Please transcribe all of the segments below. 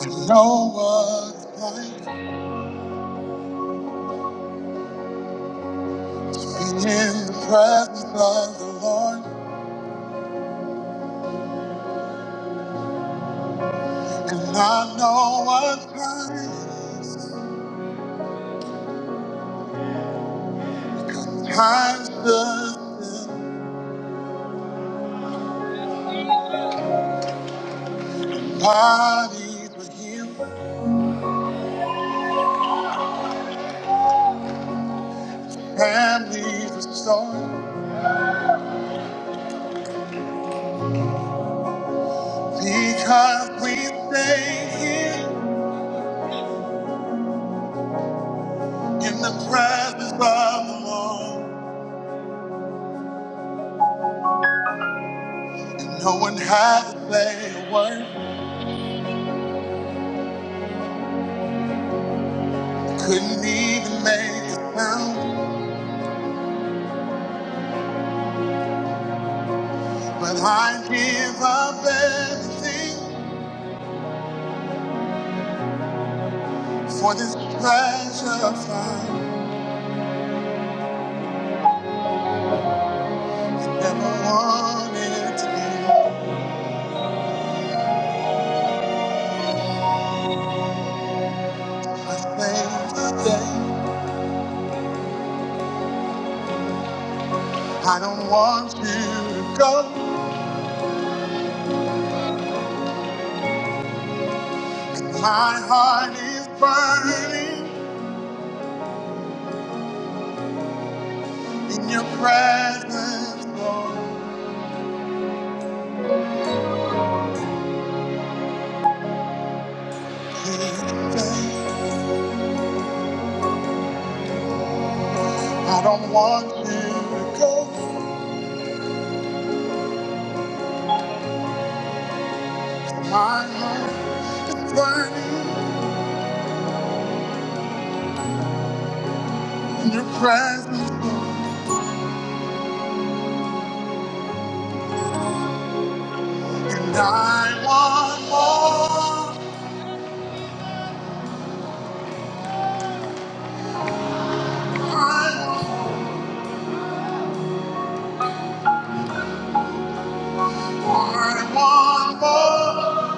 To know what it's like being in the presence of the Lord. And I know what time time stood still. Bodies were healed, families restored. Because we stay here in the presence of the Lord. And no one had to say a word, couldn't even make a sound. But I give up everything. For this treasure find, I never wanted to be. I say today, I don't want you to go. 'Cause My heart is burning in your presence, Lord. Please stay. I don't want you to go. 'Cause My heart is burning in your presence, Lord. And I want more. I want I want more.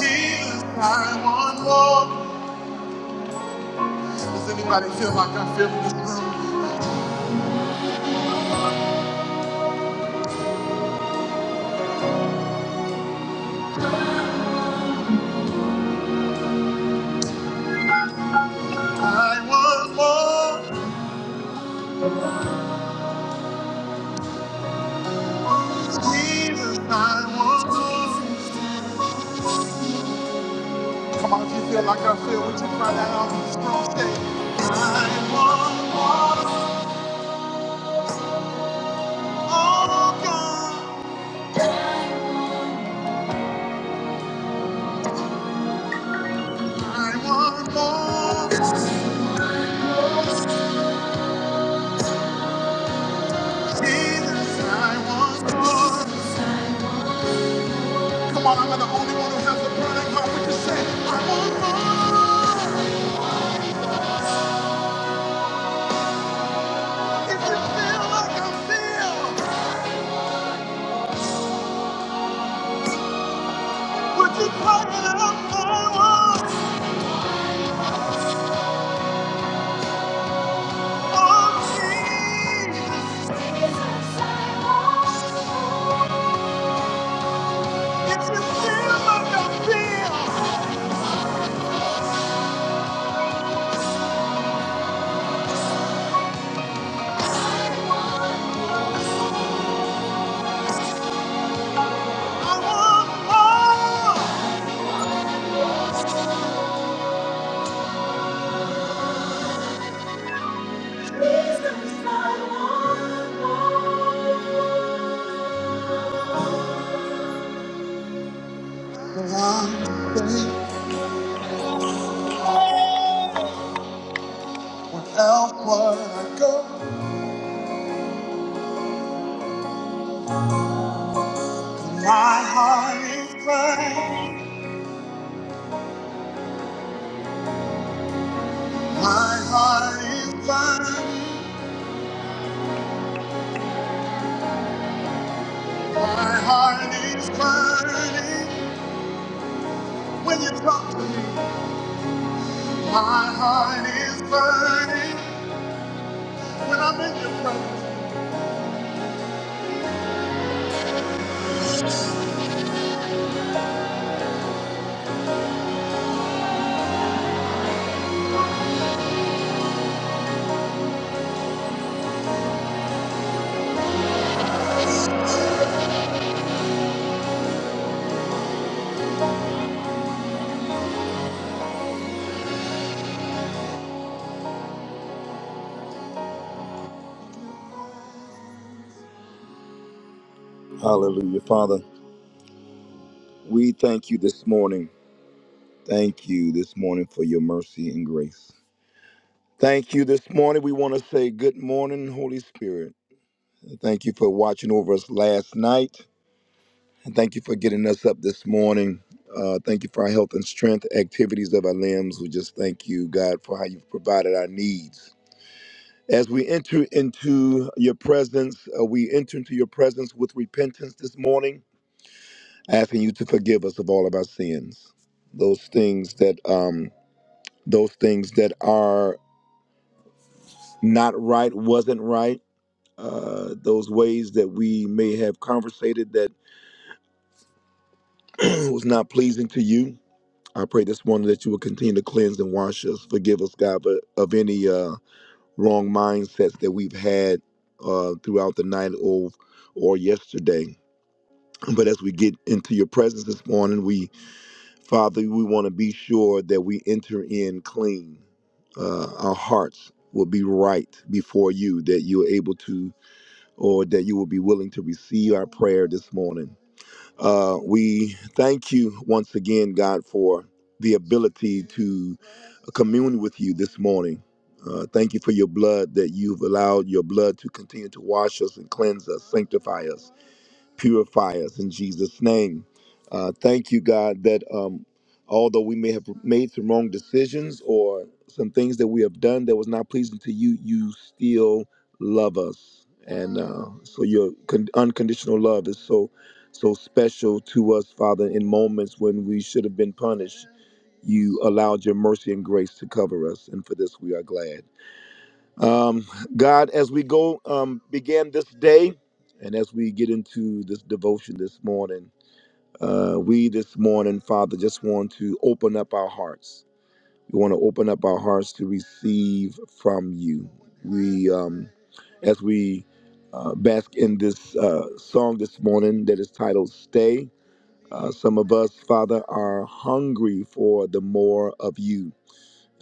Jesus, I want more. Does anybody feel like I feel in this room? I want more. Jesus, I want more. Come on, if you feel like I feel, would you cry that out in this room? Say, I want more. Oh, God. I want more. Jesus, I want more. Come on, I'm the only one who has a burning heart. Would you say, I want more? If you feel like I feel, would you pour it out my world? Oh, Jesus. Jesus, I want more. If you feel like I feel, I want more. Jesus, I want more. Well, I'm safe wherever I go. My heart is burning. My heart is burning. My heart is burning. When you talk to me, my heart is burning. When I'm in your presence. Hallelujah, Father. We thank you this morning. Thank you this morning for your mercy and grace. Thank you this morning. We want to say good morning, Holy Spirit. Thank you for watching over us last night. And thank you for getting us up this morning. Uh, thank you for our health and strength, activities of our limbs. We just thank you, God, for how you've provided our needs. As we enter into your presence, uh, we enter into your presence with repentance this morning, asking you to forgive us of all of our sins. Those things that, um, those things that are not right, wasn't right. Uh, those ways that we may have conversated that was not pleasing to you I pray this morning that you will continue to cleanse and wash us. Forgive us, God, but of any uh, wrong mindsets that we've had uh, throughout the night or or yesterday. But as we get into your presence this morning, we, Father, we want to be sure that we enter in clean. Uh, our hearts will be right before you, that you are able to, or that you will be willing to receive our prayer this morning. Uh, we thank you once again, God, for the ability to commune with you this morning. Uh, thank you for your blood that you've allowed your blood to continue to wash us and cleanse us, sanctify us purify us in Jesus' name. Uh, thank you, God, that um, although we may have made some wrong decisions or some things that we have done that was not pleasing to you, you still love us, and uh, so your con- unconditional love is so so special to us, Father. In moments when we should have been punished, you allowed your mercy and grace to cover us, and for this we are glad. Um, God, as we go, um, begin this day, and as we get into this devotion this morning, uh, we this morning, Father, just want to open up our hearts. We want to open up our hearts to receive from you. We, um, as we uh, bask in this uh, song this morning that is titled Stay, uh, some of us, Father, are hungry for the more of you.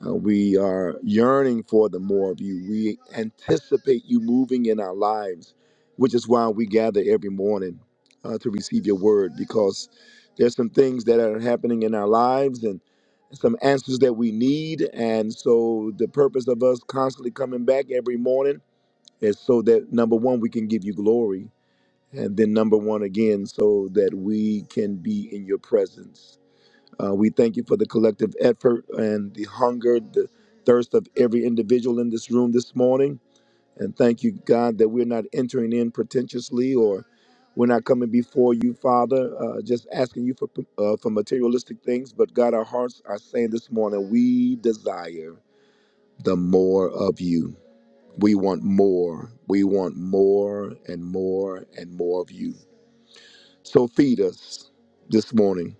Uh, we are yearning for the more of you. We anticipate you moving in our lives, which is why we gather every morning uh, to receive your word because there's some things that are happening in our lives and some answers that we need. And so the purpose of us constantly coming back every morning is so that number one, we can give you glory. And then number one again, so that we can be in your presence. Uh, we thank you for the collective effort and the hunger, the thirst of every individual in this room this morning. And thank you, God, that we're not entering in pretentiously or we're not coming before you, Father, uh, just asking you for, uh, for materialistic things. But God, our hearts are saying this morning, we desire the more of you. We want more. We want more and more and more of you. So feed us this morning.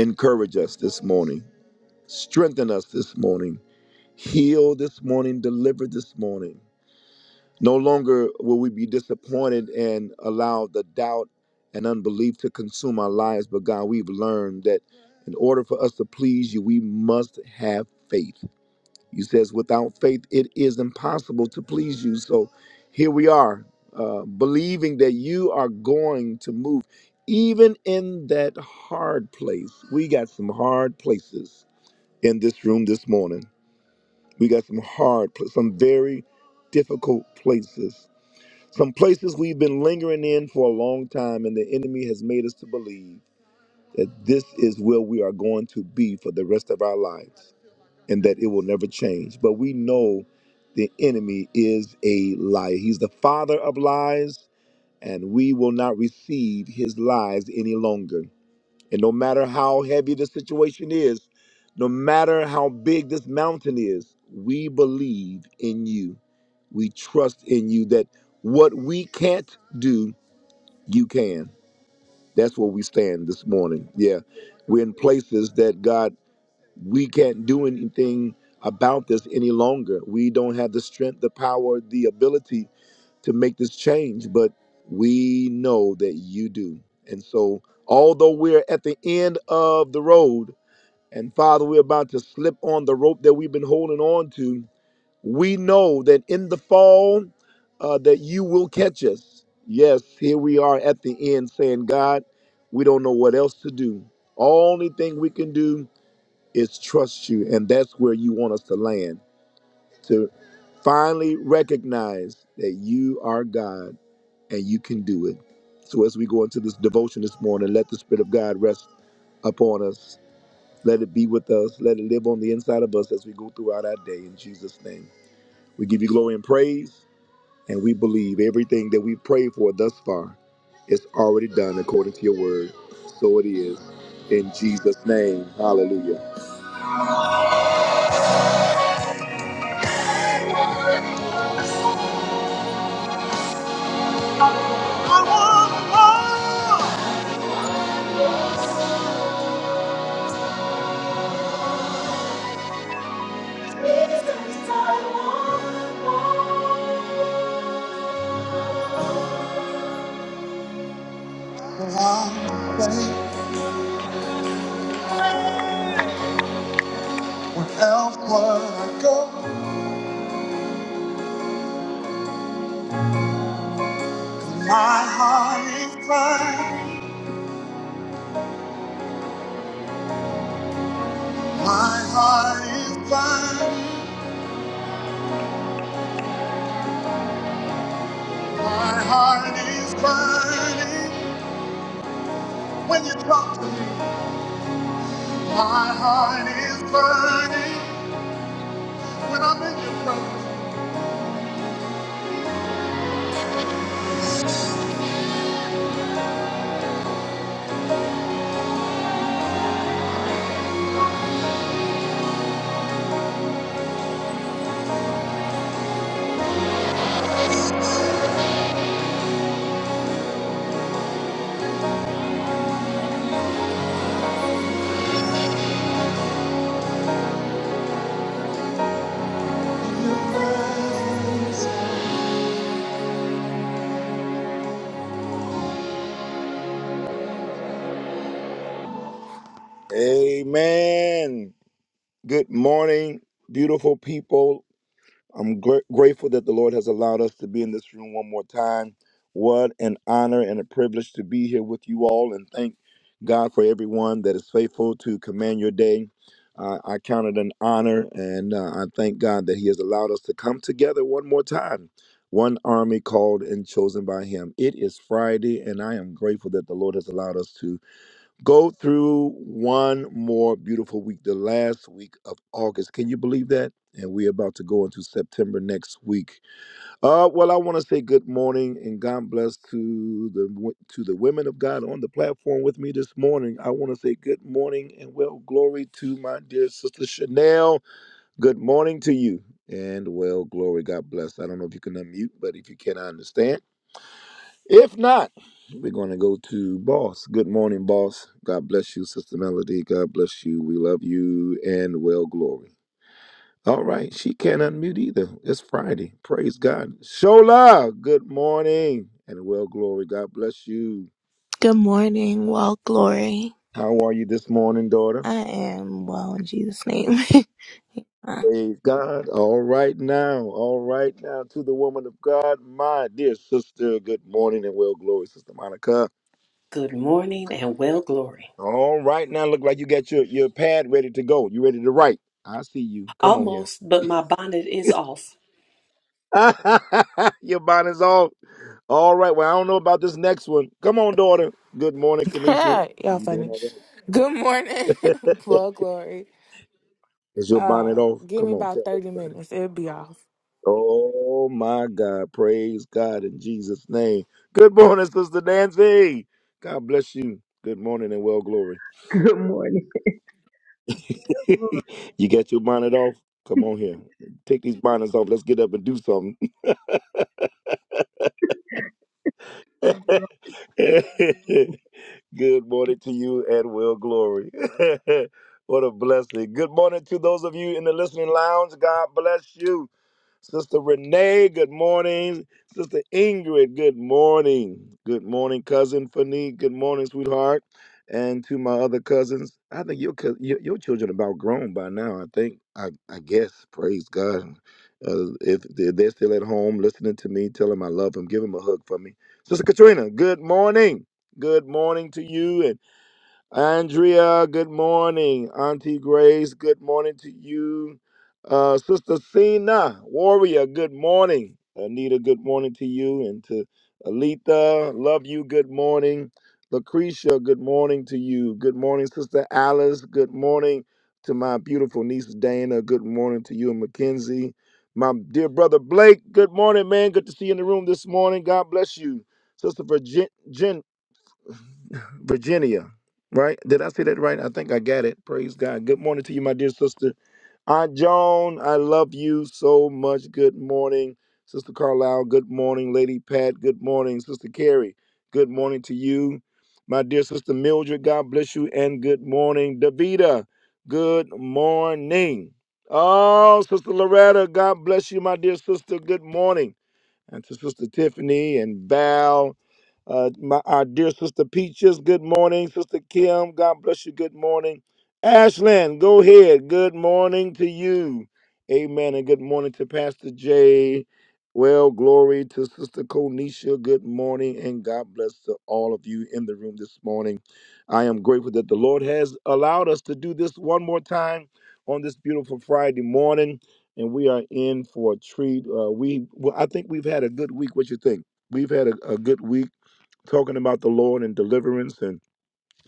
Encourage us this morning Strengthen us this morning. Heal this morning. Deliver this morning. No longer will we be disappointed and allow the doubt and unbelief to consume our lives, but God, we've learned that in order for us to please you, we must have faith. You says, without faith, it is impossible to please you. So here we are, uh, believing that you are going to move. Even in that hard place, we got some hard places in this room this morning. We got some hard, pl- some very difficult places. Some places we've been lingering in for a long time, and the enemy has made us to believe that this is where we are going to be for the rest of our lives and that it will never change. But we know the enemy is a liar. He's the father of lies, and we will not receive his lies any longer. And no matter how heavy the situation is, no matter how big this mountain is, we believe in you. We trust in you that what we can't do, you can. That's where we stand this morning. Yeah. We're in places that God, we can't do anything about this any longer. We don't have the strength, the power, the ability to make this change, but we know that you do. And so, although we're at the end of the road, and Father, we're about to slip on the rope that we've been holding on to, we know that in the fall, uh, that you will catch us. Yes, here we are at the end saying, God, we don't know what else to do. Only thing we can do is trust you. And that's where you want us to land, to finally recognize that you are God and you can do it. So as we go into this devotion this morning, let the Spirit of God rest upon us. Let it be with us. Let it live on the inside of us as we go throughout our day. In Jesus' name, we give you glory and praise, and we believe everything that we've prayed for thus far is already done according to your word. So it is. In Jesus' name, hallelujah. I want more. Jesus, I want more. where else would I go? My heart is burning. My heart is burning. My heart is burning. When you talk to me, my heart is burning. When I'm in your presence. Amen. Good morning, beautiful people. I'm gr- grateful that the Lord has allowed us to be in this room one more time. What an honor and a privilege to be here with you all, and thank God for everyone that is faithful to command your day. Uh, I count it an honor, and uh, I thank God that He has allowed us to come together one more time. One army called and chosen by Him. It is Friday, and I am grateful that the Lord has allowed us to Go through one more beautiful week, the last week of August. Can you believe that? And we're about to go into September next week. Uh, well, I want to say good morning and God bless to the to the women of God on the platform with me this morning. I want to say good morning and well glory to my dear sister Chanel. Good morning to you and well glory. God bless. I don't know if you can unmute, but if you can, I understand. If not, we're going to go to Boss. Good morning, Boss. God bless you, Sister Melody. God bless you. We love you and well glory. All right. She can't unmute either. It's Friday. Praise God. Shola, good morning and well glory. God bless you. Good morning. Well, glory. How are you this morning, daughter? I am well in Jesus' name. Uh, Praise God. All right now. All right now to the woman of God, my dear sister. Good morning and well glory, Sister Monica. Good morning and well glory. All right, now look like you got your, your pad ready to go. You ready to write? I see you. Come on here. Almost, but my bonnet is off. your bonnet's off. All right. Well, I don't know about this next one. Come on, daughter. Good morning, Kanisha. Y'all You doing funny. all right? Good morning. well, glory. Is your bonnet Um, off? give me Come on, tell about 30 everybody. minutes. It'll be off. Oh my God. Praise God in Jesus' name. Good morning, Sister Nancy. God bless you. Good morning and well glory. Good morning. you got your bonnet off? Come Good on here. Take these bonnets off. Let's get up and do something. morning. Good morning to you and well glory. what a blessing. Good morning to those of you in the listening lounge. God bless you. Sister Renee, good morning. Sister Ingrid, good morning. Good morning, cousin Fanny. Good morning, sweetheart. And to my other cousins, I think your cous- your, your children about grown by now. I think I I guess praise God. Uh, if they- they're still at home listening to me, tell them I love them. Give them a hug for me. Sister Katrina, good morning. Good morning to you Andrea, good morning. Auntie Grace, good morning to you. Uh, Sister Cena, Warrior, good morning. Anita, good morning to you. And to Alita, love you, good morning. Lucretia, good morning to you. Good morning, Sister Alice. Good morning to my beautiful niece Dana. Good morning to you and Mackenzie. My dear brother Blake, good morning, man. Good to see you in the room this morning. God bless you. Sister Virginia, Virginia, right? Did I say that right? I think I got it. Praise God. Good morning to you, my dear sister. Aunt Joan, I love you so much. Good morning, Sister Carlisle. Good morning, Lady Pat. Good morning, Sister Carrie. Good morning to you, my dear Sister Mildred. God bless you, and good morning, Davita. Good morning. Oh, Sister Loretta, God bless you, my dear sister. Good morning. And to Sister Tiffany and Val uh, my, our dear Sister Peaches, good morning. Sister Kim, God bless you. Good morning. Ashlyn, go ahead. Good morning to you. Amen. And good morning to Pastor Jay. Well, glory to Sister Konisha. Good morning. And God bless to all of you in the room this morning. I am grateful that the Lord has allowed us to do this one more time on this beautiful Friday morning. And we are in for a treat. Uh, we, well, I think we've had a good week. What you think? We've had a, a good week talking about the Lord and deliverance and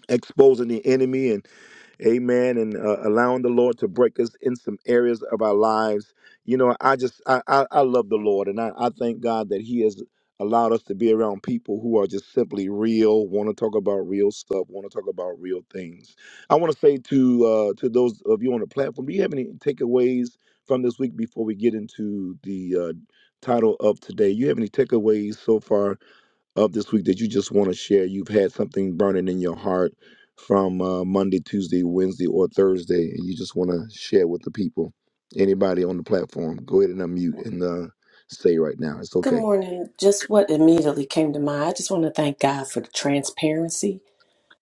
exposing the enemy and amen and uh, allowing the Lord to break us in some areas of our lives. You know, I just I I, I love the Lord and I, I thank God that He has allowed us to be around people who are just simply real, want to talk about real stuff, want to talk about real things. I want to say to uh, to those of you on the platform, do you have any takeaways from this week before we get into the uh, title of today? You have any takeaways so far? of this week that you just want to share? You've had something burning in your heart from uh, Monday, Tuesday, Wednesday, or Thursday, and you just want to share with the people. Anybody on the platform, go ahead and unmute and uh, say right now. It's Good okay. morning. Just what immediately came to mind. I just want to thank God for the transparency.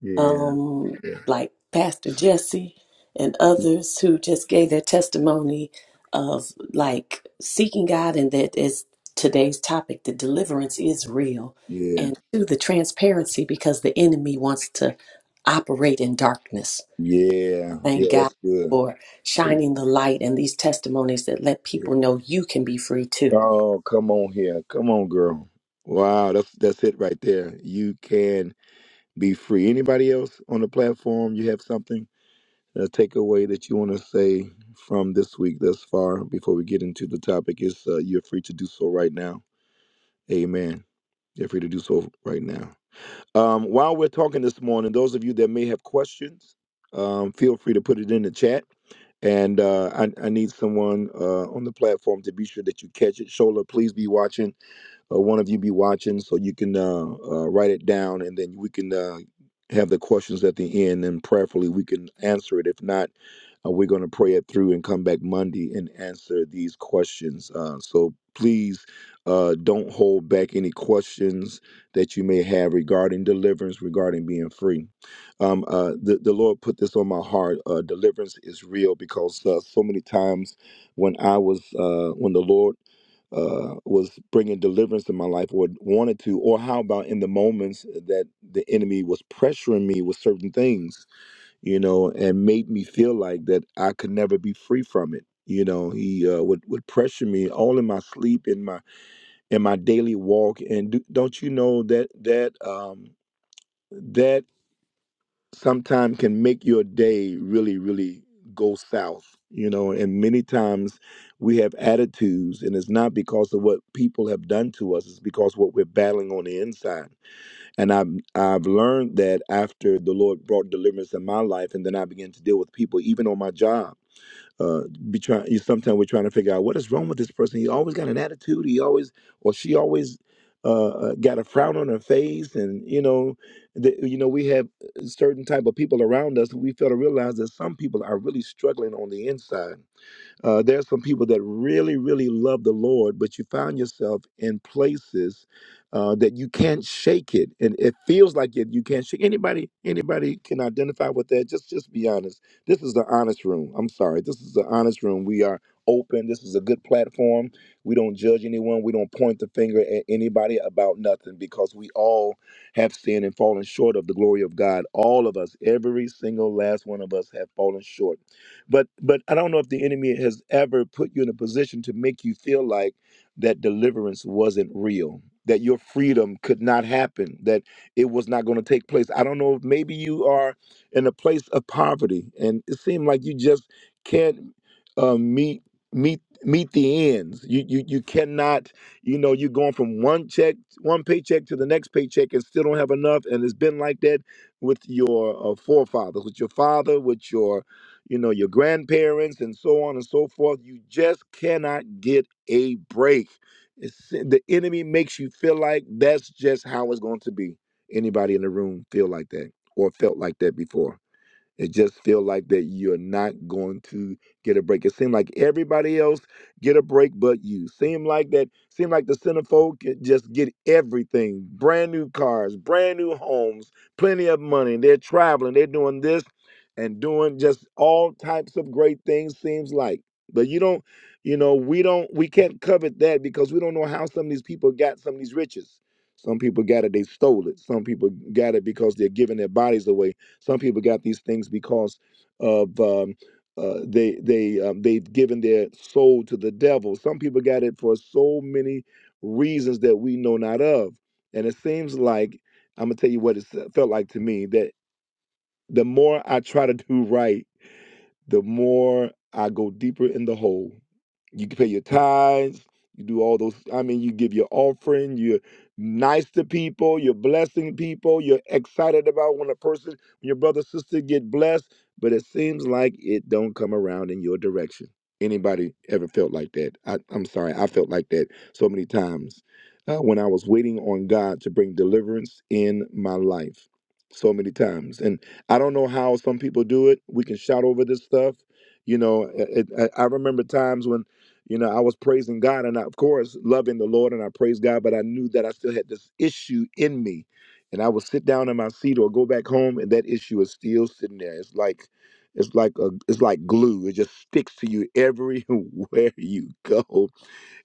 Yeah. Um, Yeah. like Pastor Jesse and others who just gave their testimony of like seeking God and that is today's topic. The deliverance is real. Yeah. And to the transparency because the enemy wants to operate in darkness Yeah. Yeah. Thank God That's good. for shining the light and these testimonies that let Yeah. people know you can be free too. Oh, come on here. Come on, girl. Wow, that's that's it right there. You can be free. Anybody else on the platform? You have something? A takeaway that you want to say from this week thus far before we get into the topic is uh, you're free to do so right now. Amen. You're free to do so right now. Um, while we're talking this morning, those of you that may have questions, um, feel free to put it in the chat. And uh, I, I need someone uh, on the platform to be sure that you catch it. Shola, please be watching or one of you be watching so you can uh, uh, write it down and then we can uh, have the questions at the end and prayerfully we can answer it. If not, uh, we're going to pray it through and come back Monday and answer these questions. Uh, so please uh, don't hold back any questions that you may have regarding deliverance, regarding being free. Um, uh, the, the Lord put this on my heart. Uh, deliverance is real because uh, so many times when I was, uh, when the Lord uh, was bringing deliverance in my life or wanted to, or how about in the moments that the enemy was pressuring me with certain things, you know, and made me feel like that I could never be free from it. You know, he uh, would would pressure me all in my sleep, in my in my daily walk, and do, don't you know that that um, that sometimes can make your day really, really go south, you know. And many times we have attitudes, and it's not because of what people have done to us, it's because what we're battling on the inside. And I've, I've learned that after the Lord brought deliverance in my life, and then I began to deal with people, even on my job uh, be trying. You sometimes we're trying to figure out what is wrong with this person. He always got an attitude. He always or she always uh, uh, got a frown on her face, and you know, the, you know, we have uh, certain type of people around us. We fail to realize that some people are really struggling on the inside uh, there are some people that really, really love the Lord, but you found yourself in places uh, that you can't shake it, and it feels like it. You can't shake anybody. Anybody can identify with that. Just, just be honest. This is the honest room. I'm sorry. This is the honest room. We are open. This is a good platform. We don't judge anyone. We don't point the finger at anybody about nothing because we all have sinned and fallen short of the glory of God. All of us, every single last one of us, have fallen short but but i don't know if the enemy has ever put you in a position to make you feel like that deliverance wasn't real that your freedom could not happen that it was not going to take place i don't know if maybe you are in a place of poverty and it seemed like you just can't uh, meet meet meet the ends you, you you cannot you know you're going from one check one paycheck to the next paycheck and still don't have enough and it's been like that with your uh, forefathers with your father with your you know, your grandparents and so on and so forth. You just cannot get a break. It's, si, the enemy makes you feel like that's just how it's going to be. Anybody in the room feel like that or felt like that before? It just feel like that you're not going to get a break. It seemed like everybody else get a break but you. Seem like that seem like the centerfold could just get everything. Brand new cars, brand new homes, plenty of money. They're traveling, they're doing this and doing just all types of great things seems like. But you don't, you know, we don't we can't covet that because we don't know how some of these people got some of these riches. Some people got it, they stole it. Some people got it because they're giving their bodies away some people got these things because of um, uh, they they um, they've given their soul to the devil. Some people got it for so many reasons that we know not of. And it seems like I'm gonna tell you what it s- felt like to me that the more I try to do right, the more I go deeper in the hole you can pay your tithes you do all those i mean you give your offering you're nice to people you're blessing people you're excited about when a person when your brother sister get blessed but it seems like it don't come around in your direction anybody ever felt like that I, i'm sorry i felt like that so many times uh, when i was waiting on god to bring deliverance in my life so many times and i don't know how some people do it we can shout over this stuff you know it, it, i I remember times when you know, I was praising God and I, of course, loving the Lord and I praised God, but I knew that I still had this issue in me. And I would sit down in my seat or go back home and that issue is still sitting there. It's like it's like a, it's like glue. It just sticks to you everywhere you go,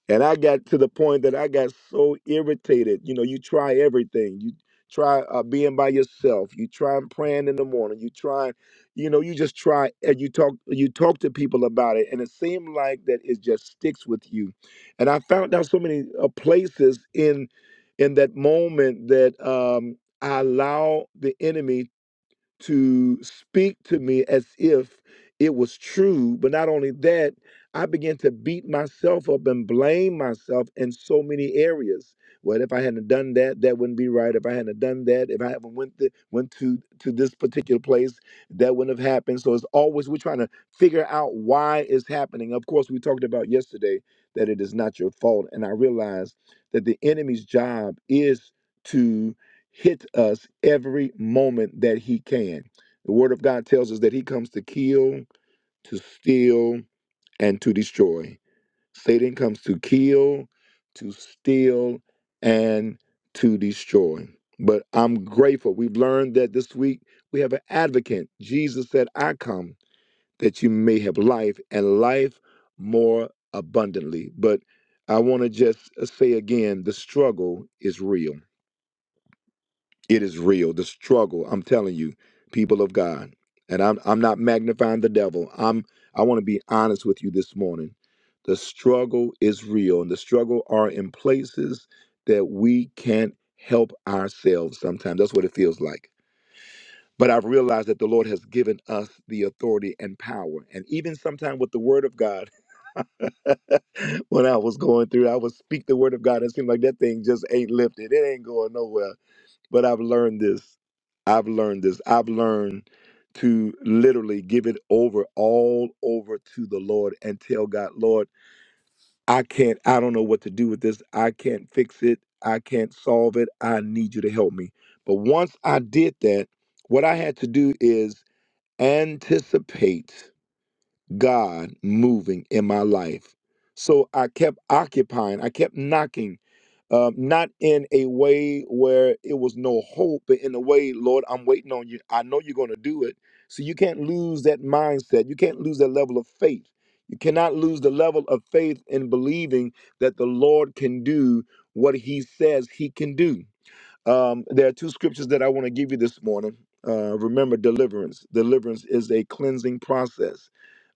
and I got to the point that I got so irritated. You know, you try everything. You try uh, being by yourself. You try and praying in the morning. You try, you know, you just try and you talk. You talk to people about it, and it seemed like that it just sticks with you. And I found out so many uh, places in in that moment that um, I allow the enemy to speak to me as if it was true. But not only that, I began to beat myself up and blame myself in so many areas. Well, if I hadn't done that, that wouldn't be right. If I hadn't done that, if I haven't went to, went to to this particular place, that wouldn't have happened. So it's always we're trying to figure out why it's happening. Of course, we talked about yesterday that it is not your fault, and I realized that the enemy's job is to hit us every moment that he can. The word of God tells us that he comes to kill, to steal, and to destroy. Satan comes to kill, to steal, and to destroy. But I'm grateful. We've learned that this week we have an advocate. Jesus said, I come that you may have life and life more abundantly. But I want to just uh, say again the struggle is real it is real. The struggle, I'm telling you, people of God. And I'm I'm not magnifying the devil. I'm I want to be honest with you this morning. The struggle is real, and the struggle are in places that we can't help ourselves sometimes. That's what it feels like. But I've realized that the Lord has given us the authority and power. And even sometimes with the word of God, when I was going through, I would speak the word of God. It seemed like that thing just ain't lifted. It ain't going nowhere but I've learned this. I've learned this. I've learned to literally give it over, all over to the Lord and tell God, Lord, I can't, I don't know what to do with this. I can't fix it. I can't solve it. I need you to help me. But once I did that, what I had to do is anticipate. God moving in my life. So I kept occupying, I kept knocking, uh, not in a way where it was no hope, but in a way, Lord, I'm waiting on you. I know you're going to do it. So you can't lose that mindset. You can't lose that level of faith. You cannot lose the level of faith in believing that the Lord can do what he says he can do. Um, there are two scriptures that I want to give you this morning. Uh, remember, deliverance. Deliverance is a cleansing process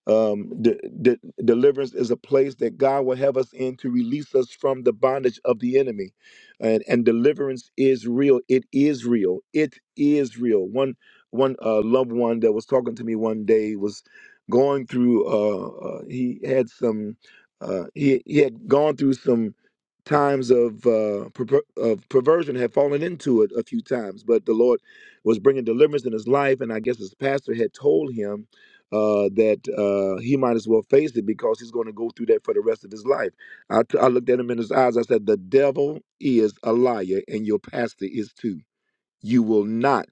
um, de- de- deliverance is a place that God will have us in to release us from the bondage of the enemy, and and deliverance is real. It is real. It is real. One one uh, loved one that was talking to me one day was going through. Uh, uh, he had some. Uh, he he had gone through some times of uh, perver- of perversion had fallen into it a few times, but the Lord was bringing deliverance in his life, and I guess his pastor had told him uh, that uh, he might as well face it because he's going to go through that for the rest of his life. I, t- I looked at him in his eyes. I said, The devil is a liar, and your pastor is too. You will not.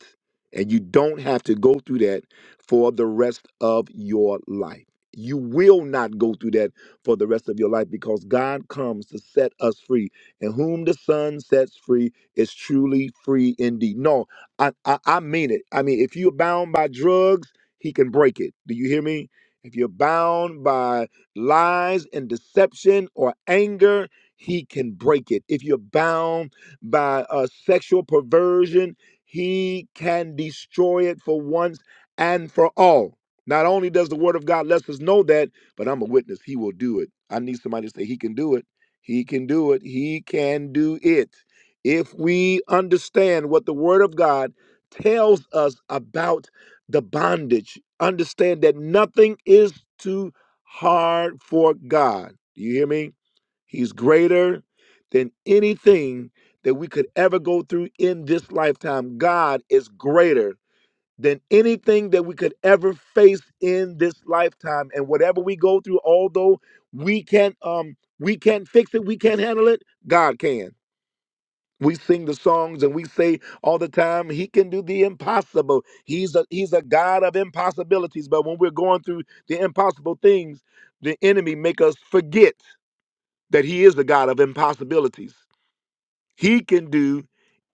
And you don't have to go through that for the rest of your life. You will not go through that for the rest of your life because God comes to set us free. And whom the Son sets free is truly free indeed. No, I, I, I mean it. I mean, if you're bound by drugs, He can break it. Do you hear me? If you're bound by lies and deception or anger, He can break it. If you're bound by uh, sexual perversion, he can destroy it for once and for all. Not only does the word of God let us know that, but I'm a witness. He will do it. I need somebody to say, He can do it. He can do it. He can do it. If we understand what the word of God tells us about the bondage, understand that nothing is too hard for God. Do you hear me? He's greater than anything that we could ever go through in this lifetime. God is greater than anything that we could ever face in this lifetime. And whatever we go through, although we can't um we can't fix it, we can't handle it, God can. We sing the songs and we say all the time, He can do the impossible. He's a He's a God of impossibilities. But when we're going through the impossible things, the enemy make us forget that he is the God of impossibilities. He can do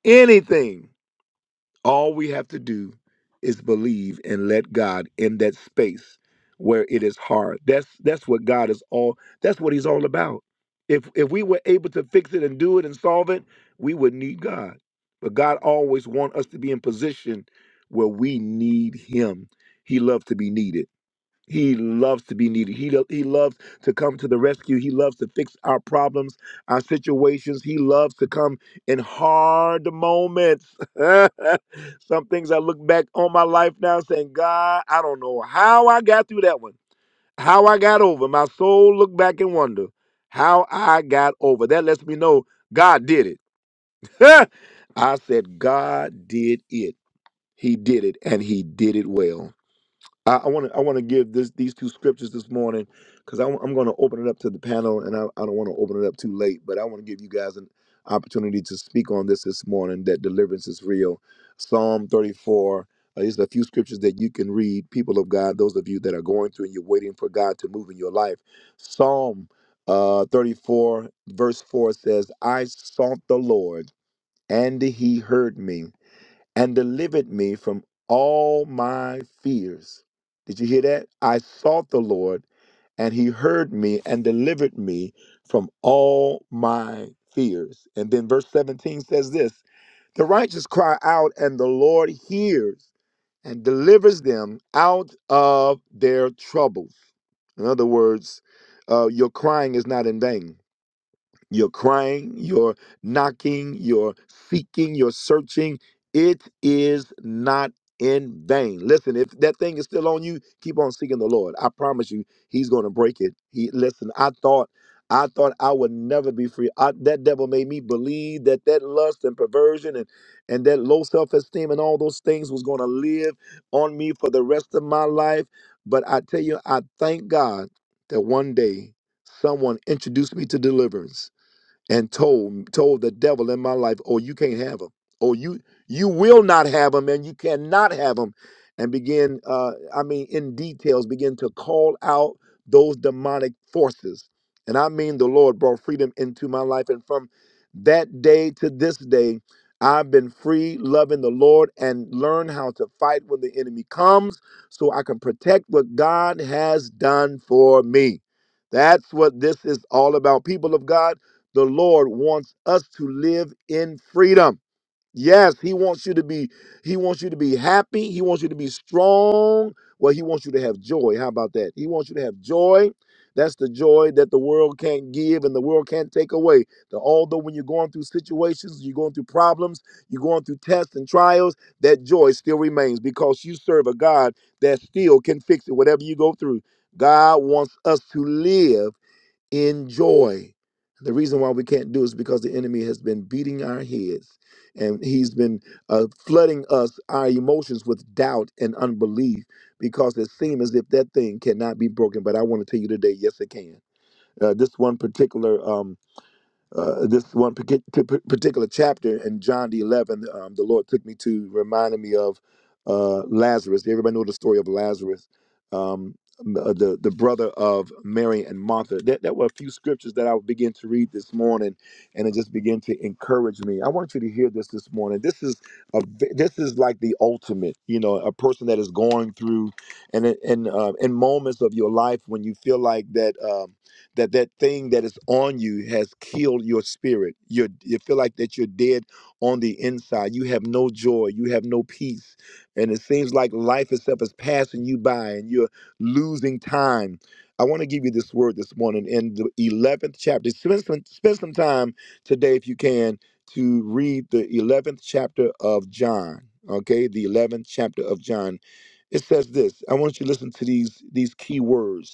anything. All we have to do is believe and let God in that space where it is hard. That's that's what God is all that's what he's all about. If if we were able to fix it and do it and solve it, we would need God. But God always wants us to be in position where we need him. He loves to be needed. He loves to be needed. He, lo- he loves to come to the rescue. He loves to fix our problems, our situations. He loves to come in hard moments. Some things I look back on my life now saying, God, I don't know how I got through that one, how I got over. My soul look back and wonder how I got over. That lets me know God did it. I said, God did it. He did it, and he did it well. I want to I want to give this these two scriptures this morning because I'm, going to open it up to the panel and I, I don't want to open it up too late, but I want to give you guys an opportunity to speak on this this morning that deliverance is real. Psalm 34. Uh, these are a few scriptures that you can read, people of God. Those of you that are going through and you're waiting for God to move in your life. Psalm uh, 34 verse 4 says, "I sought the Lord, and He heard me." and delivered me from all my fears. Did you hear that? I sought the Lord, and he heard me and delivered me from all my fears. And then verse 17 says this The righteous cry out, and the Lord hears and delivers them out of their troubles. In other words, uh, your crying is not in vain you're crying, you're knocking, you're seeking, you're searching. It is not in vain. Listen, if that thing is still on you, keep on seeking the Lord. I promise you, He's going to break it. He listen. I thought, I thought I would never be free. I, that devil made me believe that that lust and perversion and and that low self esteem and all those things was going to live on me for the rest of my life. But I tell you, I thank God that one day someone introduced me to deliverance and told told the devil in my life, "Oh, you can't have him. Oh, you you will not have him, and you cannot have him." And begin, uh, I mean, in details, begin to call out those demonic forces. And I mean, the Lord brought freedom into my life, and from that day to this day, I've been free, loving the Lord, and learn how to fight when the enemy comes, so I can protect what God has done for me. That's what this is all about, people of God the Lord wants us to live in freedom. Yes, he wants you to be he wants you to be happy, he wants you to be strong. Well, he wants you to have joy. How about that? He wants you to have joy. That's the joy that the world can't give and the world can't take away. The, although when you're going through situations, you're going through problems, you're going through tests and trials, that joy still remains because you serve a God that still can fix it whatever you go through. God wants us to live in joy. The reason why we can't do it is because the enemy has been beating our heads and he's been uh, flooding us, our emotions, with doubt and unbelief because it seems as if that thing cannot be broken. But I want to tell you today, yes, it can. Uh, this one particular um, uh, this one partic- t- p- particular chapter in John the 11, um, the Lord took me to reminding me of uh, Lazarus. Everybody know the story of Lazarus, um, m- uh, the the brother of Mary and Martha. That that were a few scriptures that I would begin to read this morning, and it just began to encourage me. I want you to hear this this morning. This is a v- this is like the ultimate, you know, a person that is going through, and it- and uh, in moments of your life when you feel like that. Um, that that thing that is on you has killed your spirit you you feel like that you're dead on the inside you have no joy you have no peace and it seems like life itself is passing you by and you're losing time i want to give you this word this morning in the 11th chapter spend some, spend some time today if you can to read the 11th chapter of john okay the 11th chapter of john it says this i want you to listen to these these key words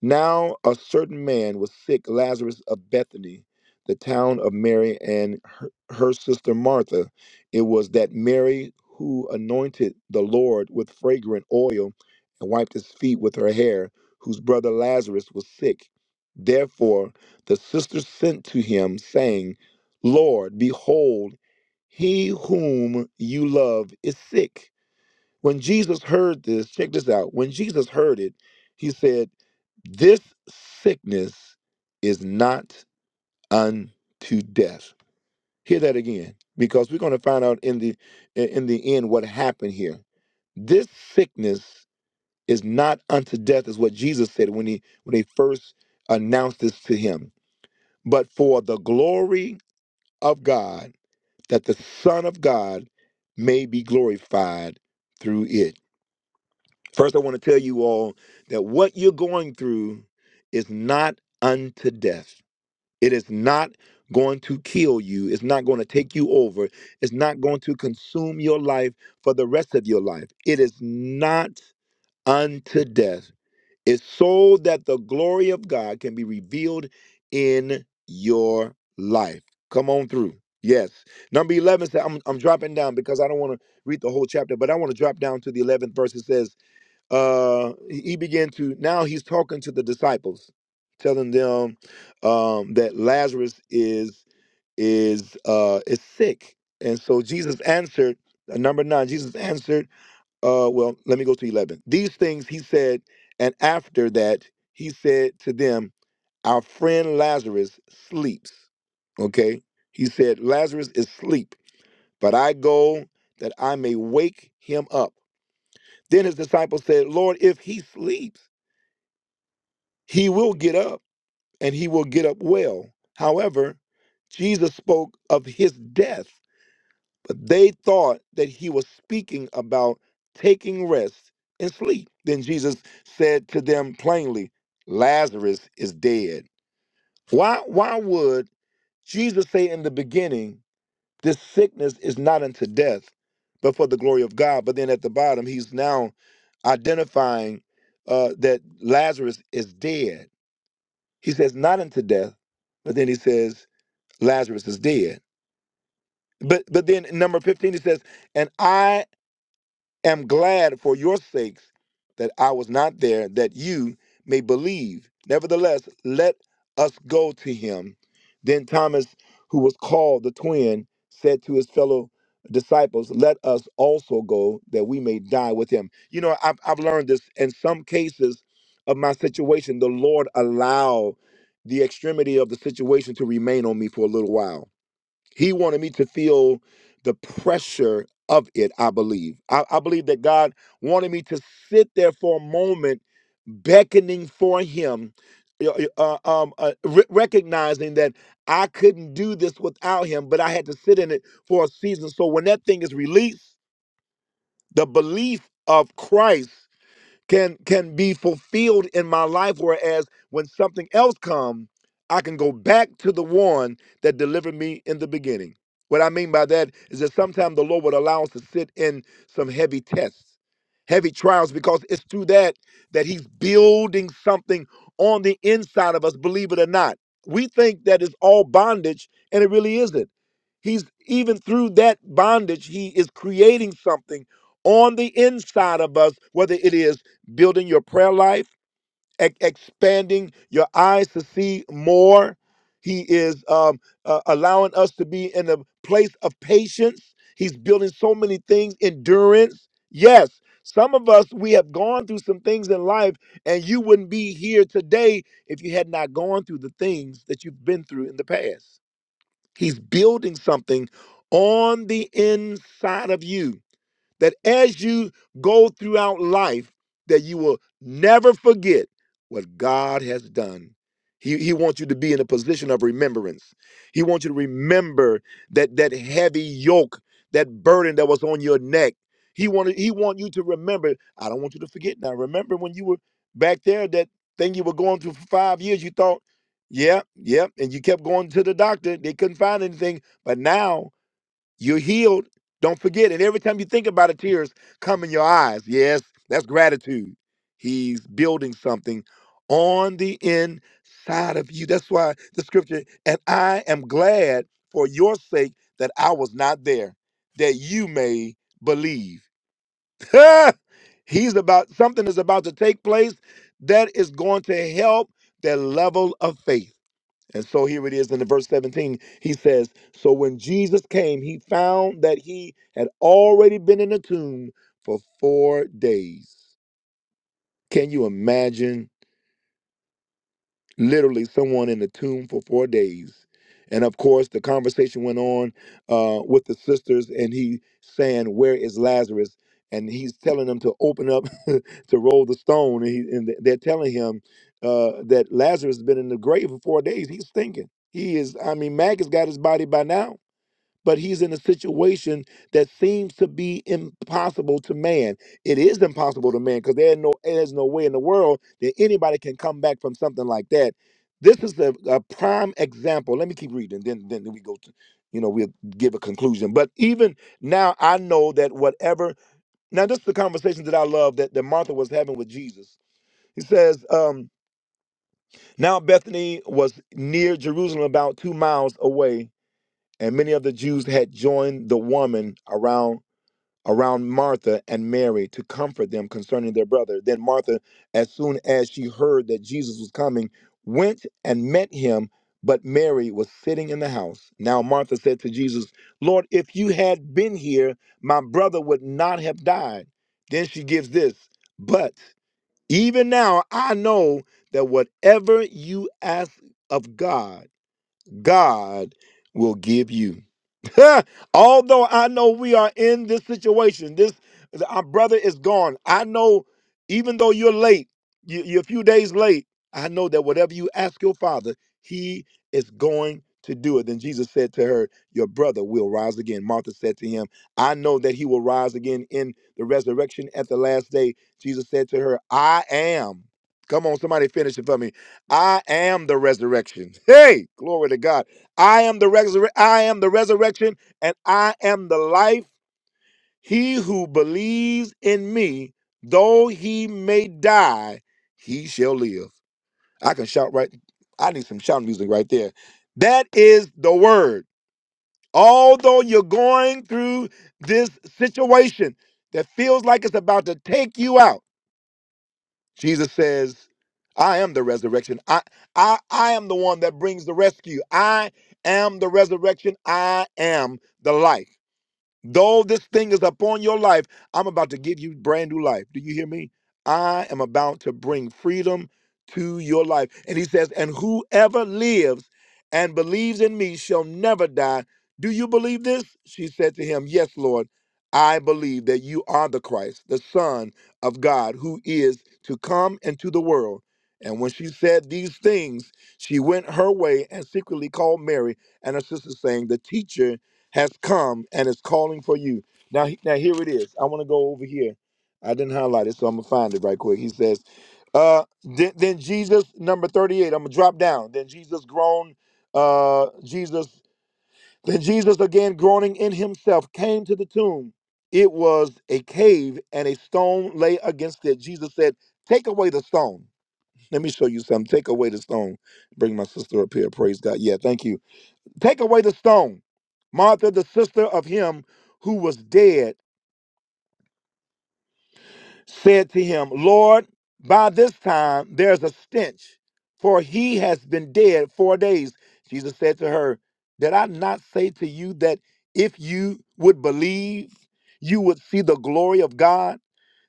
now a certain man was sick, Lazarus of Bethany, the town of Mary and her, her sister Martha. It was that Mary who anointed the Lord with fragrant oil and wiped his feet with her hair, whose brother Lazarus was sick. Therefore the sisters sent to him, saying, Lord, behold, he whom you love is sick. When Jesus heard this, check this out. When Jesus heard it, he said, This sickness is not unto death. Hear that again, because we're going to find out in the in the end what happened here. This sickness is not unto death, is what Jesus said when he when he first announced this to him. But for the glory of God, that the Son of God may be glorified through it. First, I want to tell you all that what you're going through is not unto death. It is not going to kill you. It's not going to take you over. It's not going to consume your life for the rest of your life. It is not unto death. It's so that the glory of God can be revealed in your life. Come on through. Yes. Number 11 says, I'm, I'm dropping down because I don't want to read the whole chapter, but I want to drop down to the 11th verse. It says, uh he began to now he's talking to the disciples telling them um that lazarus is is uh is sick and so jesus answered uh, number nine jesus answered uh well let me go to 11 these things he said and after that he said to them our friend lazarus sleeps okay he said lazarus is asleep but i go that i may wake him up then his disciples said lord if he sleeps he will get up and he will get up well. However, Jesus spoke of his death, but they thought that he was speaking about taking rest and sleep. Then Jesus said to them plainly, Lazarus is dead. Why why would Jesus say in the beginning, this sickness is not unto death, but for the glory of God? But then at the bottom, he's now identifying uh, that Lazarus is dead he says, not unto death, but then he says, Lazarus is dead. But but then in number 15 he says, and I am glad for your sakes that I was not there, that you may believe. Nevertheless, let us go to him. Then Thomas, who was called the twin, said to his fellow disciples, Let us also go that we may die with him. You know, I've, I've learned this in some cases of my situation, the Lord allow the extremity of the situation to remain on me for a little while he wanted me to feel the pressure of it, I believe. I, I believe that God wanted me to sit there for a moment, beckoning for Him, y- y- uh, um, uh, re- recognizing that I couldn't do this without Him, but I had to sit in it for a season. So when that thing is released, the belief of Christ can can be fulfilled in my life whereas when something else come i can go back to the one that delivered me in the beginning what i mean by that is that sometimes the lord would allow us to sit in some heavy tests heavy trials because it's through that that he's building something on the inside of us believe it or not we think that it's all bondage and it really isn't he's even through that bondage he is creating something on the inside of us, whether it is building your prayer life, e- expanding your eyes to see more. He is um, uh, allowing us to be in a place of patience. He's building so many things, endurance. Yes, some of us, we have gone through some things in life, and you wouldn't be here today if you had not gone through the things that you've been through in the past. He's building something on the inside of you that as you go throughout life that you will never forget what god has done he, he wants you to be in a position of remembrance he wants you to remember that that heavy yoke that burden that was on your neck he wanted he want you to remember i don't want you to forget now remember when you were back there that thing you were going through for five years you thought yeah yeah and you kept going to the doctor they couldn't find anything but now you're healed. Don't forget. And every time you think about it, tears come in your eyes. Yes, that's gratitude. He's building something on the inside of you. That's why the scripture, and I am glad for your sake that I was not there, that you may believe. He's about something is about to take place that is going to help their level of faith. And so here it is in the verse 17. He says, So when Jesus came, he found that he had already been in the tomb for four days. Can you imagine? literally someone in the tomb for four days. And of course, the conversation went on uh, with the sisters, and he saying, "Where is Lazarus?" And he's telling them to open up to roll the stone, and, he, and they're telling him uh, that Lazarus has been in the grave for four days. He's thinking he is. I mean, Maggie's got his body by now but he's in a situation that seems to be impossible to man. It is impossible to man because there's no there's no way in the world that anybody can come back from something like that. This is a, a prime example. Let me keep reading, then then we go to, you know, we'll give a conclusion. But even now, I know that whatever. Now, this is the conversation that I love that that Martha was having with Jesus. He says, um, "Now Bethany was near Jerusalem, about two miles away." and many of the Jews had joined the woman around around Martha and Mary to comfort them concerning their brother. Then Martha, as soon as she heard that Jesus was coming, went and met him, but Mary was sitting in the house. Now Martha said to Jesus, "Lord, if you had been here, my brother would not have died." Then she gives this, "But even now I know that whatever you ask of God, God will give you. Although I know we are in this situation, this our brother is gone. I know, even though you're late, you, you're a few days late. I know that whatever you ask your father, he is going to do it. Then Jesus said to her, Your brother will rise again. Martha said to him, I know that he will rise again in the resurrection at the last day. Jesus said to her, I am. Come on, somebody finish it for me. I am the resurrection. Hey, glory to God. I am the resurrection. I am the resurrection and I am the life. He who believes in me, though he may die, he shall live. I can shout right. I need some shout music right there. That is the word. Although you're going through this situation that feels like it's about to take you out, Jesus says, I am the resurrection. I, I, I am the one that brings the rescue. I am the resurrection. I am the life. Though this thing is upon your life, I'm about to give you brand new life. Do you hear me? I am about to bring freedom to your life. And he says, And whoever lives and believes in me shall never die. Do you believe this? She said to him, Yes, Lord. I believe that you are the Christ, the Son of God, who is to come into the world. And when she said these things, she went her way and secretly called Mary and her sister, saying, The teacher has come and is calling for you. Now, he- now here it is. I want to go over here. I didn't highlight it, so I'm gonna find it right quick. He says, uh, then, then Jesus, number 38, I'm gonna drop down. Then Jesus groaned, uh, Jesus, then Jesus again groaning in himself came to the tomb. It was a cave and a stone lay against it. Jesus said, Take away the stone. Let me show you something. Take away the stone. Bring my sister up here. Praise God. Yeah, thank you. Take away the stone. Martha, the sister of him who was dead, said to him, Lord, by this time there's a stench, for he has been dead four days. Jesus said to her, Did I not say to you that if you would believe, you would see the glory of God?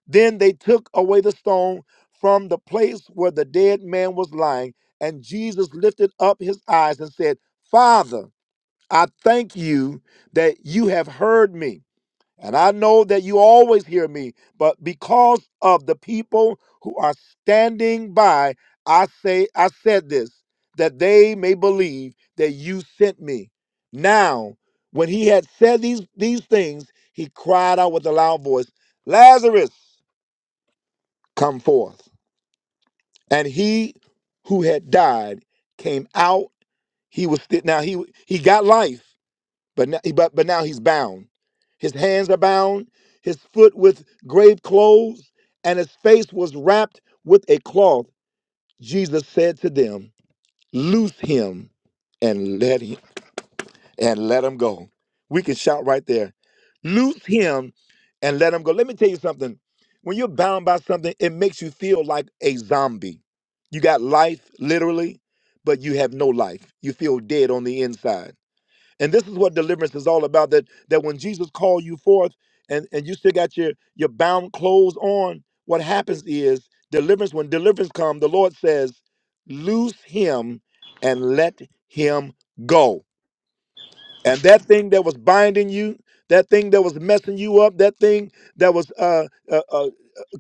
Then they took away the stone from the place where the dead man was lying, and Jesus lifted up his eyes and said, Father, I thank you that you have heard me. And I know that you always hear me, but because of the people who are standing by, I say I said this that they may believe that you sent me. Now, when he had said these these things, he cried out with a loud voice, "Lazarus, come forth." And he who had died came out. He was still now he he got life But now, but, but now he's bound. His hands are bound, his foot with grave clothes, and his face was wrapped with a cloth. Jesus said to them, Loose him and let him and let him go. We can shout right there. Loose him and let him go. Let me tell you something. When you're bound by something, it makes you feel like a zombie. You got life literally, but you have no life. You feel dead on the inside. And this is what deliverance is all about. That that when Jesus called you forth and, and you still got your, your bound clothes on, what happens is deliverance, when deliverance comes, the Lord says, Loose him and let him go. And that thing that was binding you, that thing that was messing you up, that thing that was uh, uh, uh, uh,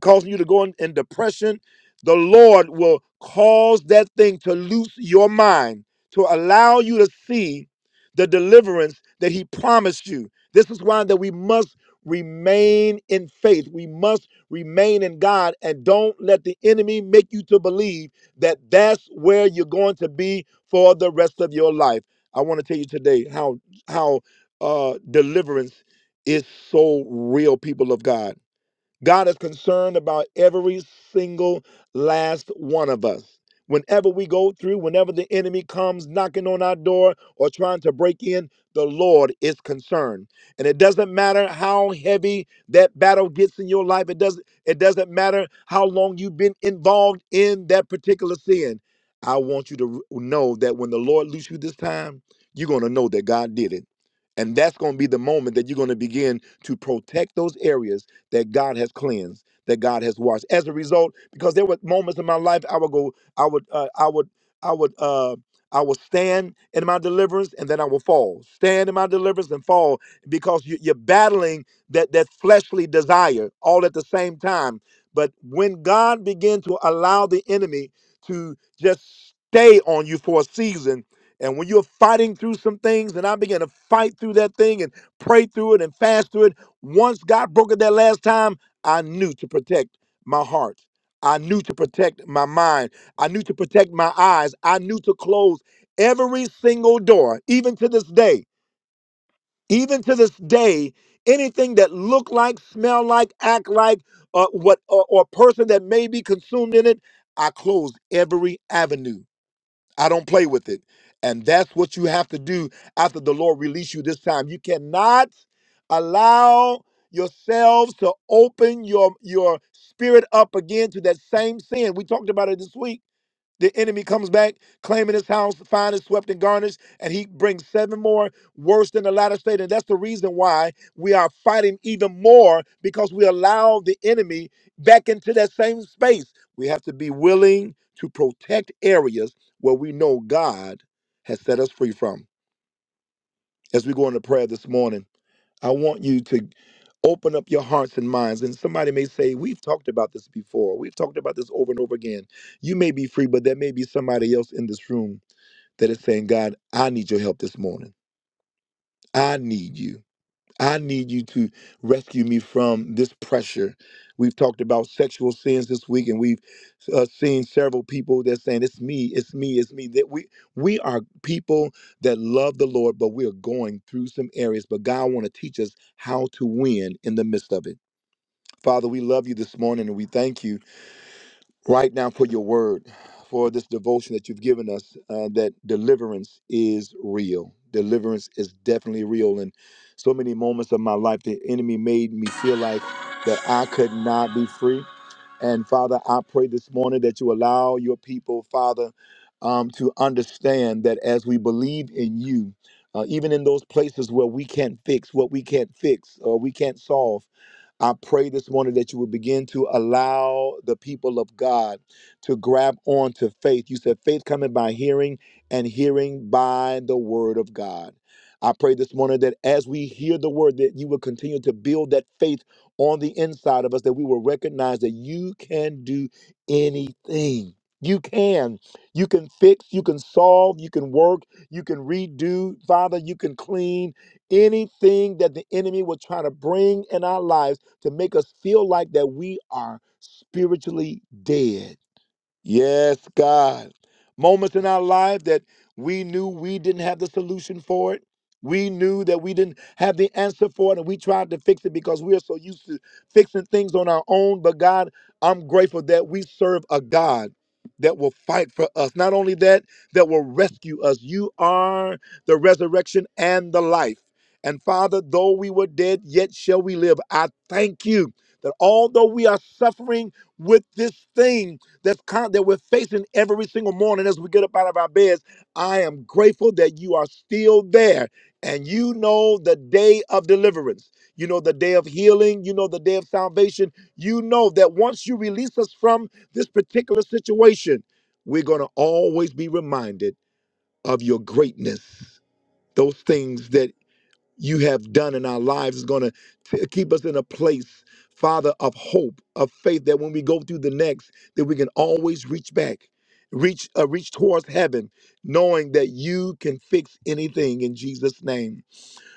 causing you to go in, in depression, the Lord will cause that thing to loose your mind, to allow you to see the deliverance that He promised you. This is why that we must remain in faith. We must remain in God and don't let the enemy make you to believe that that's where you're going to be for the rest of your life. I want to tell you today how how uh deliverance is so real people of god God is concerned about every single last one of us. Whenever we go through, whenever the enemy comes knocking on our door or trying to break in, the Lord is concerned. And it doesn't matter how heavy that battle gets in your life. It doesn't it doesn't matter how long you've been involved in that particular sin. I want you to r- know that when the Lord loose you this time, you're going to know that God did it. And that's going to be the moment that you're going to begin to protect those areas that God has cleansed, that God has washed. As a result, because there were moments in my life I would go, I would, uh, I would, I would, uh, I would stand in my deliverance and then I would fall. Stand in my deliverance and fall because you, you're battling that that fleshly desire all at the same time. But when God began to allow the enemy to just stay on you for a season, and when you're fighting through some things, and I began to fight through that thing and pray through it and fast through it, once God broke it that last time, I knew to protect my heart. I knew to protect my mind. I knew to protect my eyes. I knew to close every single door, even to this day. Even to this day, anything that look like, smell like, act like, uh, what or, or person that may be consumed in it, I close every avenue. I don't play with it. And that's what you have to do after the Lord release you this time. You cannot allow yourselves to open your your spirit up again to that same sin. We talked about it this week the enemy comes back, claiming his house, fine and swept and garnished, and he brings seven more worse than the latter state. And that's the reason why we are fighting even more because we allow the enemy back into that same space. We have to be willing to protect areas where we know God has set us free from. As we go into prayer this morning, I want you to open up your hearts and minds. And somebody may say, We've talked about this before. We've talked about this over and over again. You may be free, but there may be somebody else in this room that is saying, God, I need your help this morning. I need you. I need you to rescue me from this pressure. We've talked about sexual sins this week, and we've uh, seen several people that saying, "It's me, it's me, it's me." That we we are people that love the Lord, but we are going through some areas. But God want to teach us how to win in the midst of it. Father, we love you this morning, and we thank you right now for your word, for this devotion that you've given us, uh, that deliverance is real. Deliverance is definitely real. In so many moments of my life, the enemy made me feel like that I could not be free. And Father, I pray this morning that you allow your people, Father, um, to understand that as we believe in you, uh, even in those places where we can't fix what we can't fix or we can't solve, I pray this morning that you will begin to allow the people of God to grab on to faith. You said faith coming by hearing and hearing by the word of God. I pray this morning that as we hear the word, that you will continue to build that faith on the inside of us that we will recognize that you can do anything. You can. You can fix, you can solve, you can work, you can redo. Father, you can clean anything that the enemy will try to bring in our lives to make us feel like that we are spiritually dead Yes, God. Moments in our life that we knew we didn't have the solution for it. We knew that we didn't have the answer for it, and we tried to fix it because we are so used to fixing things on our own. But God, I'm grateful that we serve a God that will fight for us. Not only that, that will rescue us. You are the resurrection and the life. And Father, though we were dead, yet shall we live. I thank you that although we are suffering with this thing, that's con- that we're facing every single morning as we get up out of our beds. I am grateful that you are still there and you know the day of deliverance. You know the day of healing. You know the day of salvation. You know that once you release us from this particular situation, we're going to always be reminded of your greatness. Those things that you have done in our lives is going to keep us in a place father of hope of faith that when we go through the next that we can always reach back reach uh, reach towards heaven knowing that you can fix anything in jesus name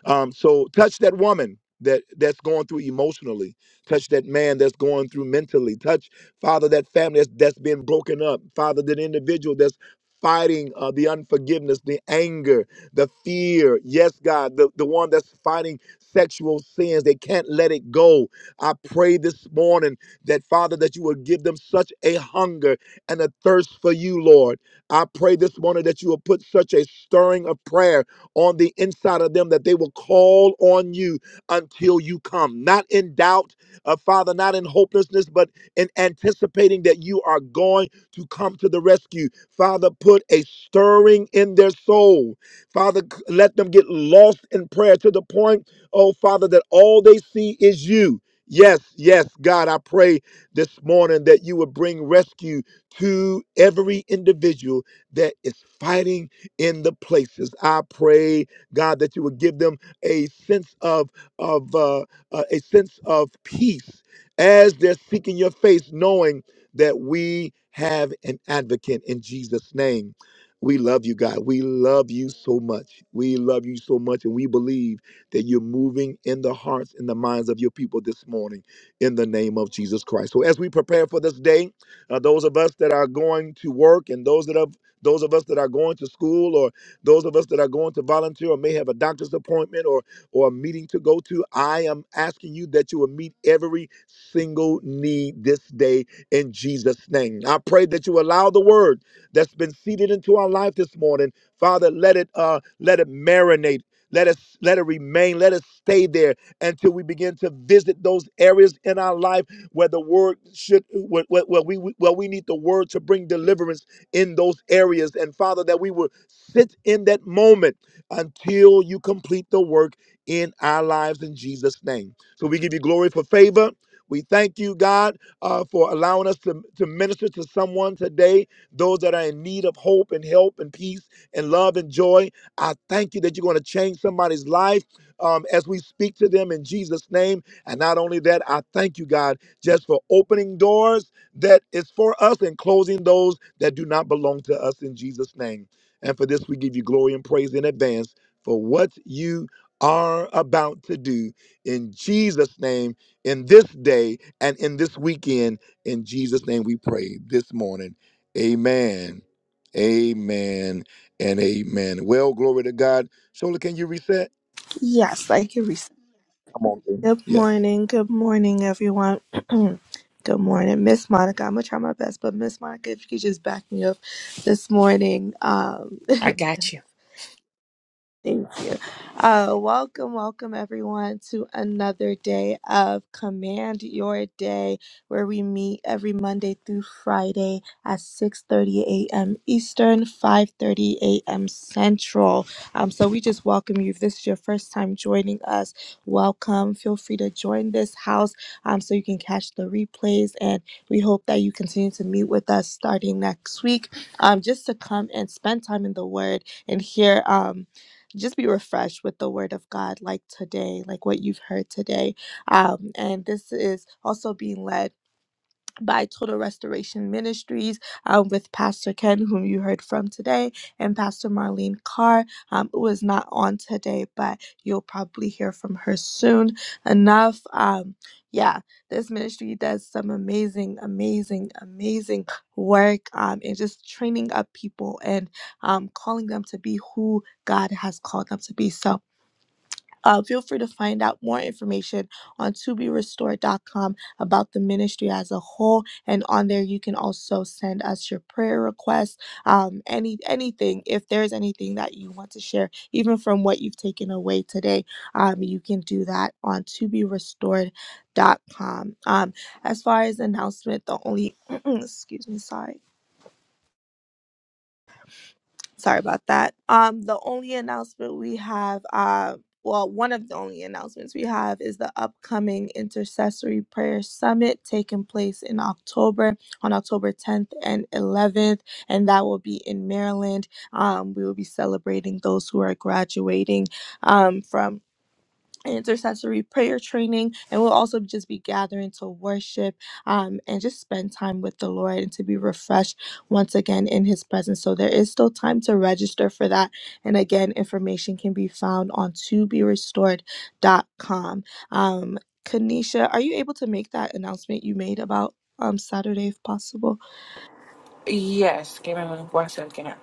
um, so touch that woman that that's going through emotionally. Touch that man that's going through mentally. Touch Father that family that's, that's been broken up. Father that individual that's fighting uh, the unforgiveness, the anger, the fear. Yes, God, the, the one that's fighting sexual sins. They can't let it go. I pray this morning that Father that you would give them such a hunger and a thirst for you, Lord. I pray this morning that you will put such a stirring of prayer on the inside of them that they will call on you until you come. Not in doubt, uh, Father, not in hopelessness, but in anticipating that you are going to come to the rescue. Father, put a stirring in their soul. Father, c- let them get lost in prayer to the point, oh Father, that all they see is you. Yes, yes, God, I pray this morning that you would bring rescue to every individual that is fighting in the places. I pray, God, that you would give them a sense of of uh, uh, a sense of peace as they're seeking your face, knowing that we have an advocate in Jesus' name. We love you, God. We love you so much. We love you so much, and we believe that you're moving in the hearts and the minds of your people this morning in the name of Jesus Christ. So, as we prepare for this day, uh, those of us that are going to work and those that have those of us that are going to school or those of us that are going to volunteer or may have a doctor's appointment or, or a meeting to go to, I am asking you that you will meet every single need this day in Jesus' name. I pray that you allow the word that's been seeded into our life this morning. Father, let it uh let it marinate. Let us let it remain. Let us stay there until we begin to visit those areas in our life where the word should where, where, where we where we need the word to bring deliverance in those areas. And Father, that we will sit in that moment until you complete the work in our lives in Jesus' name. So we give you glory for favor. We thank you, God, uh, for allowing us to, to minister to someone today, those that are in need of hope and help and peace and love and joy. I thank you that you're going to change somebody's life um, as we speak to them in Jesus' name. And not only that, I thank you, God, just for opening doors that is for us and closing those that do not belong to us in Jesus' name. And for this, we give you glory and praise in advance for what you are about to do in Jesus' name, in this day, and in this weekend. In Jesus' name, we pray this morning. Amen. Amen and amen. Well, glory to God. Shola, can you reset? yes, I can reset. Come am on. King. Good Yes. morning. Good morning, everyone. Good morning, Miss Monica. I'm gonna try my best, but Miss Monica, if you could just back me up this morning, um, I got you. Thank you. Uh, welcome, welcome everyone to another day of Command Your Day, where we meet every Monday through Friday at 6:30 a.m. Eastern, 5:30 a.m. Central. Um, so we just welcome you. If this is your first time joining us, welcome. Feel free to join this house um, so you can catch the replays, and we hope that you continue to meet with us starting next week, um, just to come and spend time in the Word and hear. Um, just be refreshed with the word of God, like today, like what you've heard today. Um, and this is also being led by Total Restoration Ministries um, with Pastor Ken, whom you heard from today, and Pastor Marlene Carr, um, who is not on today, but you'll probably hear from her soon enough. Um, yeah, this ministry does some amazing, amazing, amazing work um, in just training up people and um, calling them to be who God has called them to be. So, uh, feel free to find out more information on to be restored dot com about the ministry as a whole, and on there you can also send us your prayer requests, um, any anything. If there's anything that you want to share, even from what you've taken away today, um, you can do that on to be restored dot com. Um, as far as announcement, the only excuse me, sorry Sorry about that. Um, the only announcement we have, uh, well, one of the only announcements we have is the upcoming Intercessory Prayer Summit taking place in October, on October 10th and 11th, and that will be in Maryland. Um, we will be celebrating those who are graduating um, from intercessory prayer training and we'll also just be gathering to worship um, and just spend time with the lord and to be refreshed once again in his presence so there is still time to register for that and again information can be found on to be restored. dot com. um, kanisha are you able to make that announcement you made about um, saturday if possible Yes, give me one second.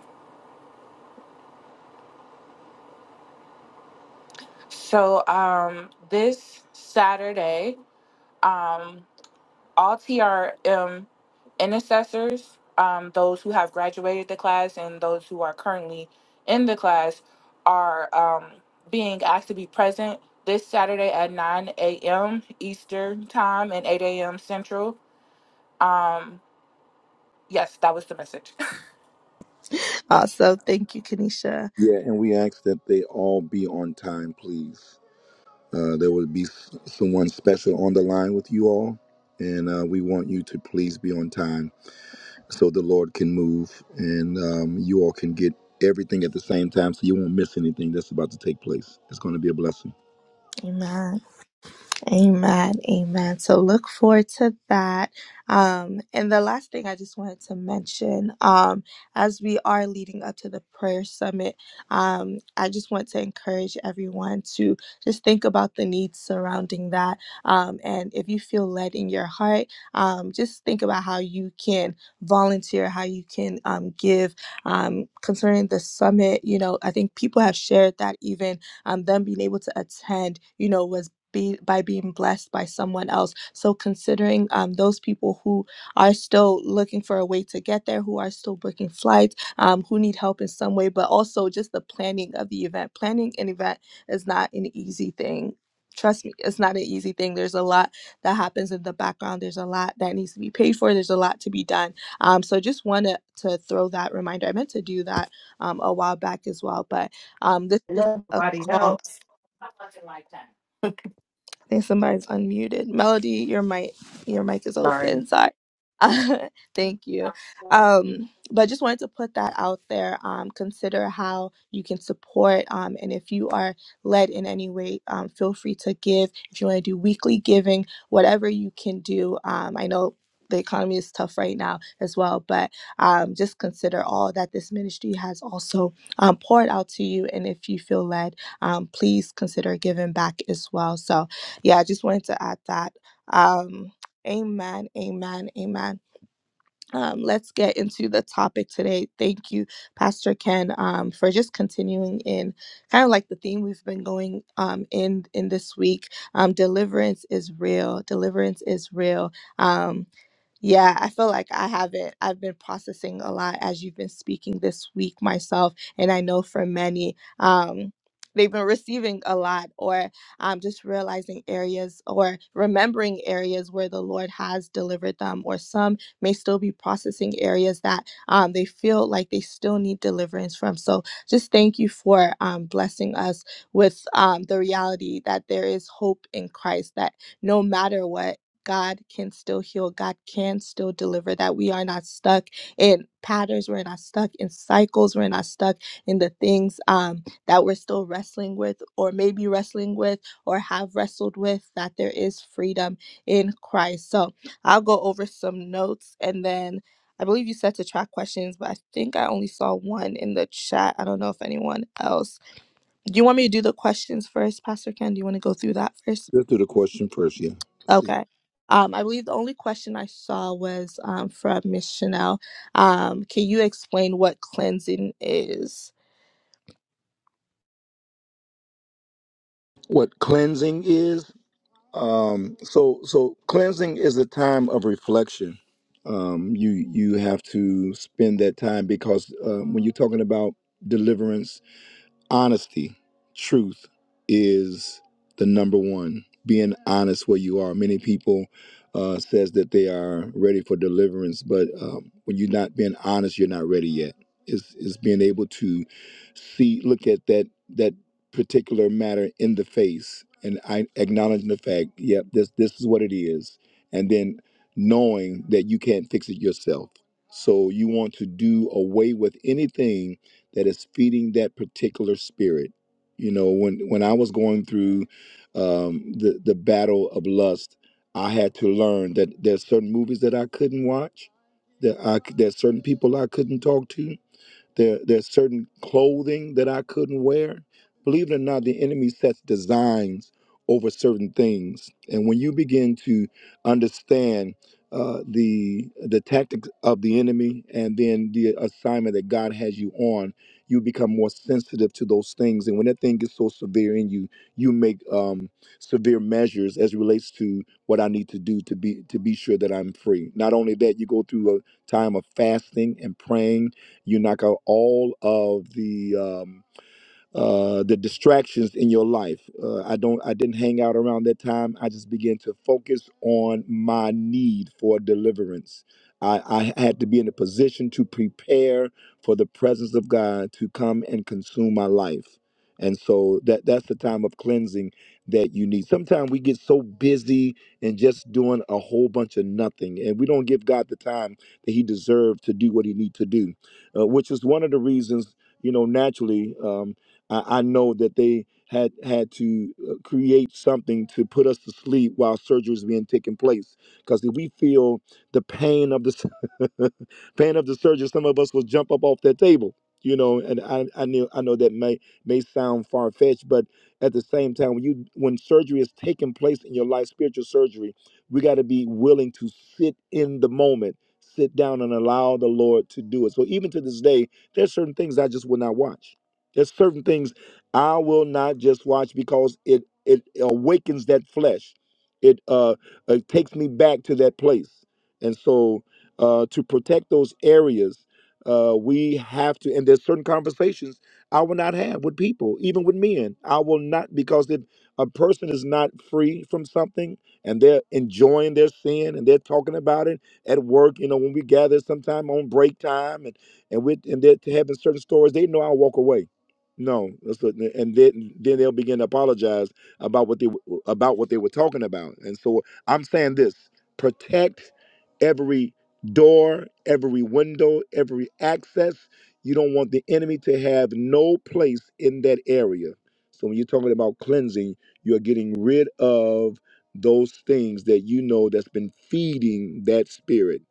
So, um, this Saturday, um, all TRM intercessors, um, those who have graduated the class and those who are currently in the class, are um, being asked to be present this Saturday at 9 a.m. Eastern Time and 8 a.m. Central. Um, Yes, that was the message. uh, so thank you kanisha Yeah, and we ask that they all be on time, please. Uh, there will be s- someone special on the line with you all, and uh, we want you to please be on time so the Lord can move and um, you all can get everything at the same time so you won't miss anything that's about to take place. It's going to be a blessing. amen Amen. Amen. So look forward to that. Um, and the last thing I just wanted to mention, um, as we are leading up to the prayer summit, um, I just want to encourage everyone to just think about the needs surrounding that. Um, and if you feel led in your heart, um, just think about how you can volunteer, how you can um, give um, concerning the summit. You know, I think people have shared that even um, them being able to attend, you know, was be by being blessed by someone else. So considering um, those people who are still looking for a way to get there, who are still booking flights, um, who need help in some way, but also just the planning of the event. Planning an event is not an easy thing. Trust me, it's not an easy thing. There's a lot that happens in the background. There's a lot that needs to be paid for. There's a lot to be done. Um, so just wanted to throw that reminder. I meant to do that um, a while back as well, but um, this is a nobody call else. I think somebody's unmuted. Melody, your mic your mic is Sorry. open. Sorry. Thank you. Um, but just wanted to put that out there. Um, consider how you can support. Um, and if you are led in any way, um, feel free to give. If you want to do weekly giving, whatever you can do. Um, I know the economy is tough right now as well, but um, just consider all that this ministry has also um, poured out to you. And if you feel led, um, please consider giving back as well. So yeah, I just wanted to add that. Um, amen, amen, amen. Um, let's get into the topic today. Thank you, Pastor Ken, um, for just continuing in kind of like the theme we've been going um, in in this week. Um, deliverance is real. Deliverance is real. Um, yeah, I feel like I haven't. I've been processing a lot as you've been speaking this week myself, and I know for many, um, they've been receiving a lot, or um, just realizing areas or remembering areas where the Lord has delivered them, or some may still be processing areas that um, they feel like they still need deliverance from. So, just thank you for um, blessing us with um, the reality that there is hope in Christ. That no matter what. God can still heal. God can still deliver. That we are not stuck in patterns. We're not stuck in cycles. We're not stuck in the things um, that we're still wrestling with, or maybe wrestling with, or have wrestled with. That there is freedom in Christ. So I'll go over some notes, and then I believe you said to track questions, but I think I only saw one in the chat. I don't know if anyone else. Do you want me to do the questions first, Pastor Ken? Do you want to go through that first? Let's do the question first, yeah. Let's see. Okay. Um, I believe the only question I saw was um, from Miss Chanel. Um, can you explain what cleansing is? What cleansing is? Um, so, so cleansing is a time of reflection. Um, you you have to spend that time because uh, when you're talking about deliverance honesty, truth is the number one. Being honest where you are. Many people uh, says that they are ready for deliverance, but um, when you're not being honest, you're not ready yet. It's, it's being able to see, look at that that particular matter in the face, and I acknowledging the fact, yep, this this is what it is, and then knowing that you can't fix it yourself. So you want to do away with anything that is feeding that particular spirit. You know, when when I was going through um, the the battle of lust, I had to learn that there's certain movies that I couldn't watch, that I c- there's certain people I couldn't talk to, there, there's certain clothing that I couldn't wear. Believe it or not, the enemy sets designs over certain things, and when you begin to understand uh, the the tactics of the enemy and then the assignment that God has you on, you become more sensitive to those things. And when that thing gets so severe in you, you make um, severe measures as it relates to what I need to do to be to be sure that I'm free. Not only that, you go through a time of fasting and praying you knock out all of the um, uh, the distractions in your life. Uh, I don't. I didn't hang out around that time. I just began to focus on my need for deliverance. I, I had to be in a position to prepare for the presence of God to come and consume my life. And so that that's the time of cleansing that you need. Sometimes we get so busy and just doing a whole bunch of nothing, and we don't give God the time that He deserves to do what He needs to do, uh, which is one of the reasons you know naturally. Um, I, I know that they had had to uh, create something to put us to sleep while surgery is being taken place. Because if we feel the pain of the s- pain of the surgery, some of us will jump up off that table. You know, and I, I knew I know that may may sound far fetched, but at the same time, when you when surgery is taking place in your life, spiritual surgery, we got to be willing to sit in the moment, sit down, and allow the Lord to do it. So even to this day, there's certain things I just will not watch there's certain things I will not just watch because it it awakens that flesh. It uh it takes me back to that place. And so uh to protect those areas, uh we have to and there's certain conversations I will not have with people, even with men. I will not because if a person is not free from something and they're enjoying their sin and they're talking about it at work, you know, when we gather sometime on break time and and with and they're having certain stories, they know I'll walk away no, that's what, and then then they'll begin to apologize about what they w- about what they were talking about. And so I'm saying this: protect every door, every window, every access. You don't want the enemy to have no place in that area. So when you're talking about cleansing, you're getting rid of those things that you know that's been feeding that spirit.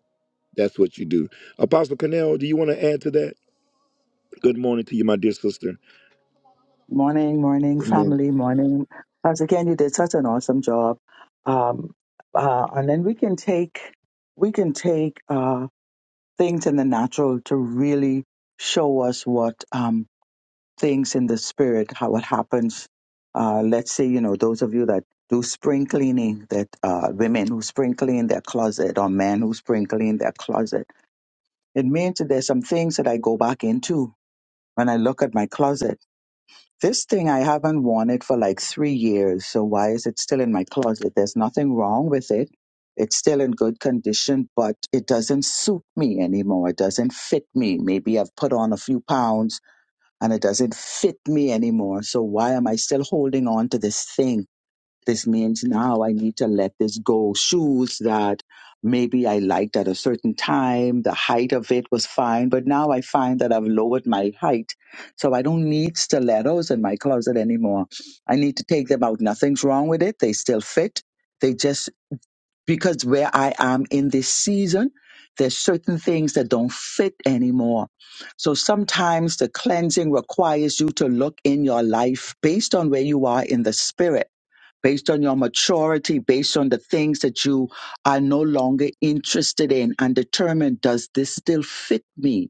That's what you do. Apostle Cornell, do you want to add to that? Good morning to you, my dear sister. Morning, morning, Good morning. family, morning. Once again, you did such an awesome job. Um, uh, and then we can take we can take uh, things in the natural to really show us what um, things in the spirit, how it happens. Uh, let's say, you know, those of you that do spring cleaning, that uh, women who spring clean their closet or men who spring clean their closet, it means that there's some things that I go back into when I look at my closet this thing I haven't worn it for like three years, so why is it still in my closet? There's nothing wrong with it. It's still in good condition, but it doesn't suit me anymore. It doesn't fit me. Maybe I've put on a few pounds and it doesn't fit me anymore. So why am I still holding on to this thing? This means now I need to let this go. Shoes that maybe I liked at a certain time, the height of it was fine, but now I find that I've lowered my height. So I don't need stilettos in my closet anymore. I need to take them out. Nothing's wrong with it. They still fit. They just, because where I am in this season, there's certain things that don't fit anymore. So sometimes the cleansing requires you to look in your life based on where you are in the spirit based on your maturity, based on the things that you are no longer interested in, and determine does this still fit me?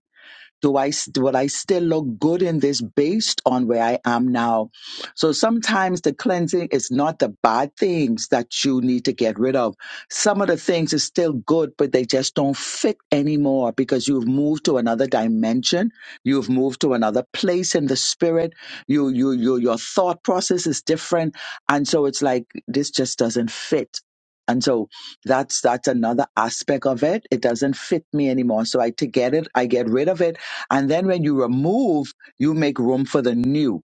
do I st- will I still look good in this based on where I am now? So sometimes the cleansing is not the bad things that you need to get rid of. Some of the things are still good, but they just don't fit anymore because you've moved to another dimension, you've moved to another place in the spirit. You you you your thought process is different, and so it's like this just doesn't fit. And so that's that's another aspect of it. It doesn't fit me anymore. So I to get it, I get rid of it and then when you remove, you make room for the new.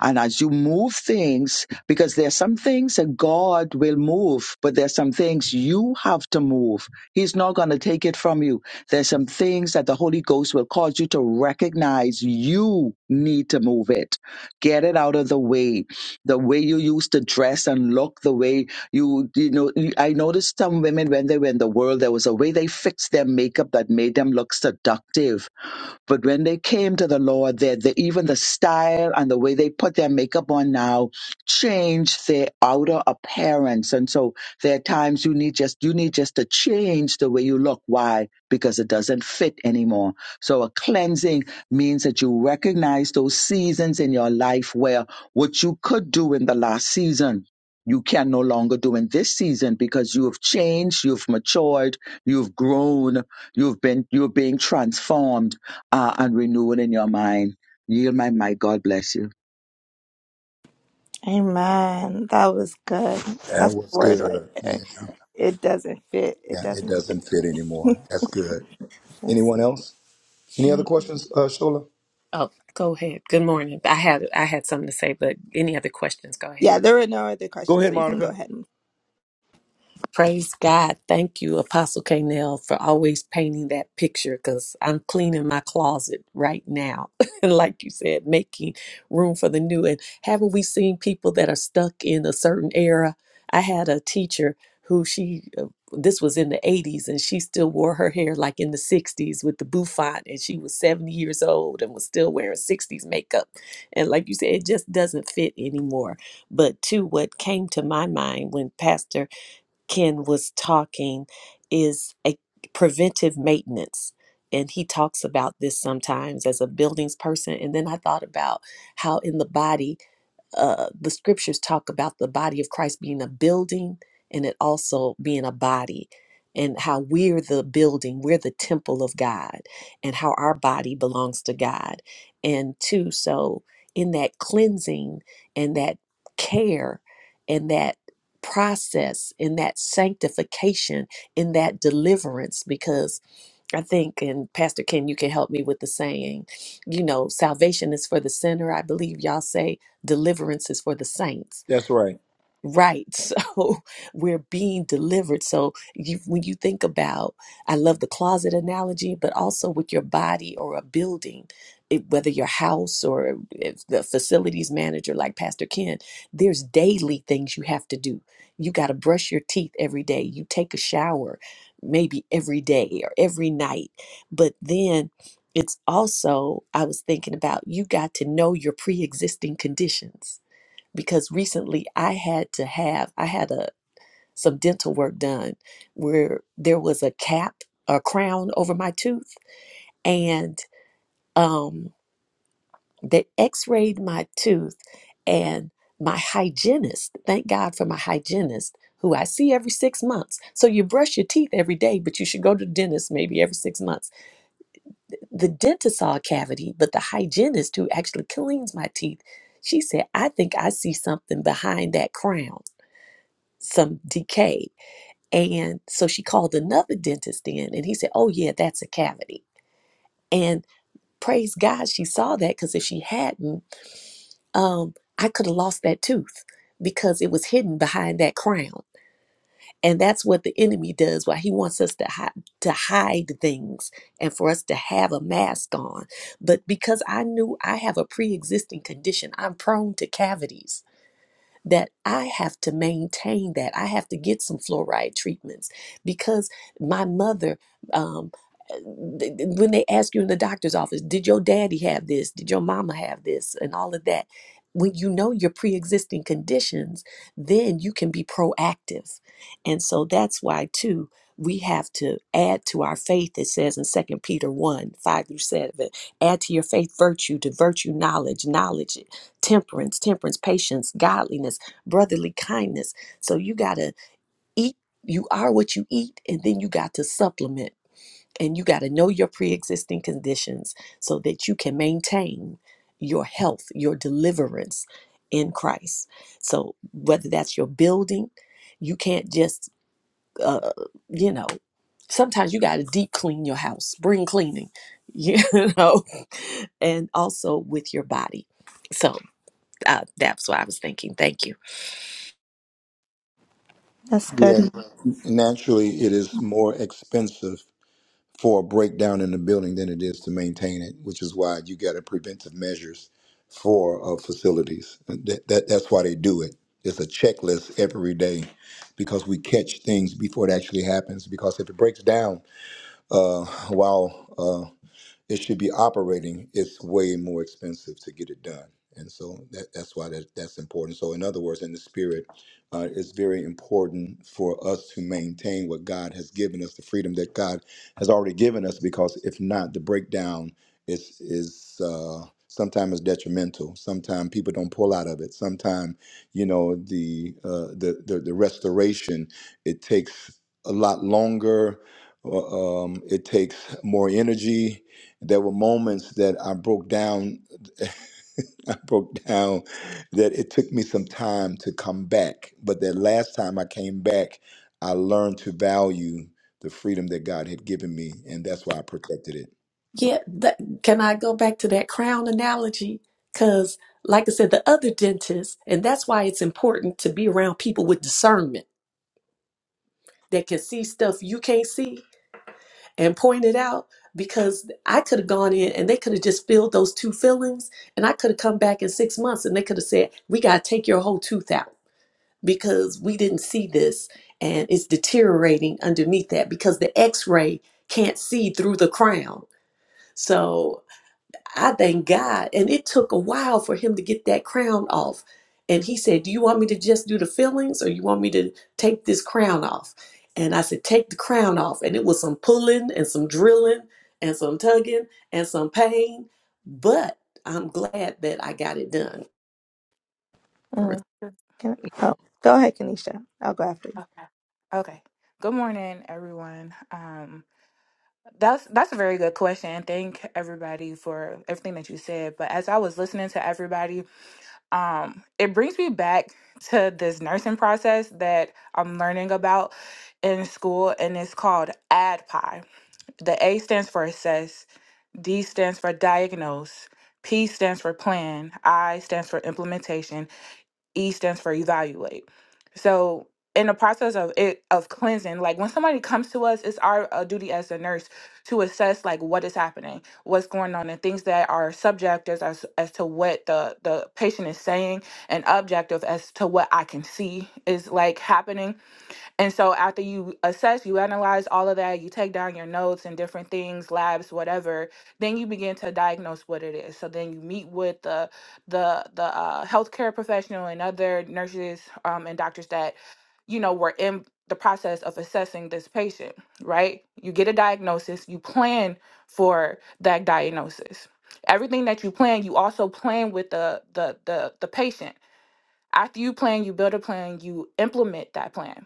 And as you move things, because there are some things that God will move, but there are some things you have to move. He's not going to take it from you. There's some things that the Holy Ghost will cause you to recognize you need to move it. Get it out of the way. The way you used to dress and look, the way you, you know, I noticed some women when they were in the world, there was a way they fixed their makeup that made them look seductive but when they came to the Lord, that the, even the style and the way they put their makeup on now changed their outer appearance. And so there are times you need just you need just to change the way you look. Why? Because it doesn't fit anymore. So a cleansing means that you recognize those seasons in your life where what you could do in the last season. You can no longer do in this season because you have changed, you've matured, you've grown, you've been, you're being transformed uh, and renewal in your mind. Yield my mic. God bless you. Amen. That was good. That's the word right there. It doesn't fit. It doesn't fit. bit anymore. yes. Oh, go ahead. Good morning. I had I had something to say, but any other questions? Go ahead. Yeah, there were no other questions, so you can go ahead. and- Praise God. Thank you, Apostle K. for always painting that picture because I'm cleaning my closet right now. and like you said, making room for the new. And haven't we seen people that are stuck in a certain era? I had a teacher who she, uh, this was in the 80s, and she still wore her hair like in the 60s with the bouffant, and she was 70 years old and was still wearing 60s makeup. And like you said, it just doesn't fit anymore. But to what came to my mind when Pastor Ken was talking is a preventive maintenance. And he talks about this sometimes as a buildings person. And then I thought about how in the body uh, the scriptures talk about the body of Christ being a building and it also being a body, and how we're the building, we're the temple of God, and how our body belongs to God. And two, so in that cleansing and that care and that process, in that sanctification, in that deliverance, because I think, and Pastor Ken, you can help me with the saying, you know, salvation is for the sinner. I believe y'all say deliverance is for the saints. That's right. Right. So we're being delivered. So you, when you think about, I love the closet analogy, but also with your body or a building, it, whether your house or if the facilities manager like Pastor Ken, there's daily things you have to do. You got to brush your teeth every day. You take a shower maybe every day or every night. But then it's also, I was thinking about, you got to know your pre existing conditions because recently I had to have I had a some dental work done where there was a cap a crown over my tooth and um they x-rayed my tooth and my hygienist thank God for my hygienist who I see every 6 months so you brush your teeth every day but you should go to the dentist maybe every 6 months the dentist saw a cavity but the hygienist who actually cleans my teeth she said I think I see something behind that crown some decay. And so she called another dentist in, and he said, Oh, yeah, that's a cavity. And praise God, she saw that because if she hadn't, um, I could have lost that tooth because it was hidden behind that crown. And that's what the enemy does, why he wants us to hide, to hide things and for us to have a mask on. But because I knew I have a pre existing condition, I'm prone to cavities that I have to maintain that. I have to get some fluoride treatments because my mother, um, uh, th- th- when they ask you in the doctor's office, did your daddy have this? Did your mama have this? And all of that. When you know your pre existing conditions, then you can be proactive. And so that's why, too, we have to add to our faith, it says in Second Peter 1 5 through 7. Add to your faith virtue, to virtue, knowledge, knowledge temperance, temperance, patience, godliness, brotherly kindness. So you got to eat, you are what you eat, and then you got to supplement and you got to know your pre existing conditions so that you can maintain your health, your deliverance in Christ. So whether that's your building, you can't just, uh, you know, sometimes you got to deep clean your house, spring cleaning, you know, and also with your body. So, uh, that's what I was thinking. Thank you. That's good. Yeah, naturally, it is more expensive for a breakdown in the building than it is to maintain it, which is why you got a preventive measures for uh, facilities. That, that that's why they do it. It's a checklist every day because we catch things before it actually happens. Because if it breaks down uh, while uh, it should be operating, it's way more expensive to get it done. And so that, that's why that, that's important. So, in other words, in the spirit, uh, it's very important for us to maintain what God has given us, the freedom that God has already given us, because if not, the breakdown is is uh, sometimes is detrimental. Sometimes people don't pull out of it. Sometimes, you know, the, uh, the the the restoration it takes a lot longer. uh, Um, it takes more energy there were moments that I broke down. I broke down that it took me some time to come back. But that last time I came back, I learned to value the freedom that God had given me. And that's why I protected it. Yeah, that, can I go back to that crown analogy? Because, like I said, the other dentist, and that's why it's important to be around people with discernment that can see stuff you can't see and point it out. Because I could have gone in and they could have just filled those two fillings, and I could have come back in six months and they could have said, We got to take your whole tooth out because we didn't see this and it's deteriorating underneath that because the x ray can't see through the crown So I thank God. And it took a while for him to get that crown off. And he said, Do you want me to just do the fillings or you want me to take this crown off? And I said, Take the crown off. And it was some pulling and some drilling and some tugging and some pain. But I'm glad that I got it done. Mm. Sure. Can I- oh, go ahead, Kanisha. I'll go after you. Okay. Okay. Good morning, everyone. Um, that's that's a very good question. Thank everybody for everything that you said. But as I was listening to everybody, um, it brings me back to this nursing process that I'm learning about in school, and it's called ADPI. The A stands for assess, D stands for diagnose, P stands for plan, I stands for implementation, E stands for evaluate. So in the process of it of cleansing, like when somebody comes to us, it's our uh, duty as a nurse to assess like what is happening, what's going on, and things that are subjective as as to what the the patient is saying, and objective as to what I can see is like happening and so after you assess, you analyze all of that, you take down your notes and different things, labs, whatever, then you begin to diagnose what it is. So then you meet with the the the uh, healthcare professional and other nurses um, and doctors that you know were in the process of assessing this patient, right? You get a diagnosis, you plan for that diagnosis. Everything that you plan, you also plan with the the the, the patient. After you plan, you build a plan, you implement that plan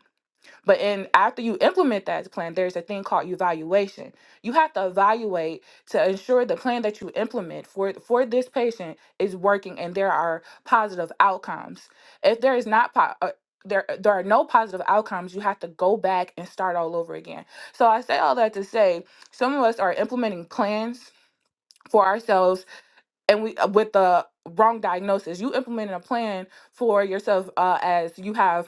but in after you implement that plan, there's a thing called evaluation. You have to evaluate to ensure the plan that you implement for for this patient is working and there are positive outcomes. If there is not po- uh, there there are no positive outcomes, you have to go back and start all over again. So I say all that to say some of us are implementing plans for ourselves and we uh, with the wrong diagnosis. You implemented a plan for yourself uh, as you have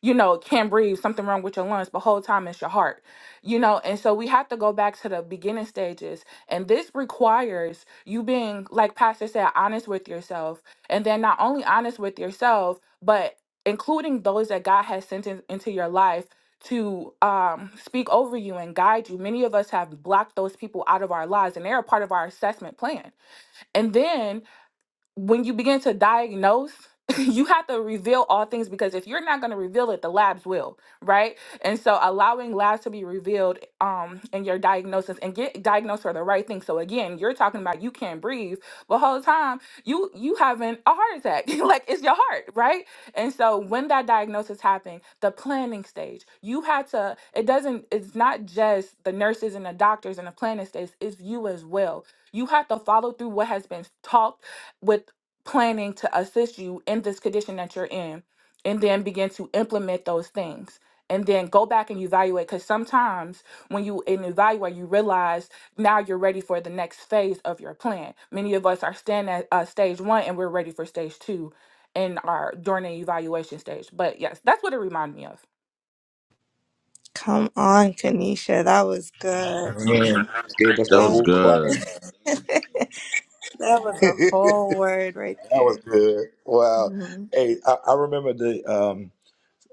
you know, can't breathe, something wrong with your lungs, but whole time it's your heart, you know. And so we have to go back to the beginning stages. And this requires you being, like Pastor said, honest with yourself. And then not only honest with yourself, but including those that God has sent in, into your life to um, speak over you and guide you. Many of us have blocked those people out of our lives, and they're a part of our assessment plan. And then when you begin to diagnose, you have to reveal all things because if you're not going to reveal it, the labs will, right? And so allowing labs to be revealed um in your diagnosis and get diagnosed for the right thing. So again, you're talking about you can't breathe, but whole time you you having a heart attack. like it's your heart, right? And so when that diagnosis happened, the planning stage, you had to it doesn't it's not just the nurses and the doctors and the planning stage, it's you as well. You have to follow through what has been taught with planning to assist you in this condition that you're in and then begin to implement those things and then go back and evaluate because sometimes when you and evaluate you realize now you're ready for the next phase of your plan many of us are staying at uh, stage one and we're ready for stage two in our during the evaluation stage but yes that's what it reminded me of Come on, Kanisha. That was good. Man, gave us That a That was whole class. good. was that was a that whole word right was there. good. Wow. Mhm. Hey, I, I remember the. um,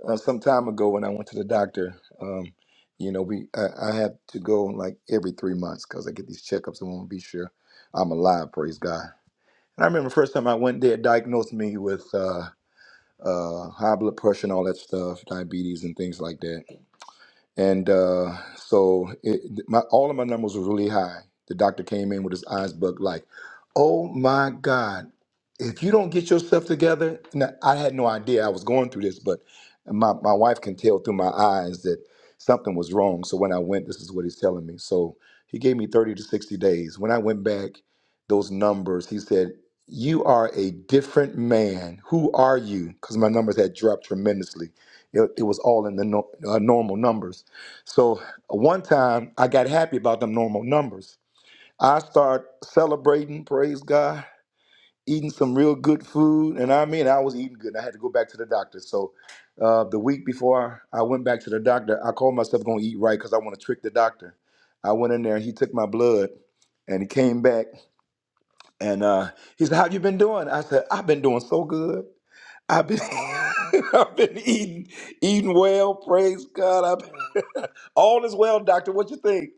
uh, some time ago when I went to the doctor. Um, you know, we I, I have to go like every three months because I get these checkups. I want to be sure I'm alive. Praise God. And I remember the first time I went, they had diagnosed me with uh, uh, high blood pressure and all that stuff, diabetes and things like that and uh, so it, my, all of my numbers were really high. The doctor came in with his eyes bugged, like, "Oh my God, if you don't get yourself together," now, I had no idea I was going through this, but my my wife can tell through my eyes that something was wrong. So when I went, this is what he's telling me. So he gave me thirty to sixty days. When I went back, those numbers, he said. You are a different man. Who are you? Because my numbers had dropped tremendously. It, it was all in the no, uh, normal numbers. So one time I got happy about them normal numbers. I start celebrating, praise God, eating some real good food. And I mean, I was eating good. I had to go back to the doctor. So uh, the week before I went back to the doctor, I called myself going to eat right because I want to trick the doctor. I went in there he took my blood and he came back and uh, he said, How you been doing? I said, I've been doing so good. I've been, I've been eating, eating well, praise God. I've been, all is well, doctor. What you think?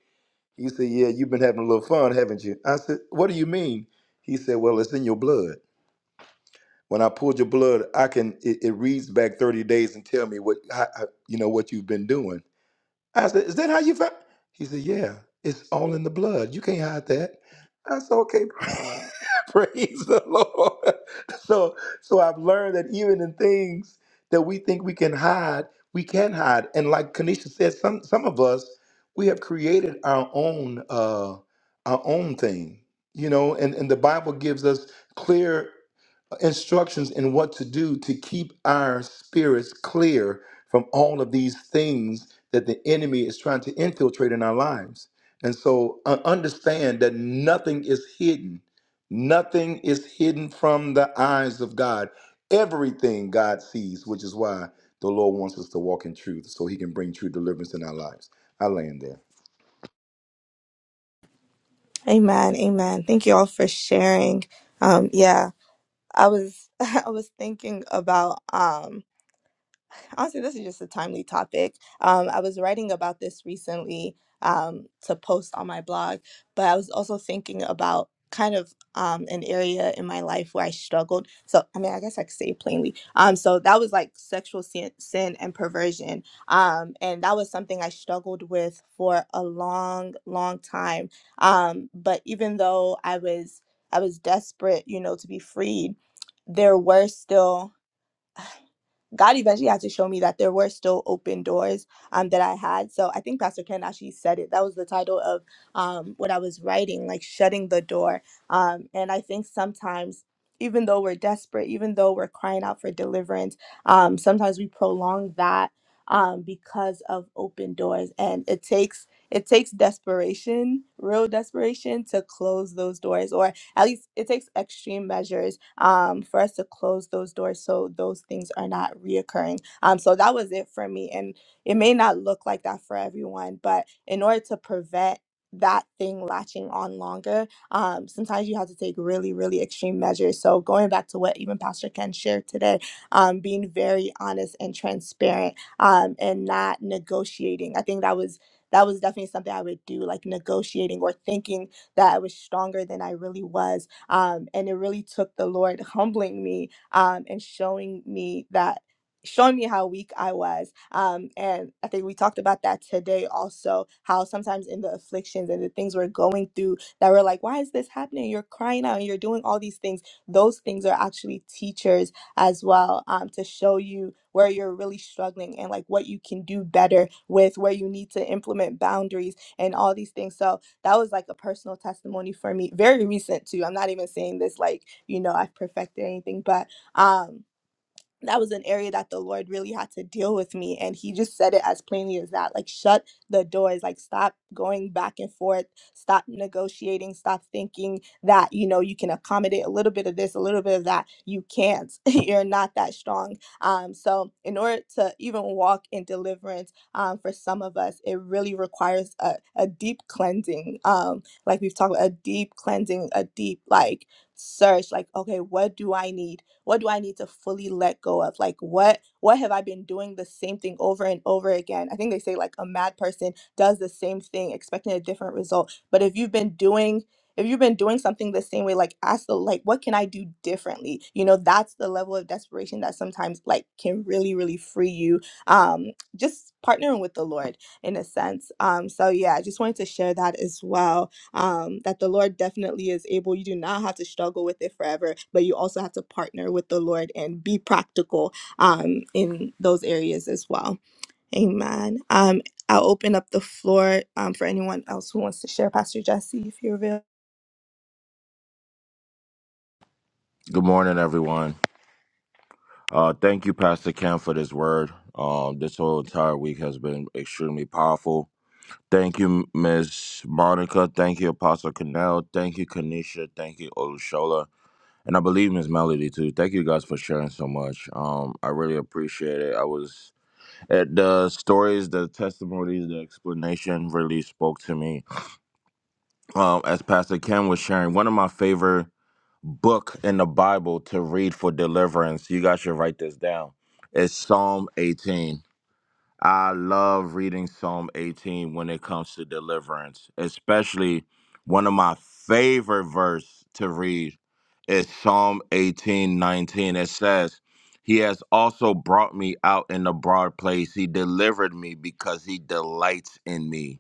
He said, Yeah, you've been having a little fun, haven't you? I said, What do you mean? He said, Well, it's in your blood. When I pulled your blood, I can it, it reads back 30 days and tell me what how, how- you know what you've been doing. I said, Is that how you found? He said, Yeah, it's all in the blood. You can't hide that. I said, Okay, praise the Lord. So, so I've learned that even in things that we think we can hide, we can hide. And like Kanisha said, some some of us we have created our own uh, our own thing, you know. And and the Bible gives us clear instructions in what to do to keep our spirits clear from all of these things that the enemy is trying to infiltrate in our lives. And so uh, understand that nothing is hidden. Nothing is hidden from the eyes of God. Everything God sees, which is why the Lord wants us to walk in truth so he can bring true deliverance in our lives. I land there. Amen. Amen. Thank you all for sharing. Um, yeah, I was I was thinking about um honestly, this is just a timely topic. Um, I was writing about this recently um, to post on my blog, but I was also thinking about kind of um, an area in my life where I struggled. So, I mean, I guess I could say it plainly. Um, so that was like sexual sin, sin and perversion. Um, and that was something I struggled with for a long, long time. Um, but even though I was, I was desperate, you know, to be freed, there were still God eventually had to show me that there were still open doors um, that I had. So I think Pastor Ken actually said it. That was the title of um, what I was writing, like shutting the door. Um, and I think sometimes, even though we're desperate, even though we're crying out for deliverance, um, sometimes we prolong that um, because of open doors. And it takes it takes desperation, real desperation, to close those doors. Or at least it takes extreme measures um, for us to close those doors so those things are not reoccurring. Um, so that was it for me. And it may not look like that for everyone, but in order to prevent that thing latching on longer, um, sometimes you have to take really, really extreme measures. So going back to what even Pastor Ken shared today, um, being very honest and transparent um, and not negotiating. I think that was that was definitely something I would do, like negotiating or thinking that I was stronger than I really was. Um, and it really took the Lord humbling me um, and showing me that showing me how weak I was. Um, and I think we talked about that today also, how sometimes in the afflictions and the things we're going through that we're like, why is this happening? You're crying out and you're doing all these things. Those things are actually teachers as well um, to show you where you're really struggling and like what you can do better with, where you need to implement boundaries and all these things. So that was like a personal testimony for me very recent too i'm not even saying this like you know i've perfected anything but um that was an area that the Lord really had to deal with me. And he just said it as plainly as that like, shut the doors, like, stop going back and forth, stop negotiating, stop thinking that, you know, you can accommodate a little bit of this, a little bit of that. You can't. You're not that strong. Um, so, in order to even walk in deliverance um, for some of us, it really requires a, a deep cleansing. Um, like, we've talked about a deep cleansing, a deep, like, search, like, okay, what do I need? what do i need to fully let go of like what what have i been doing the same thing over and over again i think they say like a mad person does the same thing expecting a different result but if you've been doing if you've been doing something the same way like ask the like what can i do differently you know that's the level of desperation that sometimes like can really really free you um just partnering with the lord in a sense um so yeah i just wanted to share that as well um, that the Lord definitely is able. You do not have to struggle with it forever, but you also have to partner with the Lord and be practical um, in those areas as well. Amen. Um, I'll open up the floor um, for anyone else who wants to share. Pastor Jesse, if you're available, Good morning, everyone. Uh, thank you, Pastor Cam, for this word. Um, this whole entire week has been extremely powerful. Thank you, Miss Monica. Thank you, Apostle Cannell. Thank you, Kanisha. Thank you, Olushola. And I believe Miss Melody too. Thank you guys for sharing so much. Um, I really appreciate it. I was at the stories, the testimonies, the explanation really spoke to me um, as Pastor Ken was sharing, one of my favorite book in the Bible to read for deliverance. You guys should write this down. It's Psalm 18. I love reading Psalm 18 when it comes to deliverance, especially one of my favorite verse to read is Psalm 18:19. It says, He has also brought me out in the broad place. He delivered me because he delights in me.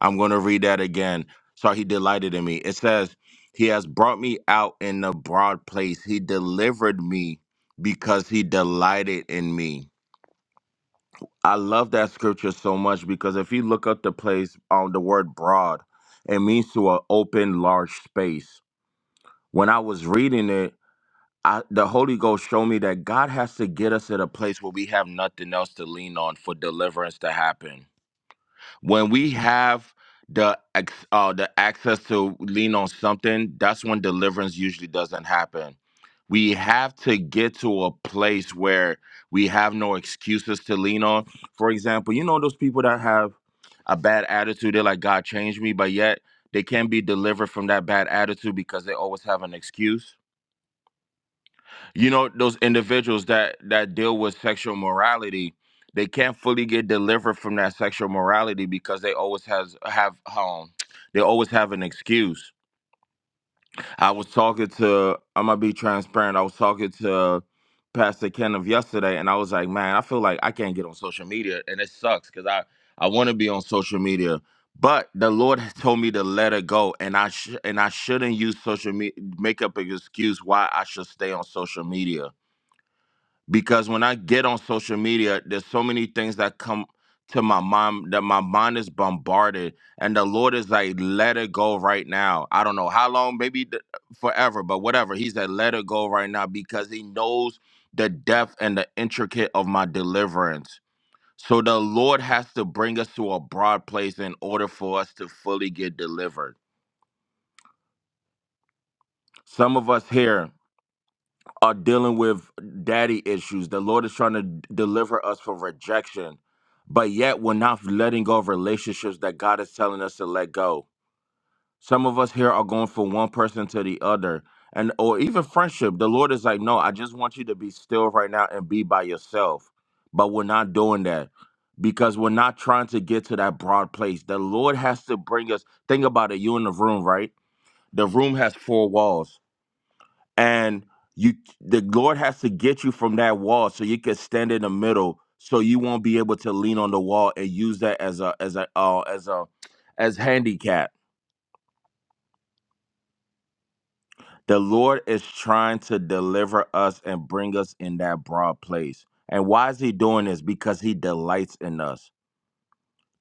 I'm going to read that again. So he delighted in me. It says, He has brought me out in a broad place. He delivered me because he delighted in me. I love that scripture so much because if you look up the place on the word broad, it means to an open, large space. When I was reading it, I, the Holy Ghost showed me that God has to get us at a place where we have nothing else to lean on for deliverance to happen when we have the ex- uh, the access to lean on something, that's when deliverance usually doesn't happen. We have to get to a place where we have no excuses to lean on. For example, you know those people that have a bad attitude. They're like, "God changed me," but yet they can't be delivered from that bad attitude because they always have an excuse you know those individuals that that deal with sexual morality they can't fully get delivered from that sexual morality because they always has have um they always have an excuse i was talking to i'm gonna be transparent i was talking to pastor ken of yesterday and i was like man i feel like i can't get on social media and it sucks because i i want to be on social media but the lord has told me to let it go and i sh- and i shouldn't use social media make up an excuse why i should stay on social media because when I get on social media, there's so many things that come to my mind that my mind is bombarded, and the Lord is like, let it go right now. I don't know how long, maybe th- forever, but whatever. He said, let it go right now because He knows the depth and the intricate of my deliverance. So the Lord has to bring us to a broad place in order for us to fully get delivered. Some of us here. are dealing with daddy issues. The Lord is trying to d- deliver us from rejection, but yet we're not letting go of relationships that God is telling us to let go. Some of us here are going from one person to the other, and or even friendship. The Lord is like, no, I just want you to be still right now and be by yourself. But we're not doing that because we're not trying to get to that broad place. The Lord has to bring us. Think about it. You in the room, right? The room has four walls and you the lord has to get you from that wall so you can stand in the middle so you won't be able to lean on the wall and use that as a as a uh, as a as handicap the lord is trying to deliver us and bring us in that broad place and why is he doing this because he delights in us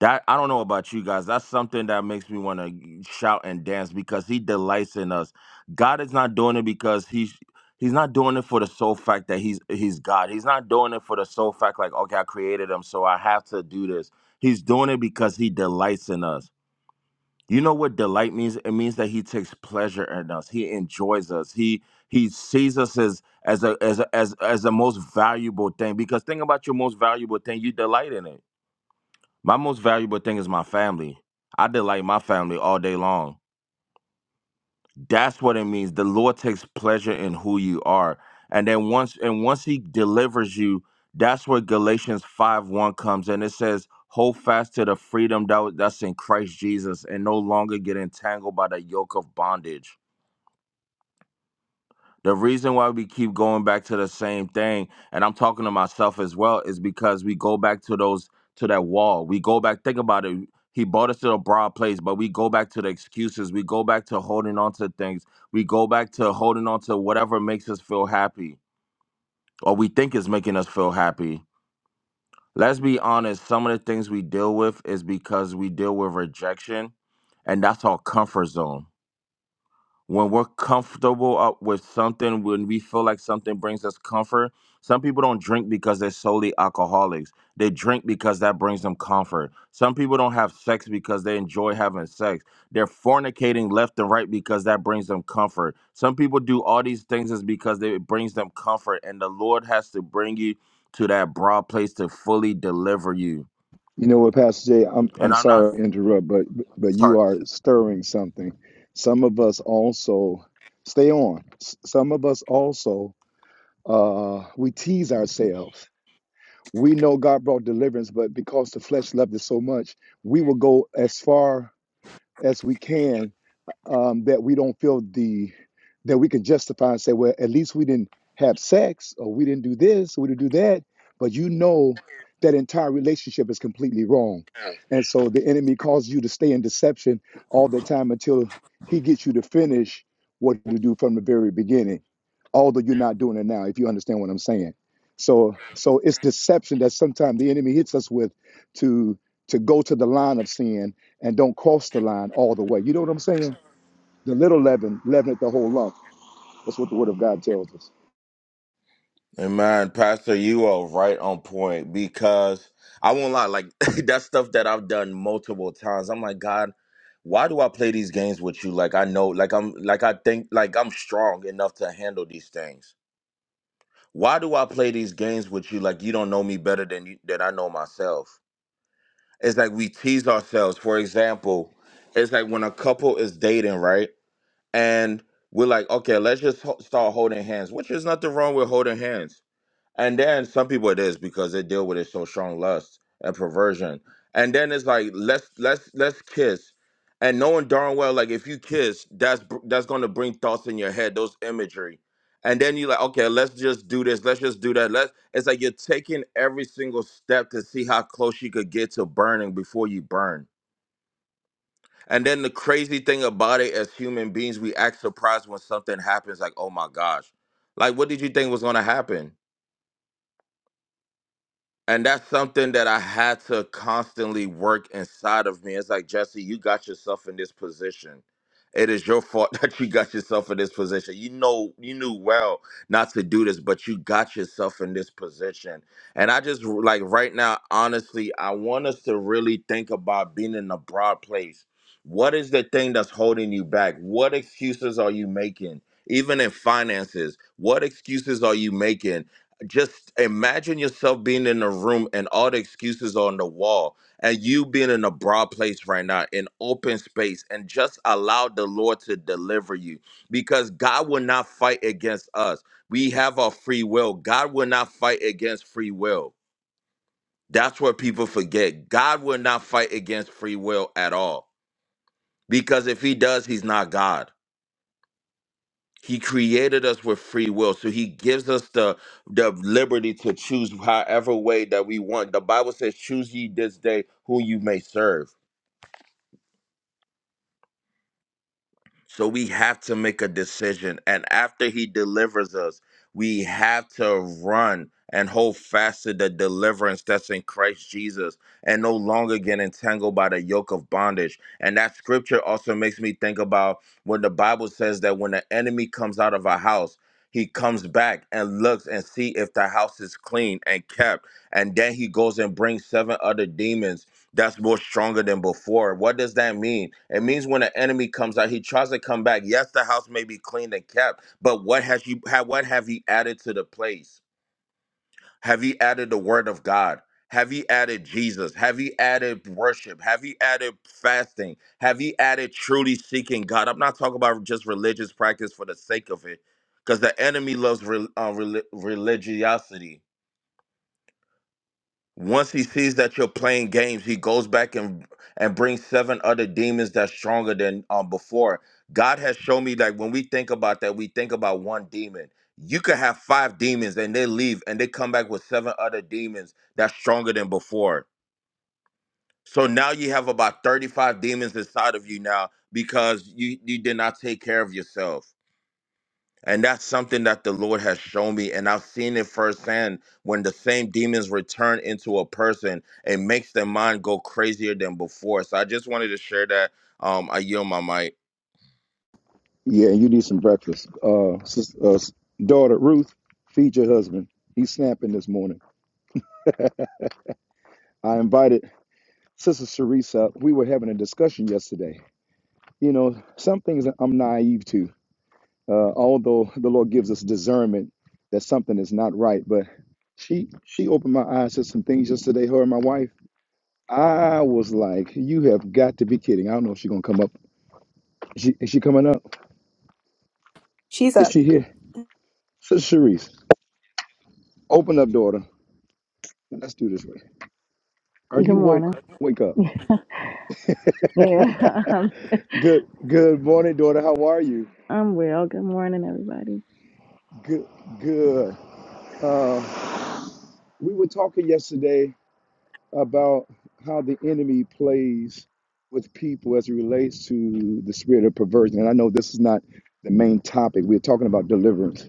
That I don't know about you guys. That's something that makes me want to shout and dance because he delights in us. God is not doing it because he's he's not doing it for the sole fact that he's he's God. He's not doing it for the sole fact like okay, I created him, so I have to do this. He's doing it because he delights in us. You know what delight means? It means that he takes pleasure in us. He enjoys us. He he sees us as as a as a, as as the most valuable thing. Because think about your most valuable thing. You delight in it. My most valuable thing is my family. I delight my family all day long. That's what it means. The Lord takes pleasure in who you are. And then once and once he delivers you, that's where Galatians five one comes and it says, "Hold fast to the freedom that, that's in Christ Jesus and no longer get entangled by the yoke of bondage." The reason why we keep going back to the same thing, and I'm talking to myself as well, is because we go back to those to that wall. We go back, think about it. He brought us to a broad place, but we go back to the excuses. We go back to holding on to things. We go back to holding on to whatever makes us feel happy or we think is making us feel happy. Let's be honest, some of the things we deal with is because we deal with rejection, and that's our comfort zone when we're comfortable up with something, when we feel like something brings us comfort. Some people don't drink because they're solely alcoholics. They drink because that brings them comfort. Some people don't have sex because they enjoy having sex. They're fornicating left and right because that brings them comfort. Some people do all these things is because they, it brings them comfort, and the Lord has to bring you to that broad place to fully deliver you. You know what, Pastor Jay, I'm And I'm I'm not sorry to interrupt, but but you sorry. are stirring something. Some of us also stay on. S- Some of us also uh we tease ourselves. We know God brought deliverance, but because the flesh loved it so much, we will go as far as we can um, that we don't feel the that we can justify and say, well, at least we didn't have sex or we didn't do this, or we didn't do that. But you know that entire relationship is completely wrong. And so the enemy causes you to stay in deception all the time until he gets you to finish what you do from the very beginning, although you're not doing it now, if you understand what I'm saying. So so it's deception that sometimes the enemy hits us with to to go to the line of sin and don't cross the line all the way. You know what I'm saying? The little leaven leaveneth the whole lump. That's what the word of God tells us. Amen. Pastor, you are right on point because I won't lie, like that's stuff that I've done multiple times. I'm like, God, why do I play these games with you? Like I know, like I'm like I think like I'm strong enough to handle these things. Why do I play these games with you like you don't know me better than you than I know myself? It's like we tease ourselves. For example, it's like when a couple is dating, right? And we're like, okay, let's just ho- start holding hands, which is nothing wrong with holding hands and then some people it is because they deal with it so strong lust and perversion. And then it's like let's let's let's kiss, and knowing darn well like if you kiss, that's br- that's gonna bring thoughts in your head, those imagery. And then you are like okay, let's just do this, let's just do that. Let's. It's like you're taking every single step to see how close you could get to burning before you burn. And then the crazy thing about it, as human beings, we act surprised when something happens. Like oh my gosh, like what did you think was gonna happen? and that's something that I had to constantly work inside of me. It's like Jesse, you got yourself in this position. It is your fault that you got yourself in this position. You know, you knew well not to do this, but you got yourself in this position. And I just like right now, honestly, I want us to really think about being in a broad place. What is the thing that's holding you back? What excuses are you making? Even in finances, what excuses are you making? just imagine yourself being in a room and all the excuses on the wall and you being in a broad place right now in open space and just allow the lord to deliver you because god will not fight against us we have our free will god will not fight against free will that's what people forget god will not fight against free will at all because if he does he's not god He created us with free will. So he gives us the, the liberty to choose however way that we want. The Bible says, choose ye this day who you may serve. So we have to make a decision. And after he delivers us, we have to run and hold fast to the deliverance that's in Christ Jesus and no longer get entangled by the yoke of bondage. And that scripture also makes me think about when the Bible says that when the enemy comes out of a house, he comes back and looks and see if the house is clean and kept. And then he goes and brings seven other demons that's more stronger than before. What does that mean? It means when an enemy comes out, he tries to come back. Yes, the house may be cleaned and kept, but what has you have what have you added to the place? Have you added the word of God? Have you added Jesus? Have you added worship? Have you added fasting? Have you added truly seeking God? I'm not talking about just religious practice for the sake of it, because the enemy loves re- uh, reli- religiosity once he sees that you're playing games, he goes back and and brings seven other demons that's stronger than um, before. God has shown me that when we think about that, we think about one demon. You could have five demons and they leave and they come back with seven other demons that's stronger than before. So now you have about 35 demons inside of you now because you, you did not take care of yourself. And that's something that the Lord has shown me. And I've seen it firsthand when the same demons return into a person, it makes their mind go crazier than before. So I just wanted to share that. Um, I yield my mic. Yeah, and you need some breakfast. Uh, sis, uh, s- daughter Ruth, feed your husband. He's snapping this morning. I invited Sister Sarisa. We were having a discussion yesterday. You know, some things that I'm naive to, uh, although the Lord gives us discernment that something is not right. But she she opened my eyes to some things yesterday. Her and my wife. I was like, "You have got to be kidding!" I don't know if she's gonna come up. Is she is she coming up? she's Is up. she here? So Sharice, open up, daughter. Let's do this way. Are Good you morning. woke? Wake up. Yeah, I'm, Good good morning, daughter. How are you? I'm well. Good morning, everybody. Good good. Uh, we were talking yesterday about how the enemy plays with people as it relates to the spirit of perversion. And I know this is not the main topic. We're talking about deliverance.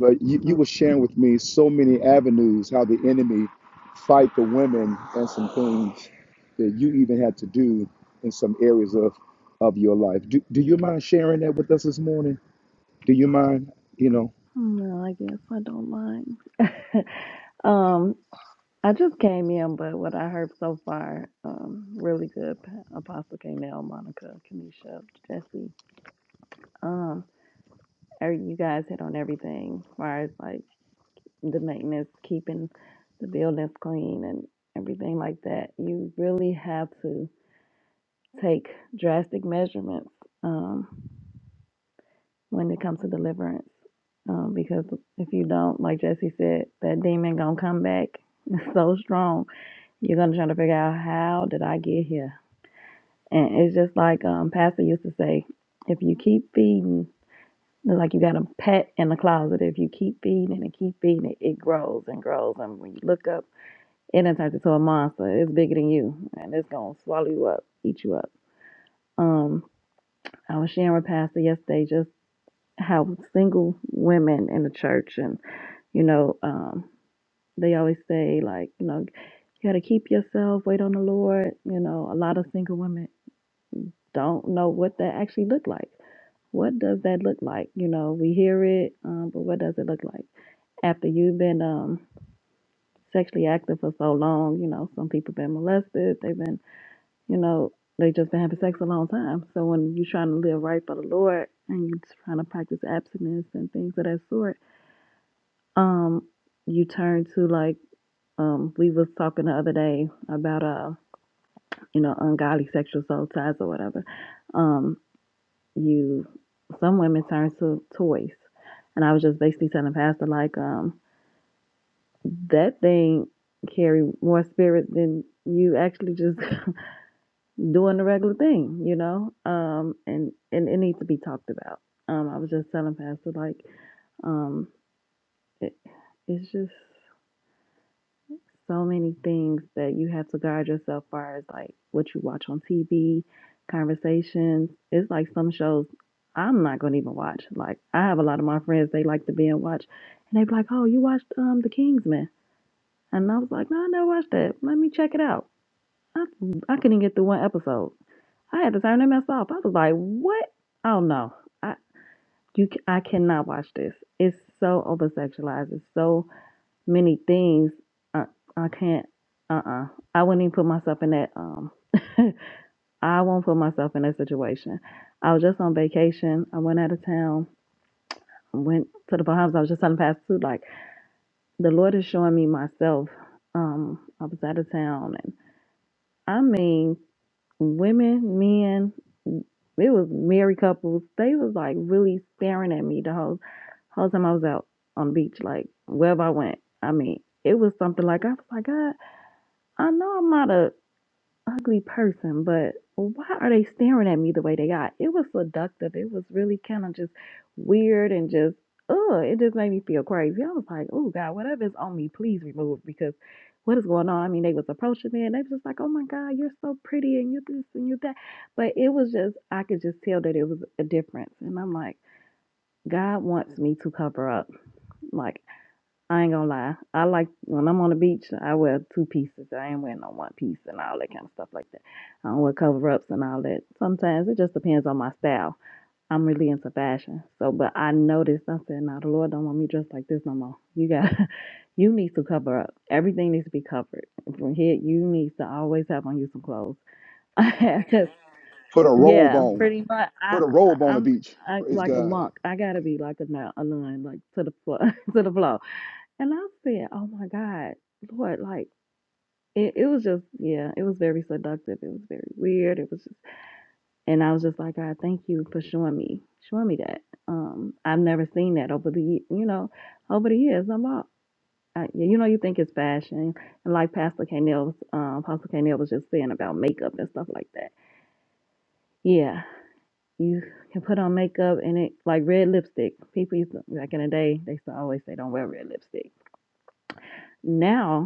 But you, you I'm were sharing with me so many avenues how the enemy fight the women and some things that you even had to do in some areas of, of your life. Do, do you mind sharing that with us this morning? Do you mind, you know? well, I guess I don't mind. um, I just came in, but what I heard so far, um, really good. Pa- Apostle Kanell, Monica, Kanisha, Jesse. Um, every- you guys hit on everything as far as like the maintenance, keeping the buildings clean, and everything like that. You really have to take drastic measurements. Um, when it comes to deliverance. Um, because if you don't, like Jesse said, that demon gonna come back so strong. You're gonna try to figure out how did I get here. And it's just like um, Pastor used to say, if you keep feeding, it's like you got a pet in the closet. If you keep feeding and keep feeding it, it grows and grows. And when you look up, it done turns into a monster. It's bigger than you, and it's gonna swallow you up, eat you up. Um, I was sharing with Pastor yesterday just how single women in the church and you know. Um, They always say, like, you know, you got to keep yourself, wait on the Lord. You know, a lot of single women don't know what that actually look like. What does that look like? You know, we hear it, um, but what does it look like after you've been um, sexually active for so long? You know, some people been molested. They've been, you know, they just been having sex a long time. So when you're trying to live right for the Lord and you're trying to practice abstinence and things of that sort, um, you turn to like um, we was talking the other day about. uh. you know, ungodly sexual soul ties or whatever, um, you some women turn to toys. And I was just basically telling Pastor like, um, that thing carry more spirit than you actually just doing the regular thing, you know? Um, and, and it needs to be talked about. Um, I was just telling Pastor like, um, it, it's just so many things that you have to guard yourself far as like what you watch on TV, conversations. It's like some shows I'm not gonna even watch. Like I have a lot of my friends they like to be and watch and they be like, Oh, you watched um The Kingsman and I was like, No, I never watched that. Let me check it out. I I couldn't get through one episode. I had to turn them mess off. I was like, What? Oh no. I you ca- I cannot watch this. It's so over sexualized. It's so many things. I, I can't. Uh uh I wouldn't even put myself in that. Um, I won't put myself in that situation. I was just on vacation. I went out of town. Went to the Bahamas. I was just telling Pastor too. Like the Lord is showing me myself. Um, I was out of town, and I mean, women, men. It was married couples. They was like really staring at me the whole whole time I was out on the beach, like wherever I went. I mean, it was something like I was like, God. I know I'm not a ugly person, but why are they staring at me the way they are? It was seductive. It was really kind of just weird and just ugh. It just made me feel crazy. I was like, oh God, whatever is on me, please remove because what is going on? I mean, they was approaching me and they was just like, oh my God, you're so pretty and you this and you that. But it was just I could just tell that it was a difference. And I'm like, God wants me to cover up. Like I ain't gonna lie. I like when I'm on the beach, I wear two pieces. I ain't wearing no one piece and all that kind of stuff like that. I don't wear cover ups and all that. Sometimes it just depends on my style. I'm really into fashion. So but I noticed I said, Now the Lord don't want me dressed like this no more. You got you need to cover up. Everything needs to be covered. From here you need to always have on you some clothes. 'Cause, Put a robe yeah, on. pretty much I Put a robe I- on the I'm beach. I, Praise like a God. monk. I gotta be like a, nun- a nun, like to the floor, to the floor. And I said, "Oh my God, Lord!" Like it, it was just, yeah, it was very seductive. It was very weird. It was, just, and I was just like, "God, thank you for showing me, showing me that." Um, I've never seen that over the, ye- you know, over the years. I'm all, I, yeah, you know, you think it's fashion, and like Pastor Kanell, um, Pastor Kanell was just saying about makeup and stuff like that. Yeah, you can put on makeup and it like red lipstick. People used to, back in the day, they used to always say, "Don't wear red lipstick." Now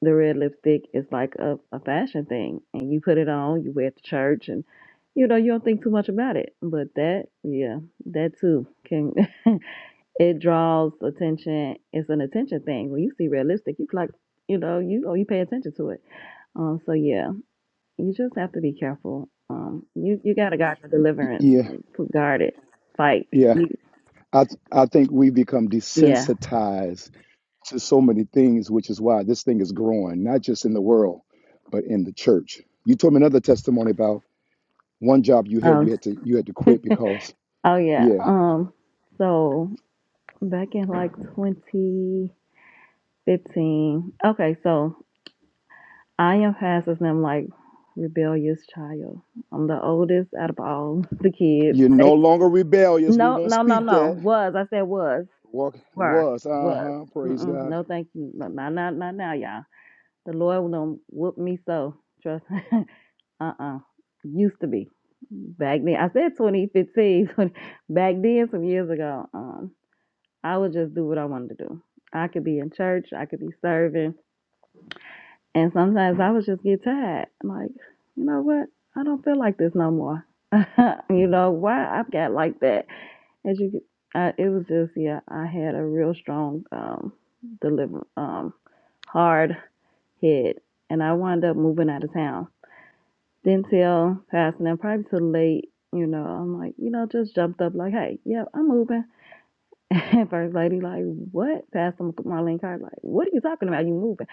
the red lipstick is like a, a fashion thing and you put it on you wear it to church and you know you don't think too much about it but that yeah that too can it draws attention it's an attention thing when you see red lipstick you like you know you oh you pay attention to it um so yeah you just have to be careful um you you gotta guard your deliverance Yeah, guard it fight yeah. you, I th- I think we become yeah desensitized to so many things, which is why this thing is growing, not just in the world, but in the church. You told me another testimony about one job you had, um you had to you had to quit because oh yeah yeah, um so back in like 20 15. Okay, so I am past as i like rebellious child. I'm the oldest out of all the kids. you're no They, longer rebellious. We no, won't no, no, speak that. no. Was I said was Walk were was uh was. huh. Praise Mm-mm, God. no, thank you. No, not not not now, y'all. The Lord will done whoop me so. Trust. uh-uh. Used to be back then. I said 2015. 20 back then, some years ago. Um, I would just do what I wanted to do. I could be in church. I could be serving. And sometimes I would just get tired. I'm Like, you know what? I don't feel like this no more. you know why I've got like that? As you, I, it was just yeah. I had a real strong, um, deliver, um, hard head, and I wound up moving out of town. Didn't tell passing and probably too late. You know, I'm like, you know, just jumped up like, hey, yeah, I'm moving. And first lady like, what? Pastor Marlene Carr like, what are you talking about? You moving?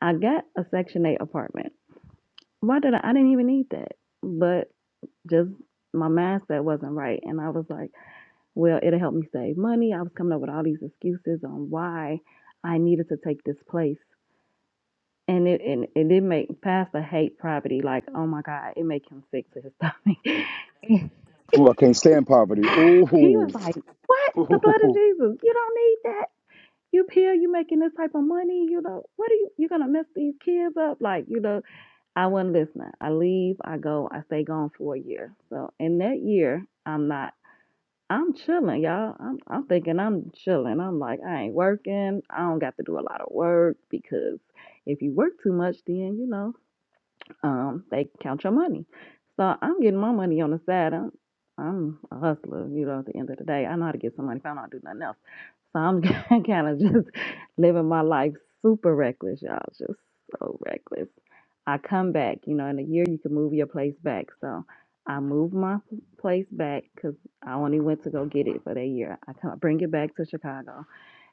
I got a Section Eight apartment why did I? I didn't even need that. But just my mindset wasn't right. And I was like, well, it'll help me save money. I was coming up with all these excuses on why I needed to take this place. And it and it did make Pastor hate property. Like, oh my God, it make him sick to his stomach. Ooh, I can't stand poverty. he Ooh, was like, What? The blood of ooh. Jesus. You don't need that. You here, you making this type of money, you know, what are you you're gonna mess these kids up? Like, you know, I wasn't listening. I leave, I go, I stay gone for a year. So in that year, I'm not. I'm chilling, y'all. I'm, I'm thinking I'm chilling. I'm like, I ain't working. I don't got to do a lot of work because if you work too much, then you know um, they count your money. So I'm getting my money on the side. I'm, I'm a hustler, you know, at the end of the day. I know how to get some money if I don't do nothing else. So I'm kind of just living my life super reckless, y'all. Just so reckless. I come back, you know, in a year you can move your place back. So I moved my place back because I only went to go get it for that year. I come, bring it back to Chicago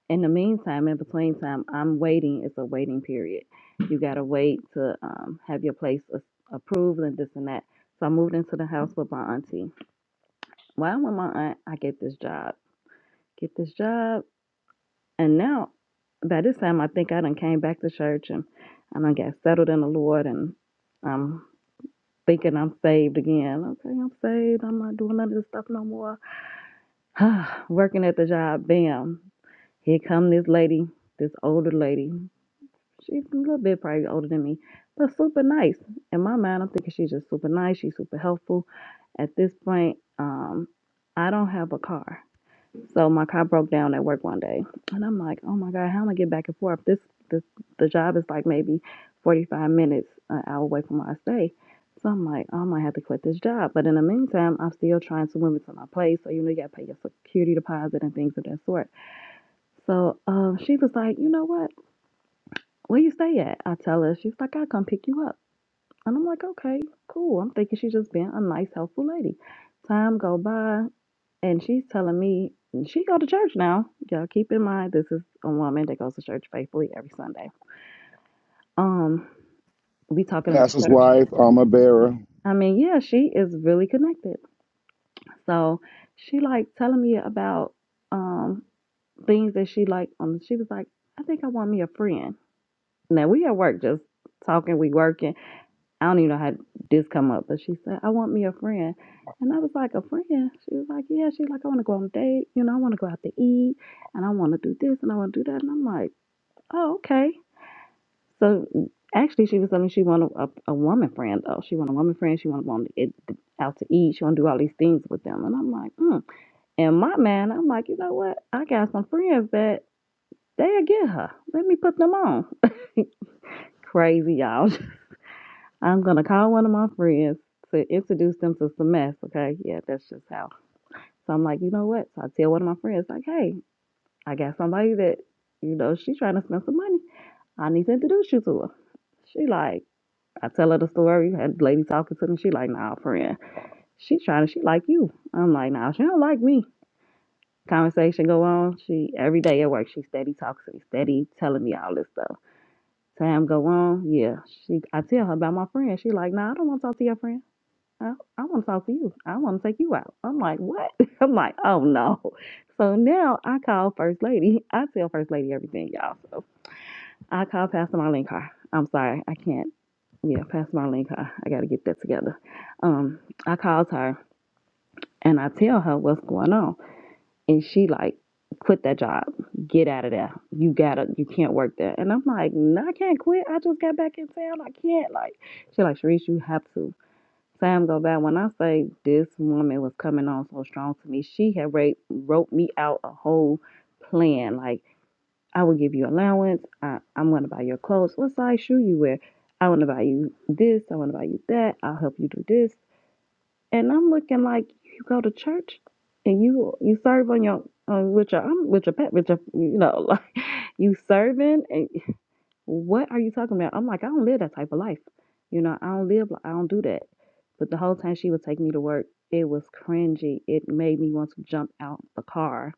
in the meantime, in between time, I'm waiting. It's a waiting period. You gotta wait to um, have your place a- approved and this and that. So I moved into the house with my auntie. While I'm with my aunt, I get this job. Get this job, and now by this time, I think I done came back to church and I done got settled in the Lord, and I'm thinking I'm saved again. Okay, I'm saved. I'm not doing none of this stuff no more. Working at the job, bam. Here come this lady, this older lady. She's a little bit probably older than me, but super nice. In my mind, I'm thinking she's just super nice. She's super helpful. At this point, um, I don't have a car, so my car broke down at work one day, and I'm like, oh my god, how am I gonna get back and forth? This the the job is like maybe 45 minutes an hour away from where I stay. So I'm like, "Oh, I might have to quit this job. But in the meantime, I'm still trying to move into my place. So, you know, you got to pay your security deposit and things of that sort. So um, she was like, you know what? where you stay at? I tell her. She's like, I'll come pick you up. And I'm like, okay, cool. I'm thinking she's just being a nice, helpful lady. Time go by, and she's telling me she go to church now. Y'all keep in mind, this is a woman that goes to church faithfully every Sunday. Um, we talking about pastor's church. wife, armor bearer. I mean, yeah, she is really connected. So she like telling me about um things that she like. Um, she was like, I think I want me a friend. Now we at work just talking, we working. I don't even know how this come up, but she said, I want me a friend. And I was like, a friend? She was like, yeah. She's like, I want to go on a date. You know, I want to go out to eat and I want to do this and I want to do that. And I'm like, oh, okay. So actually, she was telling me she wanted a, a woman friend, though. She wanted a woman friend. She wanted to go on it, out to eat. She wanted to do all these things with them. And I'm like, hmm. And my man, I'm like, you know what? I got some friends that they'll get her. Let me put them on. Crazy, y'all. I'm gonna call one of my friends to introduce them to some Semest. Okay, yeah, that's just how. So I'm like, you know what? So I tell one of my friends, like, hey, I got somebody that, you know, she trying to spend some money. I need to introduce you to her. She like, I tell her the story. Had the lady talking to me. She like, nah, friend. She trying to. She like you. I'm like, nah, she don't like me. Conversation go on. She every day at work. She steady talks to me. Steady telling me all this stuff. Time go on. Yeah, she. I tell her about my friend. She like, nah, I don't want to talk to your friend. I, I want to talk to you. I want to take you out. I'm like, what? I'm like, oh no. So now I call First Lady. I tell First Lady everything, y'all. So I call Pastor Marlene Carr. I'm sorry, I can't. Yeah, Pastor Marlene Carr. I got to get that together. Um, I called her and I tell her what's going on, and she like, quit that job. Get out of there. You gotta. You can't work there. And I'm like, no, I can't quit. I just got back in town. I can't. Like, she like, Sharice, you have to. Time go by. When I say this woman was coming on so strong to me, she had ra- wrote me out a whole plan. Like I will give you allowance. I, I'm gonna buy your clothes. What size shoe you wear? I want to buy you this. I want to buy you that. I'll help you do this. And I'm looking like you go to church and you you serve on your on with your I'm with your pet with your you know like you serving and. What are you talking about? I'm like, I don't live that type of life. You know, I don't live, I don't do that. But the whole time she would take me to work, it was cringy. It made me want to jump out the car.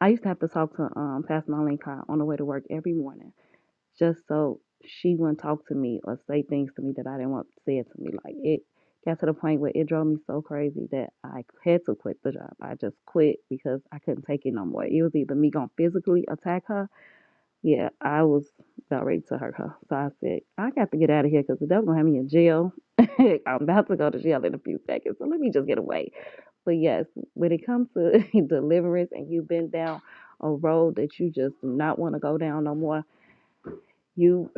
I used to have to talk to um, Pastor Marlene car on the way to work every morning just so she wouldn't talk to me or say things to me that I didn't want said to me. Like, it got to the point where it drove me so crazy that I had to quit the job. I just quit because I couldn't take it no more. It was either me going to physically attack her yeah, I was about ready to hurt her. So I said, I got to get out of here because they're gonna have me in jail. I'm about to go to jail in a few seconds, so let me just get away. But yes, when it comes to deliverance and you've been down a road that you just do not want to go down no more, you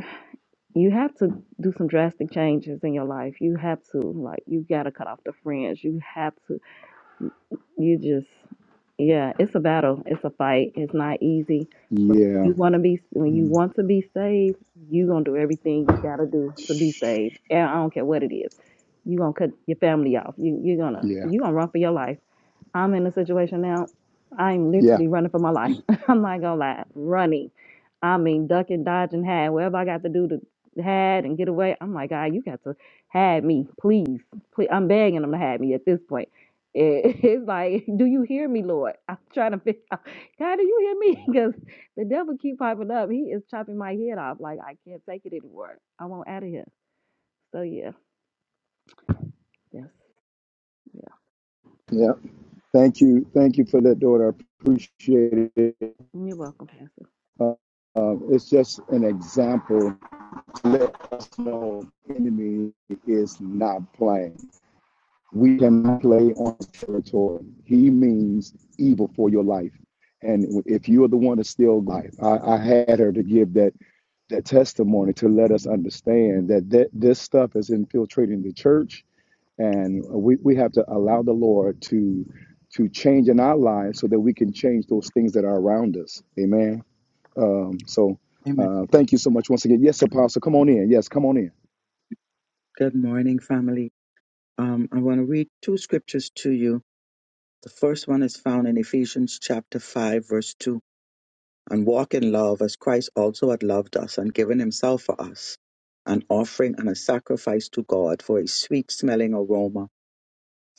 you have to do some drastic changes in your life. You have to like you gotta cut off the friends. You have to you just, yeah, it's a battle. It's a fight. It's not easy. But Yeah, you want to be when you Mm. want to be saved, you gonna do everything you gotta do to be saved. And I don't care what it is. You gonna cut your family off. You you're gonna yeah, you gonna run for your life. I'm in a situation now. I'm yeah, literally running for my life. I'm not gonna lie, running. I mean, ducking, dodging, hide, whatever I got to do to hide and get away. I'm like, God, you got to hide me, please, please. I'm begging them to hide me at this point. It- it's like, do you hear me, Lord? I'm trying to figure out, God, do you hear me? Because the devil keep popping up. He is chopping my head off. Like I can't take it anymore. I won't out of here. So yeah, yes, yeah. yeah. Thank you, thank you for that, daughter. I appreciate it. You're welcome, Pastor. Uh, uh, it's just an example to let us know the enemy is not playing. We can play on territory. He means evil for your life, and if you are the one to steal life, I, I had her to give that that testimony to let us understand that, that this stuff is infiltrating the church and we, we have to allow the lord to to change in our lives so that we can change those things that are around us amen um, so Amen. uh, thank you so much once again yes apostle come on in yes come on in Good morning, family. Um, I want to read two scriptures to you. The first one is found in Ephesians chapter 5, verse 2. And walk in love as Christ also had loved us and given himself for us, an offering and a sacrifice to God for a sweet smelling aroma.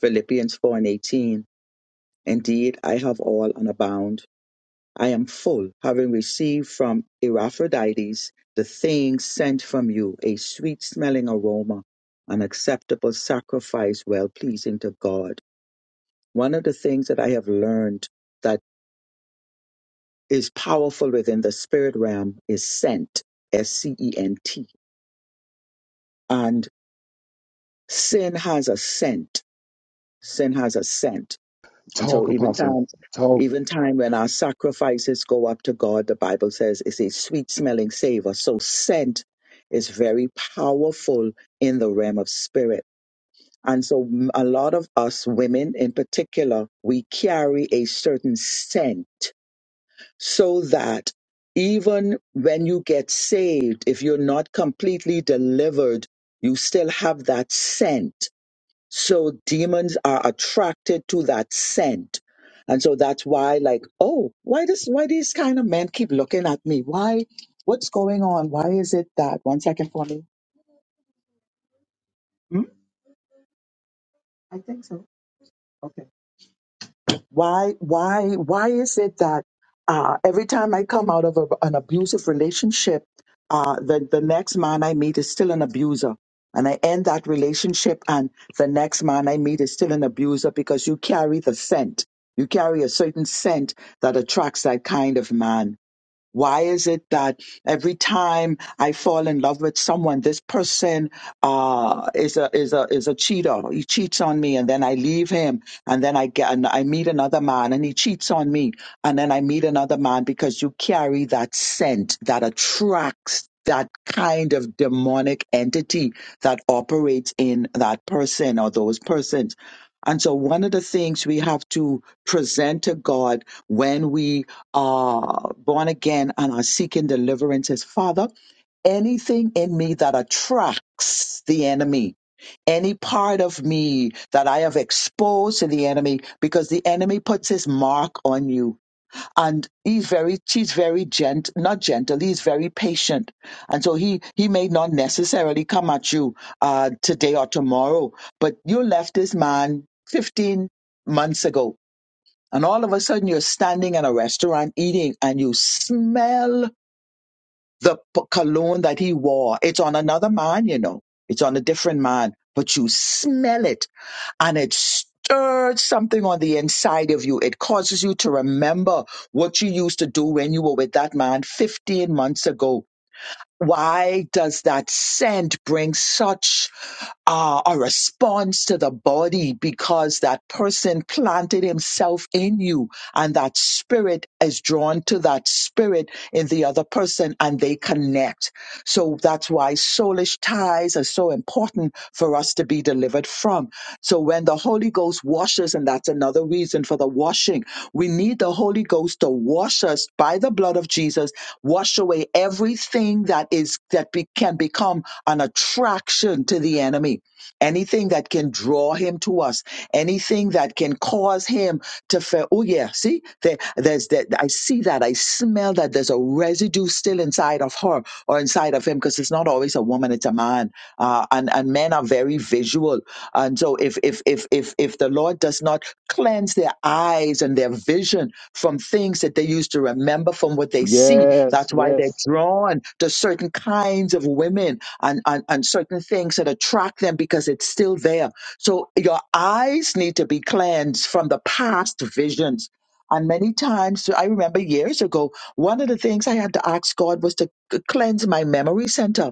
Philippians 4 and 18. Indeed, I have all and abound. I am full, having received from Epaphroditus the thing sent from you, a sweet smelling aroma, an acceptable sacrifice, well pleasing to God. One of the things that I have learned that is powerful within the spirit realm is scent, S C E N T. And sin has a scent. Sin has a scent And so talk even apostle times talk even time when our sacrifices go up to God, the Bible says it's a sweet smelling savor. So scent is very powerful in the realm of spirit. And so m- a lot of us women in particular, we carry a certain scent so that even when you get saved, if you're not completely delivered, you still have that scent so demons are attracted to that scent. And so that's why, like, oh, why does why these kind of men keep looking at me? Why? What's going on? Why is it that? One second for me. Hmm? I think so. Okay. Why, why, why is it that uh, every time I come out of a, an abusive relationship, uh, the the next man I meet is still an abuser, and I end that relationship, and the next man I meet is still an abuser because you carry the scent. You carry a certain scent that attracts that kind of man. Why is it that every time I fall in love with someone, this person uh, is a is a is a cheater? He cheats on me, and then I leave him, and then I get and I meet another man, and he cheats on me, and then I meet another man because you carry that scent that attracts that kind of demonic entity that operates in that person or those persons. And so, one of the things we have to present to God when we are born again and are seeking deliverances. Father, anything in me that attracts the enemy any part of me that I have exposed to the enemy because the enemy puts his mark on you. And he's very, he's very gent, not gentle, he's very patient. And so he, he may not necessarily come at you, uh, today or tomorrow, but you left this man 15 months ago and all of a sudden you're standing in a restaurant eating and you smell the p- cologne that he wore. It's on another man, you know. It's on a different man, but you smell it and it stirs something on the inside of you. It causes you to remember what you used to do when you were with that man 15 months ago. Why does that scent bring such uh, a response to the body because that person planted himself in you and that spirit is drawn to that spirit in the other person and they connect. So that's why soulish ties are so important for us to be delivered from. So when the Holy Ghost washes, and that's another reason for the washing, we need the Holy Ghost to wash us by the blood of Jesus Wash away everything that is that be, can become an attraction to the enemy. Anything that can draw him to us. Anything that can cause him to feel. Oh yeah, see, there, there's that. I see that. I smell that. There's a residue still inside of her or inside of him because it's not always a woman; it's a man. Uh, and and men are very visual. And so if if if if if the Lord does not Cleanse their eyes and their vision from things that they used to remember from what they see. yes That's why they're yes drawn to certain kinds of women and, and, and certain things that attract them because it's still there. So your eyes need to be cleansed from the past visions. And many times, I remember years ago, one of the things I had to ask God was to c- cleanse my memory center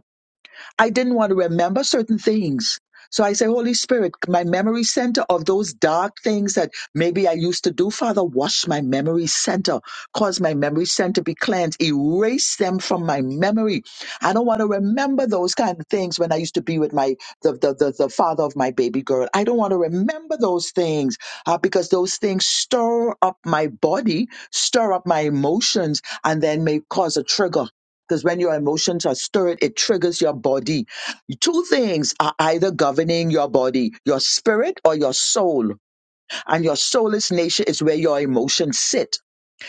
I didn't want to remember certain things. So I say, Holy Spirit, my memory center of those dark things that maybe I used to do, Father, wash my memory center, cause my memory center to be cleansed, erase them from my memory. I don't want to remember those kind of things when I used to be with my the the the, the father of my baby girl. I don't want to remember those things uh, because those things stir up my body, stir up my emotions, and then may cause a trigger because when your emotions are stirred, it triggers your body. Two things are either governing your body, your spirit or your soul. And your soulless nature is where your emotions sit.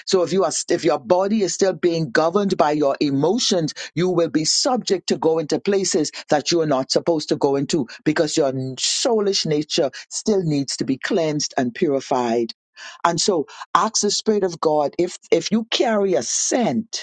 So if you are, if your body is still being governed by your emotions, you will be subject to go into places that you are not supposed to go into because your soulless nature still needs to be cleansed and purified. And so ask the Spirit of God if if you carry a scent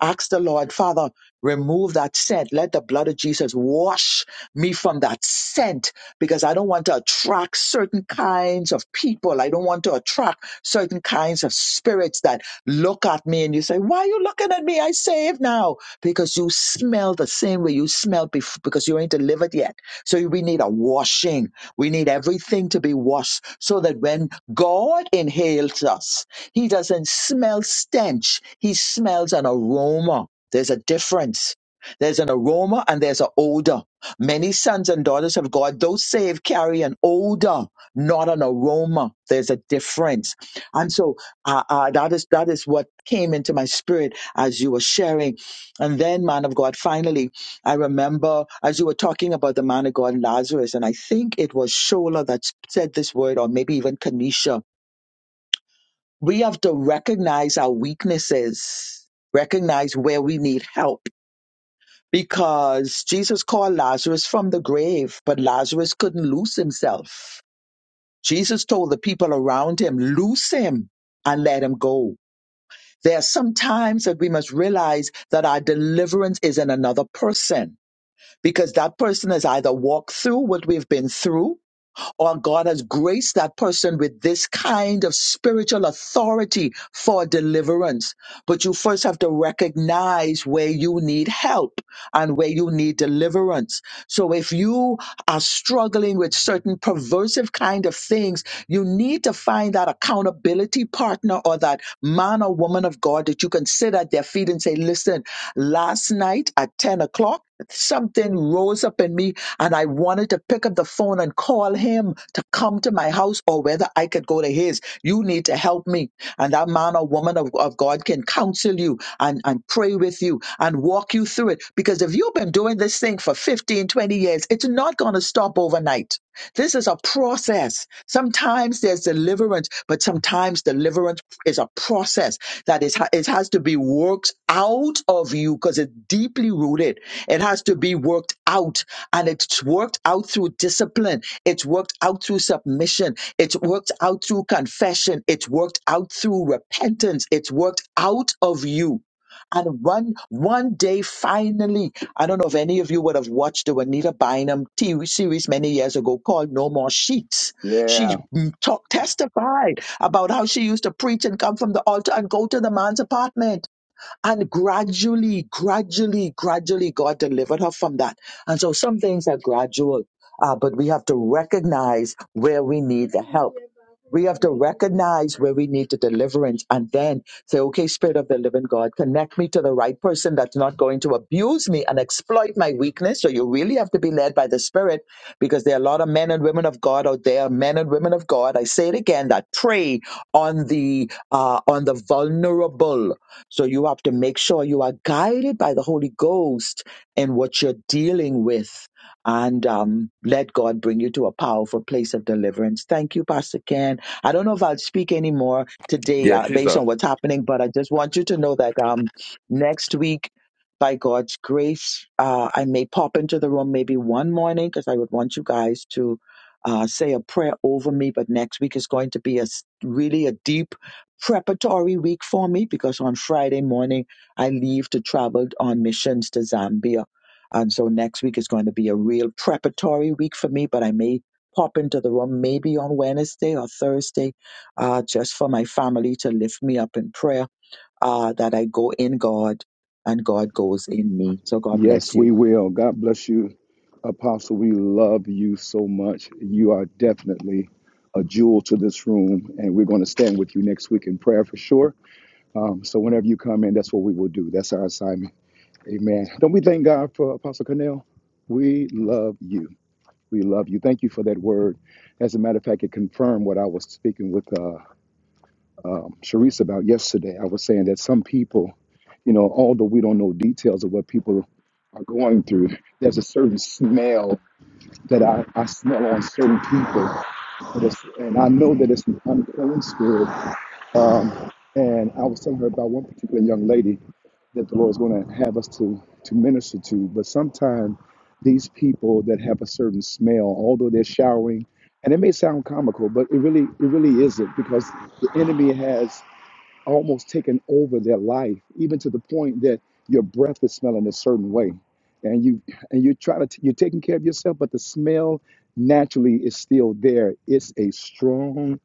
Ask the Lord, Father, remove that scent. Let the blood of Jesus wash me from that scent because I don't want to attract certain kinds of people. I don't want to attract certain kinds of spirits that look at me and you say, Why are you looking at me? I saved now because you smell the same way you smelled before because you ain't delivered yet. So we need a washing. We need everything to be washed so that when God inhales us, he doesn't smell stench. He smells an aroma. There's a difference. There's an aroma and there's an odor. Many sons and daughters of God, those saved, carry an odor, not an aroma. There's a difference. And so uh, uh, that is that is what came into my spirit as you were sharing. And then, man of God, finally, I remember as you were talking about the man of God, Lazarus, and I think it was Shola that said this word, or maybe even Kanisha we have to recognize our weaknesses, recognize where we need help. Because Jesus called Lazarus from the grave, but Lazarus couldn't loose himself. Jesus told the people around him, loose him and let him go. There are some times that we must realize that our deliverance is in another person because that person has either walked through what we've been through or God has graced that person with this kind of spiritual authority for deliverance. But you first have to recognize where you need help and where you need deliverance. So if you are struggling with certain perversive kind of things, you need to find that accountability partner or that man or woman of God that you can sit at their feet and say, listen, last night at 10 o'clock, something rose up in me and I wanted to pick up the phone and call him to come to my house or whether I could go to his. You need to help me. And that man or woman of, of God can counsel you and, and pray with you and walk you through it. Because if you've been doing this thing for 15, 20 years, it's not going to stop overnight this is a process. Sometimes there's deliverance, but sometimes deliverance is a process that is it has to be worked out of you because it's deeply rooted. It has to be worked out, and it's worked out through discipline. It's worked out through submission. It's worked out through confession. It's worked out through repentance. It's worked out of you and one one day, finally, I don't know if any of you would have watched the Anita Bynum TV series many years ago called No More Sheets. She yeah mm, talk, testified about how she used to preach and come from the altar and go to the man's apartment and gradually, gradually, gradually, God delivered her from that. And so some things are gradual, uh, but we have to recognize where we need the help. We have to recognize where we need the deliverance and then say, okay, Spirit of the Living God, connect me to the right person that's not going to abuse me and exploit my weakness. So you really have to be led by the Spirit because there are a lot of men and women of God out there, men and women of God. I say it again that prey on the uh, on the vulnerable so you have to make sure you are guided by the Holy Ghost in what you're dealing with and um, let God bring you to a powerful place of deliverance. Thank you, Pastor Ken. I don't know if I'll speak anymore today Yeah, uh, she's based up. on what's happening, but I just want you to know that um, next week, by God's grace, uh, I may pop into the room maybe one morning because I would want you guys to uh, say a prayer over me. But next week is going to be a s- really a deep preparatory week for me because on Friday morning I leave to travel on missions to Zambia. And so next week is going to be a real preparatory week for me, but I may pop into the room maybe on Wednesday or Thursday uh, just for my family to lift me up in prayer uh, that I go in God and God goes in me. So God yes bless we you. will god bless you apostle we love you so much you are definitely a jewel to this room and we're going to stand with you next week in prayer for sure um, so whenever you come in that's what we will do that's our assignment Amen. Don't we thank God for Apostle Cornell? We love you. We love you. Thank you for that word. As a matter of fact, it confirmed what I was speaking with uh, um, Sharice about yesterday. I was saying that some people, you know, although we don't know details of what people are going through, there's a certain smell that I, I smell on certain people. That is- and I know that it's an unclean spirit, um, and I was telling her about one particular young lady that the Lord is going to have us to, to minister to. But sometimes these people that have a certain smell, although they're showering, and it may sound comical, but it really it really isn't because the enemy has almost taken over their life, even to the point that your breath is smelling a certain way, and you and you try to t- you're taking care of yourself, but the smell naturally is still there. It's a strong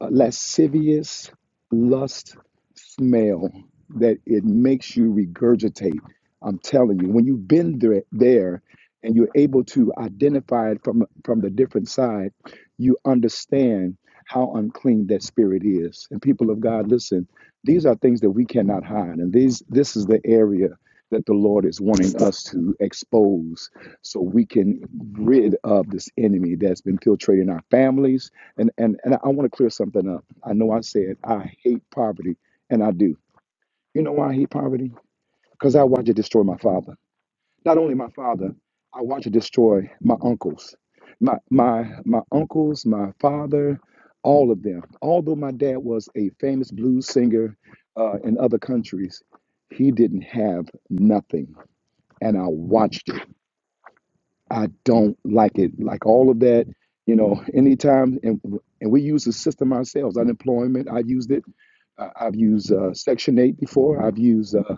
a lascivious lust smell that it makes you regurgitate. I'm telling you, when you've been there, there and you're able to identify it from from the different side, you understand how unclean that spirit is. And people of God, listen, these are things that we cannot hide, and these this is the area that the Lord is wanting us to expose so we can rid of this enemy that's been infiltrating our families, and and and I want to clear something up. I know I said I hate poverty, and I do. You know why I hate poverty? Because I watched it destroy my father. Not only my father, I watched it destroy my uncles, my my my uncles, my father, all of them. Although my dad was a famous blues singer uh, in other countries, he didn't have nothing, and I watched it. I don't like it. Like all of that, you know, anytime, and, and we use the system ourselves. Unemployment, I used it. I- I've used uh, Section 8 before. I've used, uh,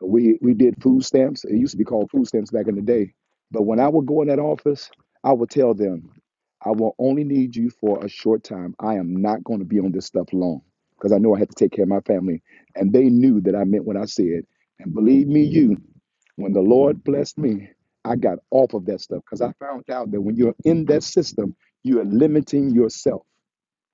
we, we did food stamps. It used to be called food stamps back in the day. But when I would go in that office, I would tell them, I will only need you for a short time. I am not going to be on this stuff long because I know I had to take care of my family. And they knew that I meant what I said. And believe me, you, when the Lord blessed me, I got off of that stuff because I found out that when you're in that system, you are limiting yourself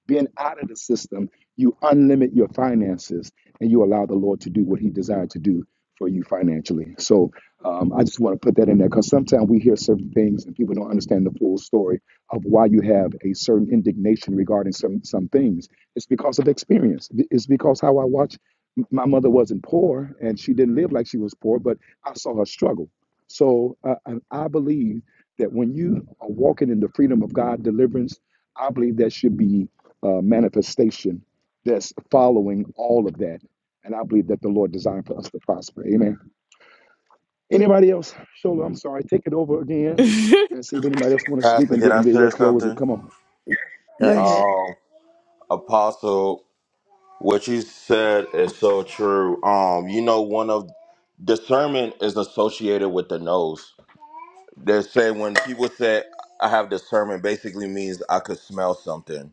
being out of the system, you unlimit your finances and you allow the Lord to do what He desired to do for you financially. So um, I just want to put that in there because sometimes we hear certain things and people don't understand the full story of why you have a certain indignation regarding some some things. It's because of experience. It's because how I watch. My mother wasn't poor and she didn't live like she was poor, but I saw her struggle. So uh, and I believe that when you are walking in the freedom of God, deliverance, I believe that should be uh, manifestation that's following all of that. And I believe that the Lord designed for us to prosper. Amen. Anybody else? Shola, I'm sorry. Take it over again Go and see if anybody else want to speak, Pastor, and can then I they will share close it. something? Come on. Yes. ahead. Um, Apostle, what you said is so true. Um, you know, one of discernment is associated with the nose. They say when people say I have discernment, basically means I could smell something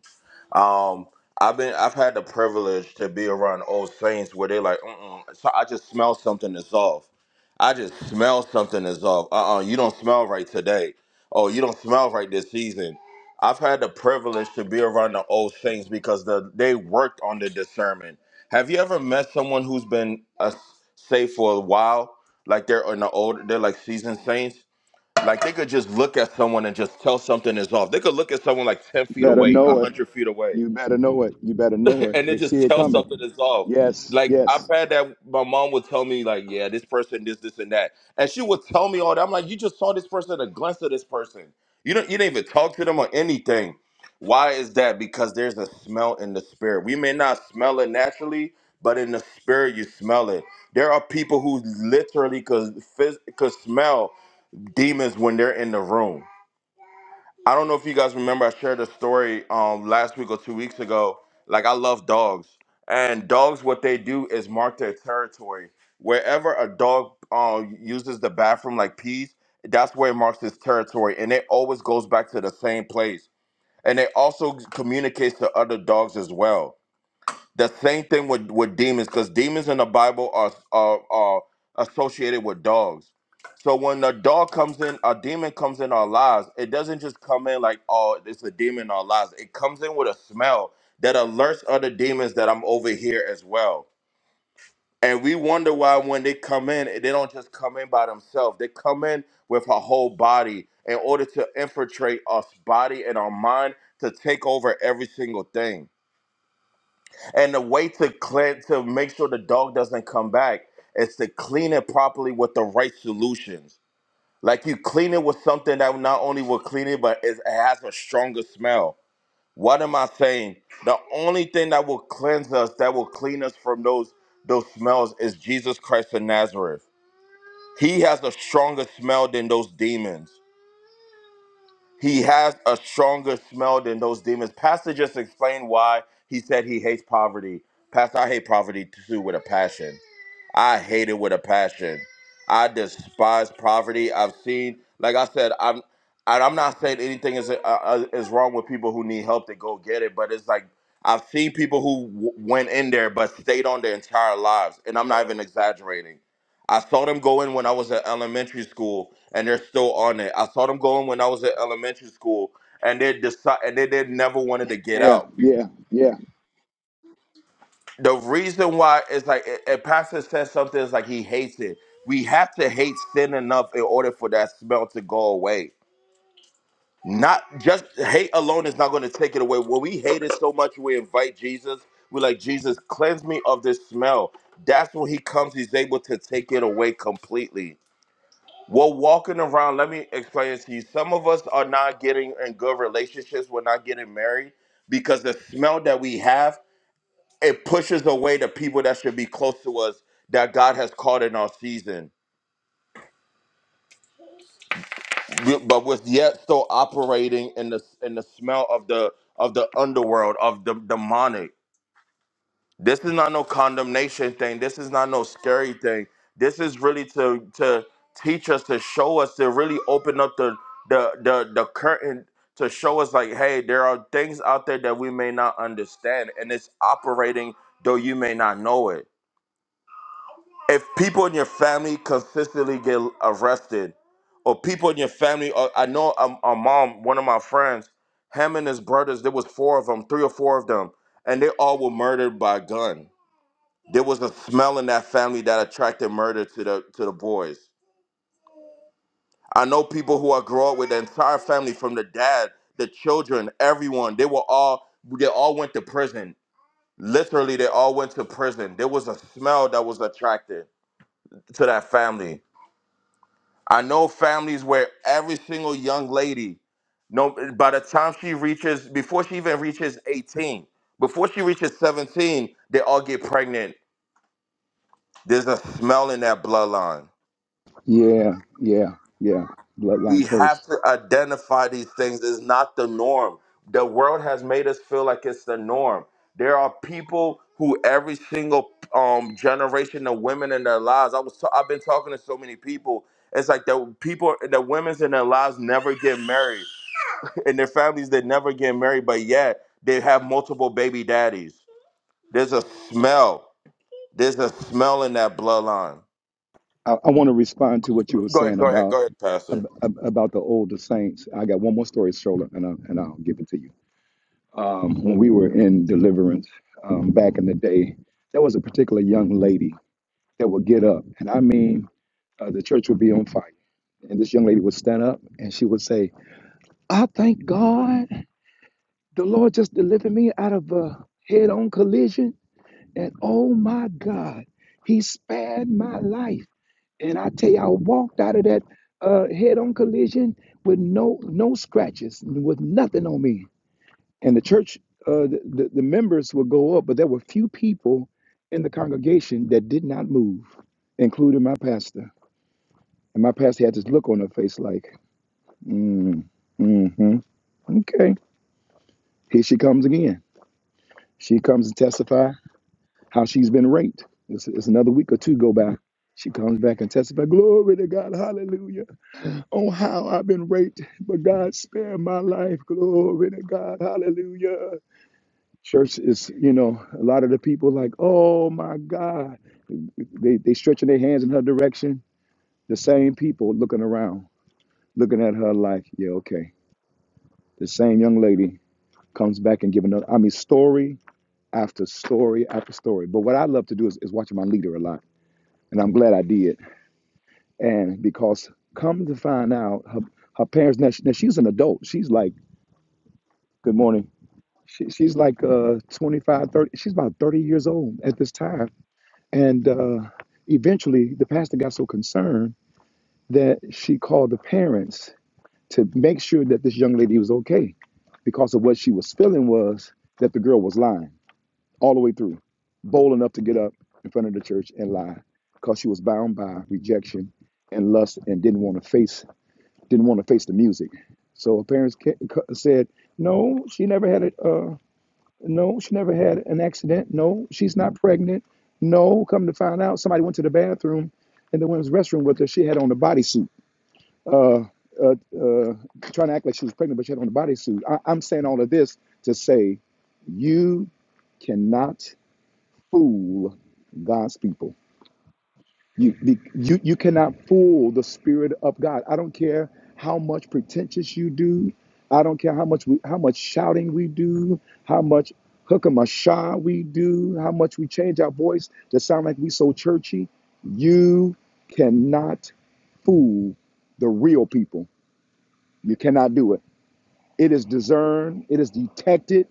Um, I've been I've had the privilege to be around old saints where they're like, Mm-mm. so I just smell something is off. I just smell something is off. Uh uh you don't smell right today. Oh, you don't smell right this season. I've had the privilege to be around the old saints because the they worked on the discernment. Have you ever met someone who's been a say for a while, like they're in the old, they're like seasoned saints? Like they could just look at someone and just tell something is off. They could look at someone like ten You feet better away, one know it. hundred feet away You better know it. You better know it. and They it see just it tells something coming. is off. Yes. Like I've Yes. had that my mom would tell me, like, yeah, this person, this, this, and that. And she would tell me all that. I'm like, you just saw this person at a glance of this person. You don't you didn't even talk to them or anything. Why is that? Because there's a smell in the spirit. We may not smell it naturally, but in the spirit you smell it. There are people who literally could phys- could smell demons when they're in the room. I don't know if you guys remember, I shared a story um, last week or two weeks ago. Like, I love dogs. And dogs, what they do is mark their territory. Wherever a dog uh, uses the bathroom, like pees, that's where it marks its territory. And it always goes back to the same place. And it also communicates to other dogs as well. The same thing with with demons, because demons in the Bible are are are associated with dogs. So when a dog comes in, a demon comes in our lives. It doesn't just come in like, oh, it's a demon in our lives. It comes in with a smell that alerts other demons that I'm over here as well. And we wonder why when they come in, eh, they don't just come in by themselves. They come in with our whole body in order to infiltrate us body and our mind to take over every single thing and the way to clean to make sure the dog doesn't come back is to clean it properly with the right solutions. Like you clean it with something that not only will clean it, but it it has a stronger smell. What am I saying? The only thing that will cleanse us, that will clean us from those those smells, is Jesus Christ of Nazareth. He has a stronger smell than those demons. He has a stronger smell than those demons. Pastor just explained why he said he hates poverty. Pastor, I hate poverty too with a passion. I hate it with a passion. I despise poverty. I've seen, like I said, I'm, and I'm not saying anything is uh, uh, is wrong with people who need help to go get it, but it's like I've seen people who w- went in there but stayed on their entire lives, and I'm not even exaggerating. I saw them go in when I was at elementary school, and they're still on it. I saw them go in when I was at elementary school, and they decide and they, they never wanted to get Yeah. out Yeah. Yeah. the reason why is like a a pastor says something is like he hates it. We have to hate sin enough in order for that smell to go away. Not just hate alone is not going to take it away. When we hate it so much, we invite Jesus. We're like, Jesus, cleanse me of this smell. That's when he comes, he's able to take it away completely. We're walking around. Let me explain this to you. Some of us are not getting in good relationships. We're not getting married because the smell that we have it pushes away the people that should be close to us that God has called in our season, We- but was yet still operating in the in the smell of the of the underworld of the demonic. This is not no condemnation thing. This is not no scary thing. This is really to to teach us to show us to really open up the the the the curtain to show us like, hey, there are things out there that we may not understand, and it's operating though you may not know it if people in your family consistently get arrested or people in your family or i know a, a mom one of my friends him and his brothers there was four of them three or four of them and they all were murdered by a gun there was a smell in that family that attracted murder to the to the boys i know people who i grew up with the entire family from the dad the children everyone they were all they all went to prison literally they all went to prison there was a smell that was attracted to that family I know families where every single young lady, no, by the time she reaches, before she even reaches 18, before she reaches 17, they all get pregnant. There's a smell in that bloodline. Yeah. Yeah. Yeah. Bloodline We curse. have to identify these things. It's not the norm. The world has made us feel like it's the norm. There are people who every single um, generation of women in their lives. I was i I've been talking to so many people. It's like the people, the women's in their lives never get married and their families that never get married, but yet they have multiple baby daddies. There's a smell. There's a smell in that bloodline. I, I want to respond to what you were Go ahead, saying go ahead, about go ahead, Pastor. ab- ab- about the older saints. I got one more story, stroller, and I'll, and I'll give it to you. Um, when we were in deliverance um, back in the day, there was a particular young lady that would get up, and I mean, uh, the church would be on fire, and this young lady would stand up and she would say, "I thank God, the Lord just delivered me out of a head-on collision, and oh my God, He spared my life." And I tell you, I walked out of that uh, head-on collision with no no scratches, with nothing on me. And the church, uh, the, the the members would go up, but there were few people in the congregation that did not move, including my pastor. And my pastor had this look on her face, like, mm, mm-hmm, okay, here she comes again. She comes and testify how she's been raped. It's, it's another week or two go by. She comes back and testify, glory to God, hallelujah. on how I've been raped, but God spared my life. Glory to God. Hallelujah. Church is, you know, a lot of the people like, oh my God. They they stretching their hands in her direction. The same people looking around, looking at her like, yeah, okay. The same young lady comes back and giving another. I mean, story after story after story. But what I love to do is, is watching my leader a lot. And I'm glad I did. And because come to find out, her, her parents, now, she- now she's an adult. She's like, good morning She, she's like uh, 25, 30. She's about 30 years old at this time. And uh, eventually, the pastor got so concerned that she called the parents to make sure that this young lady was okay because of what she was feeling was that the girl was lying all the way through, bold enough to get up in front of the church and lie because she was bound by rejection and lust and didn't want to face didn't want to face the music. So her parents ca- ca- said, "No, she never had it. No, she never had an accident. No, she's not pregnant. No, come to find out, somebody went to the bathroom in the women's restroom with her. She had on a bodysuit, uh, uh, uh, trying to act like she was pregnant, but she had on a bodysuit. I- I'm saying all of this to say you cannot fool God's people. You, be- you you cannot fool the spirit of God. I don't care how much pretentious you do. I don't care how much we, how much shouting we do, how much hookah we do, how much we change our voice to sound like we so churchy. You cannot fool the real people. You cannot do it. It is discerned. It is detected.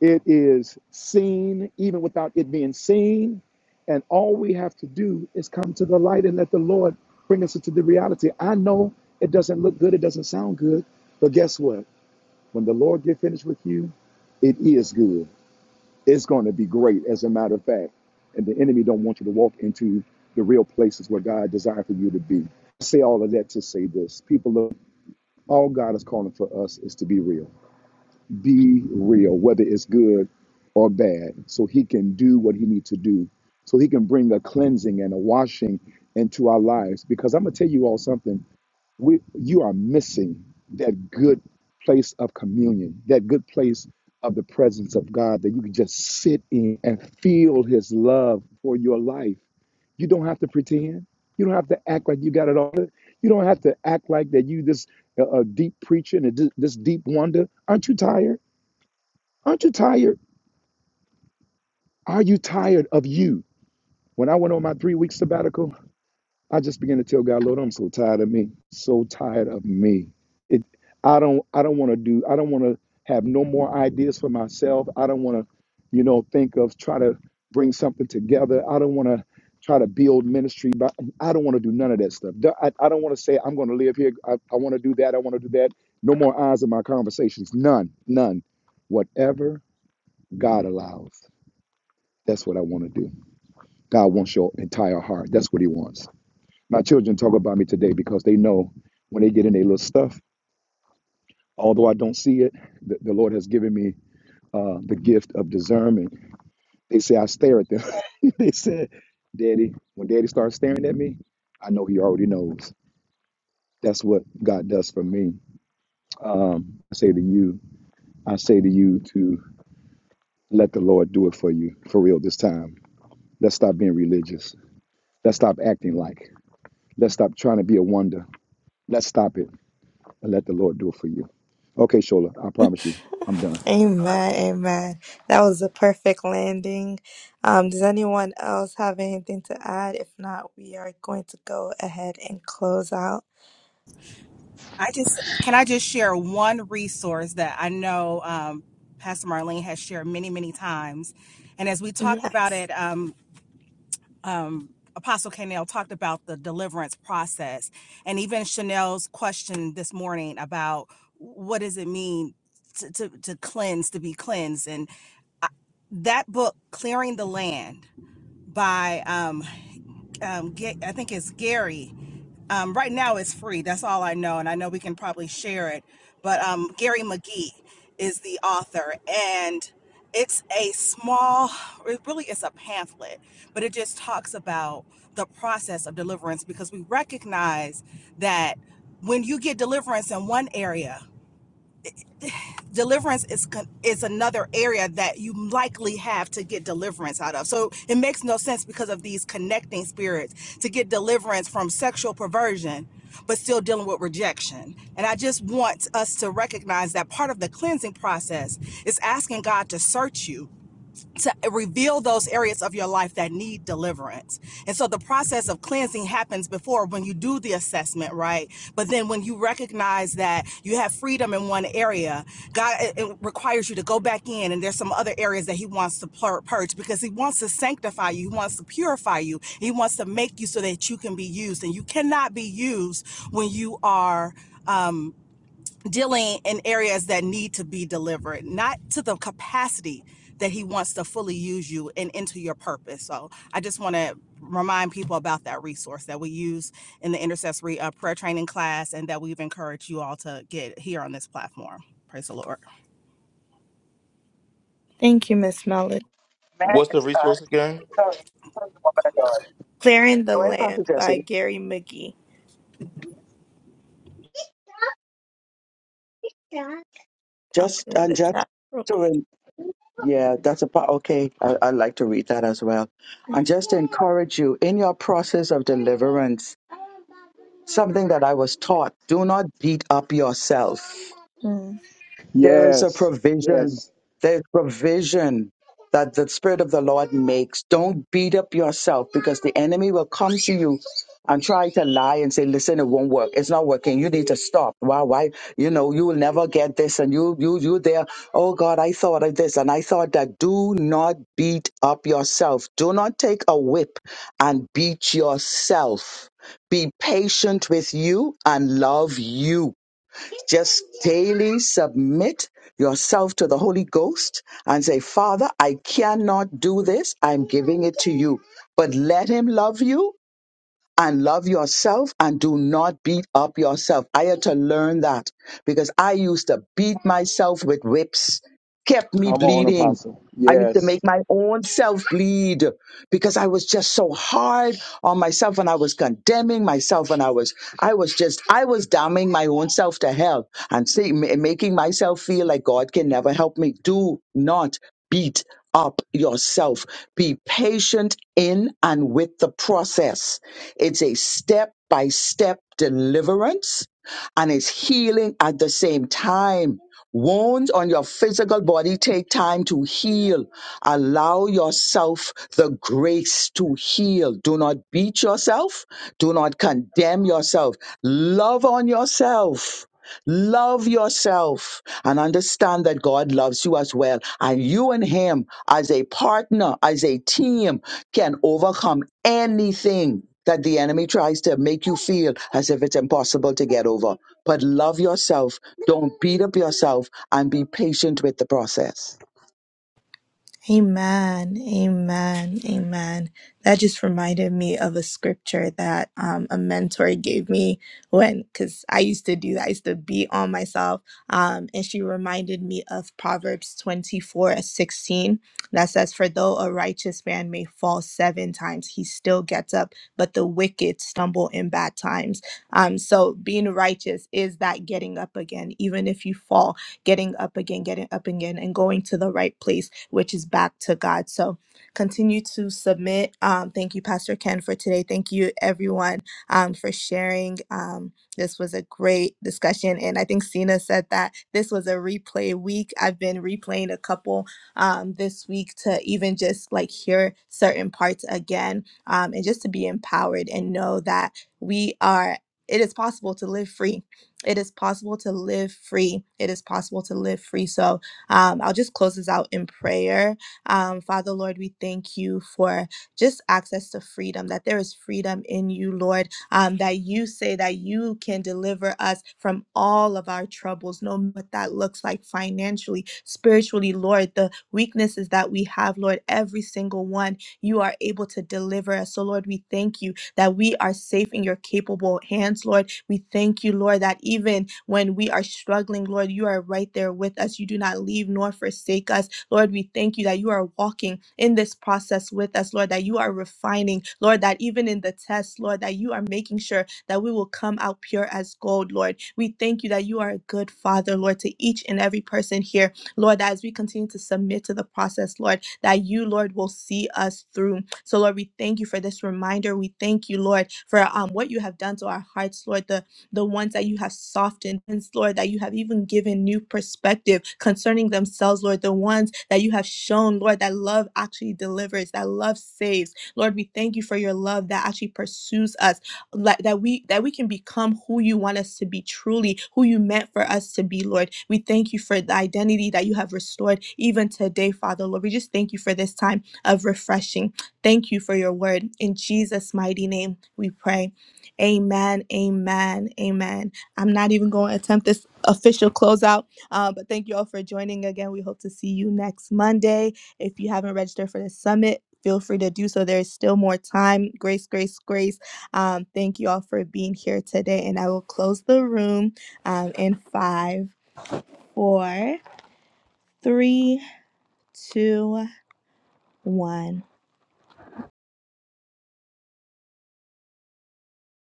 It is seen even without it being seen. And all we have to do is come to the light and let the Lord bring us into the reality. I know it doesn't look good, it doesn't sound good, but guess what? When the Lord get finished with you, it is good. It's going to be great, as a matter of fact. And the enemy don't want you to walk into the real places where God desired for you to be. I say all of that to say this. People, look, all God is calling for us is to be real be real, whether it's good or bad, so he can do what he needs to do, so he can bring a cleansing and a washing into our lives. Because I'm gonna tell you all something. We you are missing that good place of communion, that good place of the presence of God that you can just sit in and feel his love for your life. You don't have to pretend. You don't have to act like you got it all. You don't have to act like that you this uh, uh, deep preacher and this, this deep wonder. Aren't you tired? Aren't you tired? Are you tired of you? When I went on my three week sabbatical, I just began to tell God, Lord, I'm so tired of me. So tired of me. It I don't I don't want to do I don't want to have no more ideas for myself. I don't want to, you know, think of try to bring something together. I don't want to try to build ministry, but I don't want to do none of that stuff. Do- I, I don't want to say I'm going to live here. I, I want to do that. I want to do that. No more eyes in my conversations. None, none. Whatever God allows. That's what I want to do. God wants your entire heart. That's what He wants. My children talk about me today because they know when they get in their little stuff, although I don't see it, the, the Lord has given me uh, the gift of discernment. They say, I stare at them. they said, Daddy, when Daddy starts staring at me, I know He already knows. That's what God does for me. Um, I say to you, I say to you to let the Lord do it for you for real this time. Let's stop being religious. Let's stop acting like. Let's stop trying to be a wonder. Let's stop it and let the Lord do it for you. Okay, Shola, I promise you, I'm done. Amen, amen. That was a perfect landing. Um, does anyone else have anything to add? If not, we are going to go ahead and close out. I just can I just share one resource that I know um, Pastor Marlene has shared many many times, and as we talked about Yes. it, um, um, Apostle Canel talked about the deliverance process, and even Chanel's question this morning about what does it mean to to, to cleanse, to be cleansed, and I, that book, Clearing the Land by um, um, Ga- I think it's Gary Um, right now, it's free. That's all I know, and I know we can probably share it. But um, Gary McGee is the author, and it's a small. It really is a pamphlet, but it just talks about the process of deliverance because we recognize that when you get deliverance in one area deliverance is con- is another area that you likely have to get deliverance out of. So it makes no sense because of these connecting spirits to get deliverance from sexual perversion but still dealing with rejection. And I just want us to recognize that part of the cleansing process is asking God to search you to reveal those areas of your life that need deliverance. And so the process of cleansing happens before when you do the assessment, right? But then when you recognize that you have freedom in one area, God it, it requires you to go back in and there's some other areas that he wants to pur- purge because he wants to sanctify you, he wants to purify you. He wants to make you so that you can be used and you cannot be used when you are um dealing in areas that need to be delivered, not to the capacity that he wants to fully use you and into your purpose. So I just want to remind people about that resource that we use in the intercessory uh, prayer training class and that we've encouraged you all to get here on this platform. Praise the Lord. Thank you, Miss Melody. May I What's the just, uh, resource again? sorry, sorry, woman of God. Clearing the Go ahead, Pastor Land by Jesse. Gary McGee. Yeah. I'll Just put it in and the just chat real to Yeah, that's a part. Okay, I, I'd like to read that as well. quick. And just to encourage you in your process of deliverance, something that I was taught do not beat up yourself. Mm. There is a Yes, provision. yes. There's provision that the Spirit of the Lord makes. Don't beat up yourself because the enemy will come to you and try to lie and say, listen, it won't work. It's not working. You need to stop. Why, why, you know, you will never get this. And you, you, you there. Oh God, I thought of this and I thought that do not beat up yourself. Do not take a whip and beat yourself. Be patient with you and love you just daily submit yourself to the Holy Ghost and say, Father, I cannot do this. I'm giving it to you. But let Him love you and love yourself and do not beat up yourself. I had to learn that because I used to beat myself with whips, kept me Come on, bleeding. Apostle. I used to Yes. make my own self bleed because I was just so hard on myself and I was condemning myself and I was, I was just, I was damning my own self to hell and say, ma- making myself feel like God can never help me. Do not beat up yourself. Be patient in and with the process. It's a step by step deliverance and it's healing at the same time. Wounds on your physical body take time to heal. Allow yourself the grace to heal. Do not beat yourself. Do not condemn yourself. Love on yourself Love yourself and understand that God loves you as well. And you and Him, as a partner, as a team, can overcome anything that the enemy tries to make you feel as if it's impossible to get over. But love yourself, don't beat up yourself, and be patient with the process. Amen. Amen. Amen. That just reminded me of a scripture that um, a mentor gave me when, because I used to do that. I used to beat on myself. Um, and she reminded me of Proverbs 24, 16, that says, For though a righteous man may fall seven times, he still gets up, but the wicked stumble in bad times. Um, so being righteous is that getting up again, even if you fall getting up again, getting up again, and going to the right place, which is back to God. So continue to submit. Um, thank you, Pastor Ken, for today. Thank you, everyone, um, for sharing. Um, this was a great discussion. And I think Cena said that this was a replay week. I've been replaying a couple um, this week to even just like hear certain parts again um, and just to be empowered and know that we are. It is possible to live free it is possible to live free. It is possible to live free. So um, I'll just close this out in prayer. Um, Father, Lord, we thank you for just access to freedom, that there is freedom in you, Lord, um, that you say that you can deliver us from all of our troubles, no matter what that looks like financially, spiritually, Lord, the weaknesses that we have, Lord, every single one, you are able to deliver us. So, Lord, we thank you that we are safe in your capable hands, Lord. We thank you, Lord, that even when we are struggling, Lord, you are right there with us. You do not leave nor forsake us. Lord, we thank you that you are walking in this process with us, Lord, that you are refining, Lord, that even in the test, Lord, that you are making sure that we will come out pure as gold, Lord. We thank you that you are a good father, Lord, to each and every person here Lord, that as we continue to submit to the process, Lord, that you, Lord, will see us through. So, Lord, we thank you for this reminder. We thank you, Lord, for um, what you have done to our hearts, Lord, the, the ones that you have softened, and Lord, that you have even given new perspective concerning themselves, Lord, the ones that you have shown, Lord, that love actually delivers, that love saves. Lord, we thank you for your love that actually pursues us, like that we that we can become who you want us to be truly who you meant for us to be lord we thank you for the identity that you have restored even today father lord we just thank you for this time of refreshing thank you for your word in jesus mighty name we pray amen amen amen i'm not even going to attempt this official closeout uh, but thank you all for joining again we hope to see you next monday if you haven't registered for the summit feel free to do so there is still more time grace grace grace um, thank you all for being here today, and I will close the room um, in five, four, three, two, one.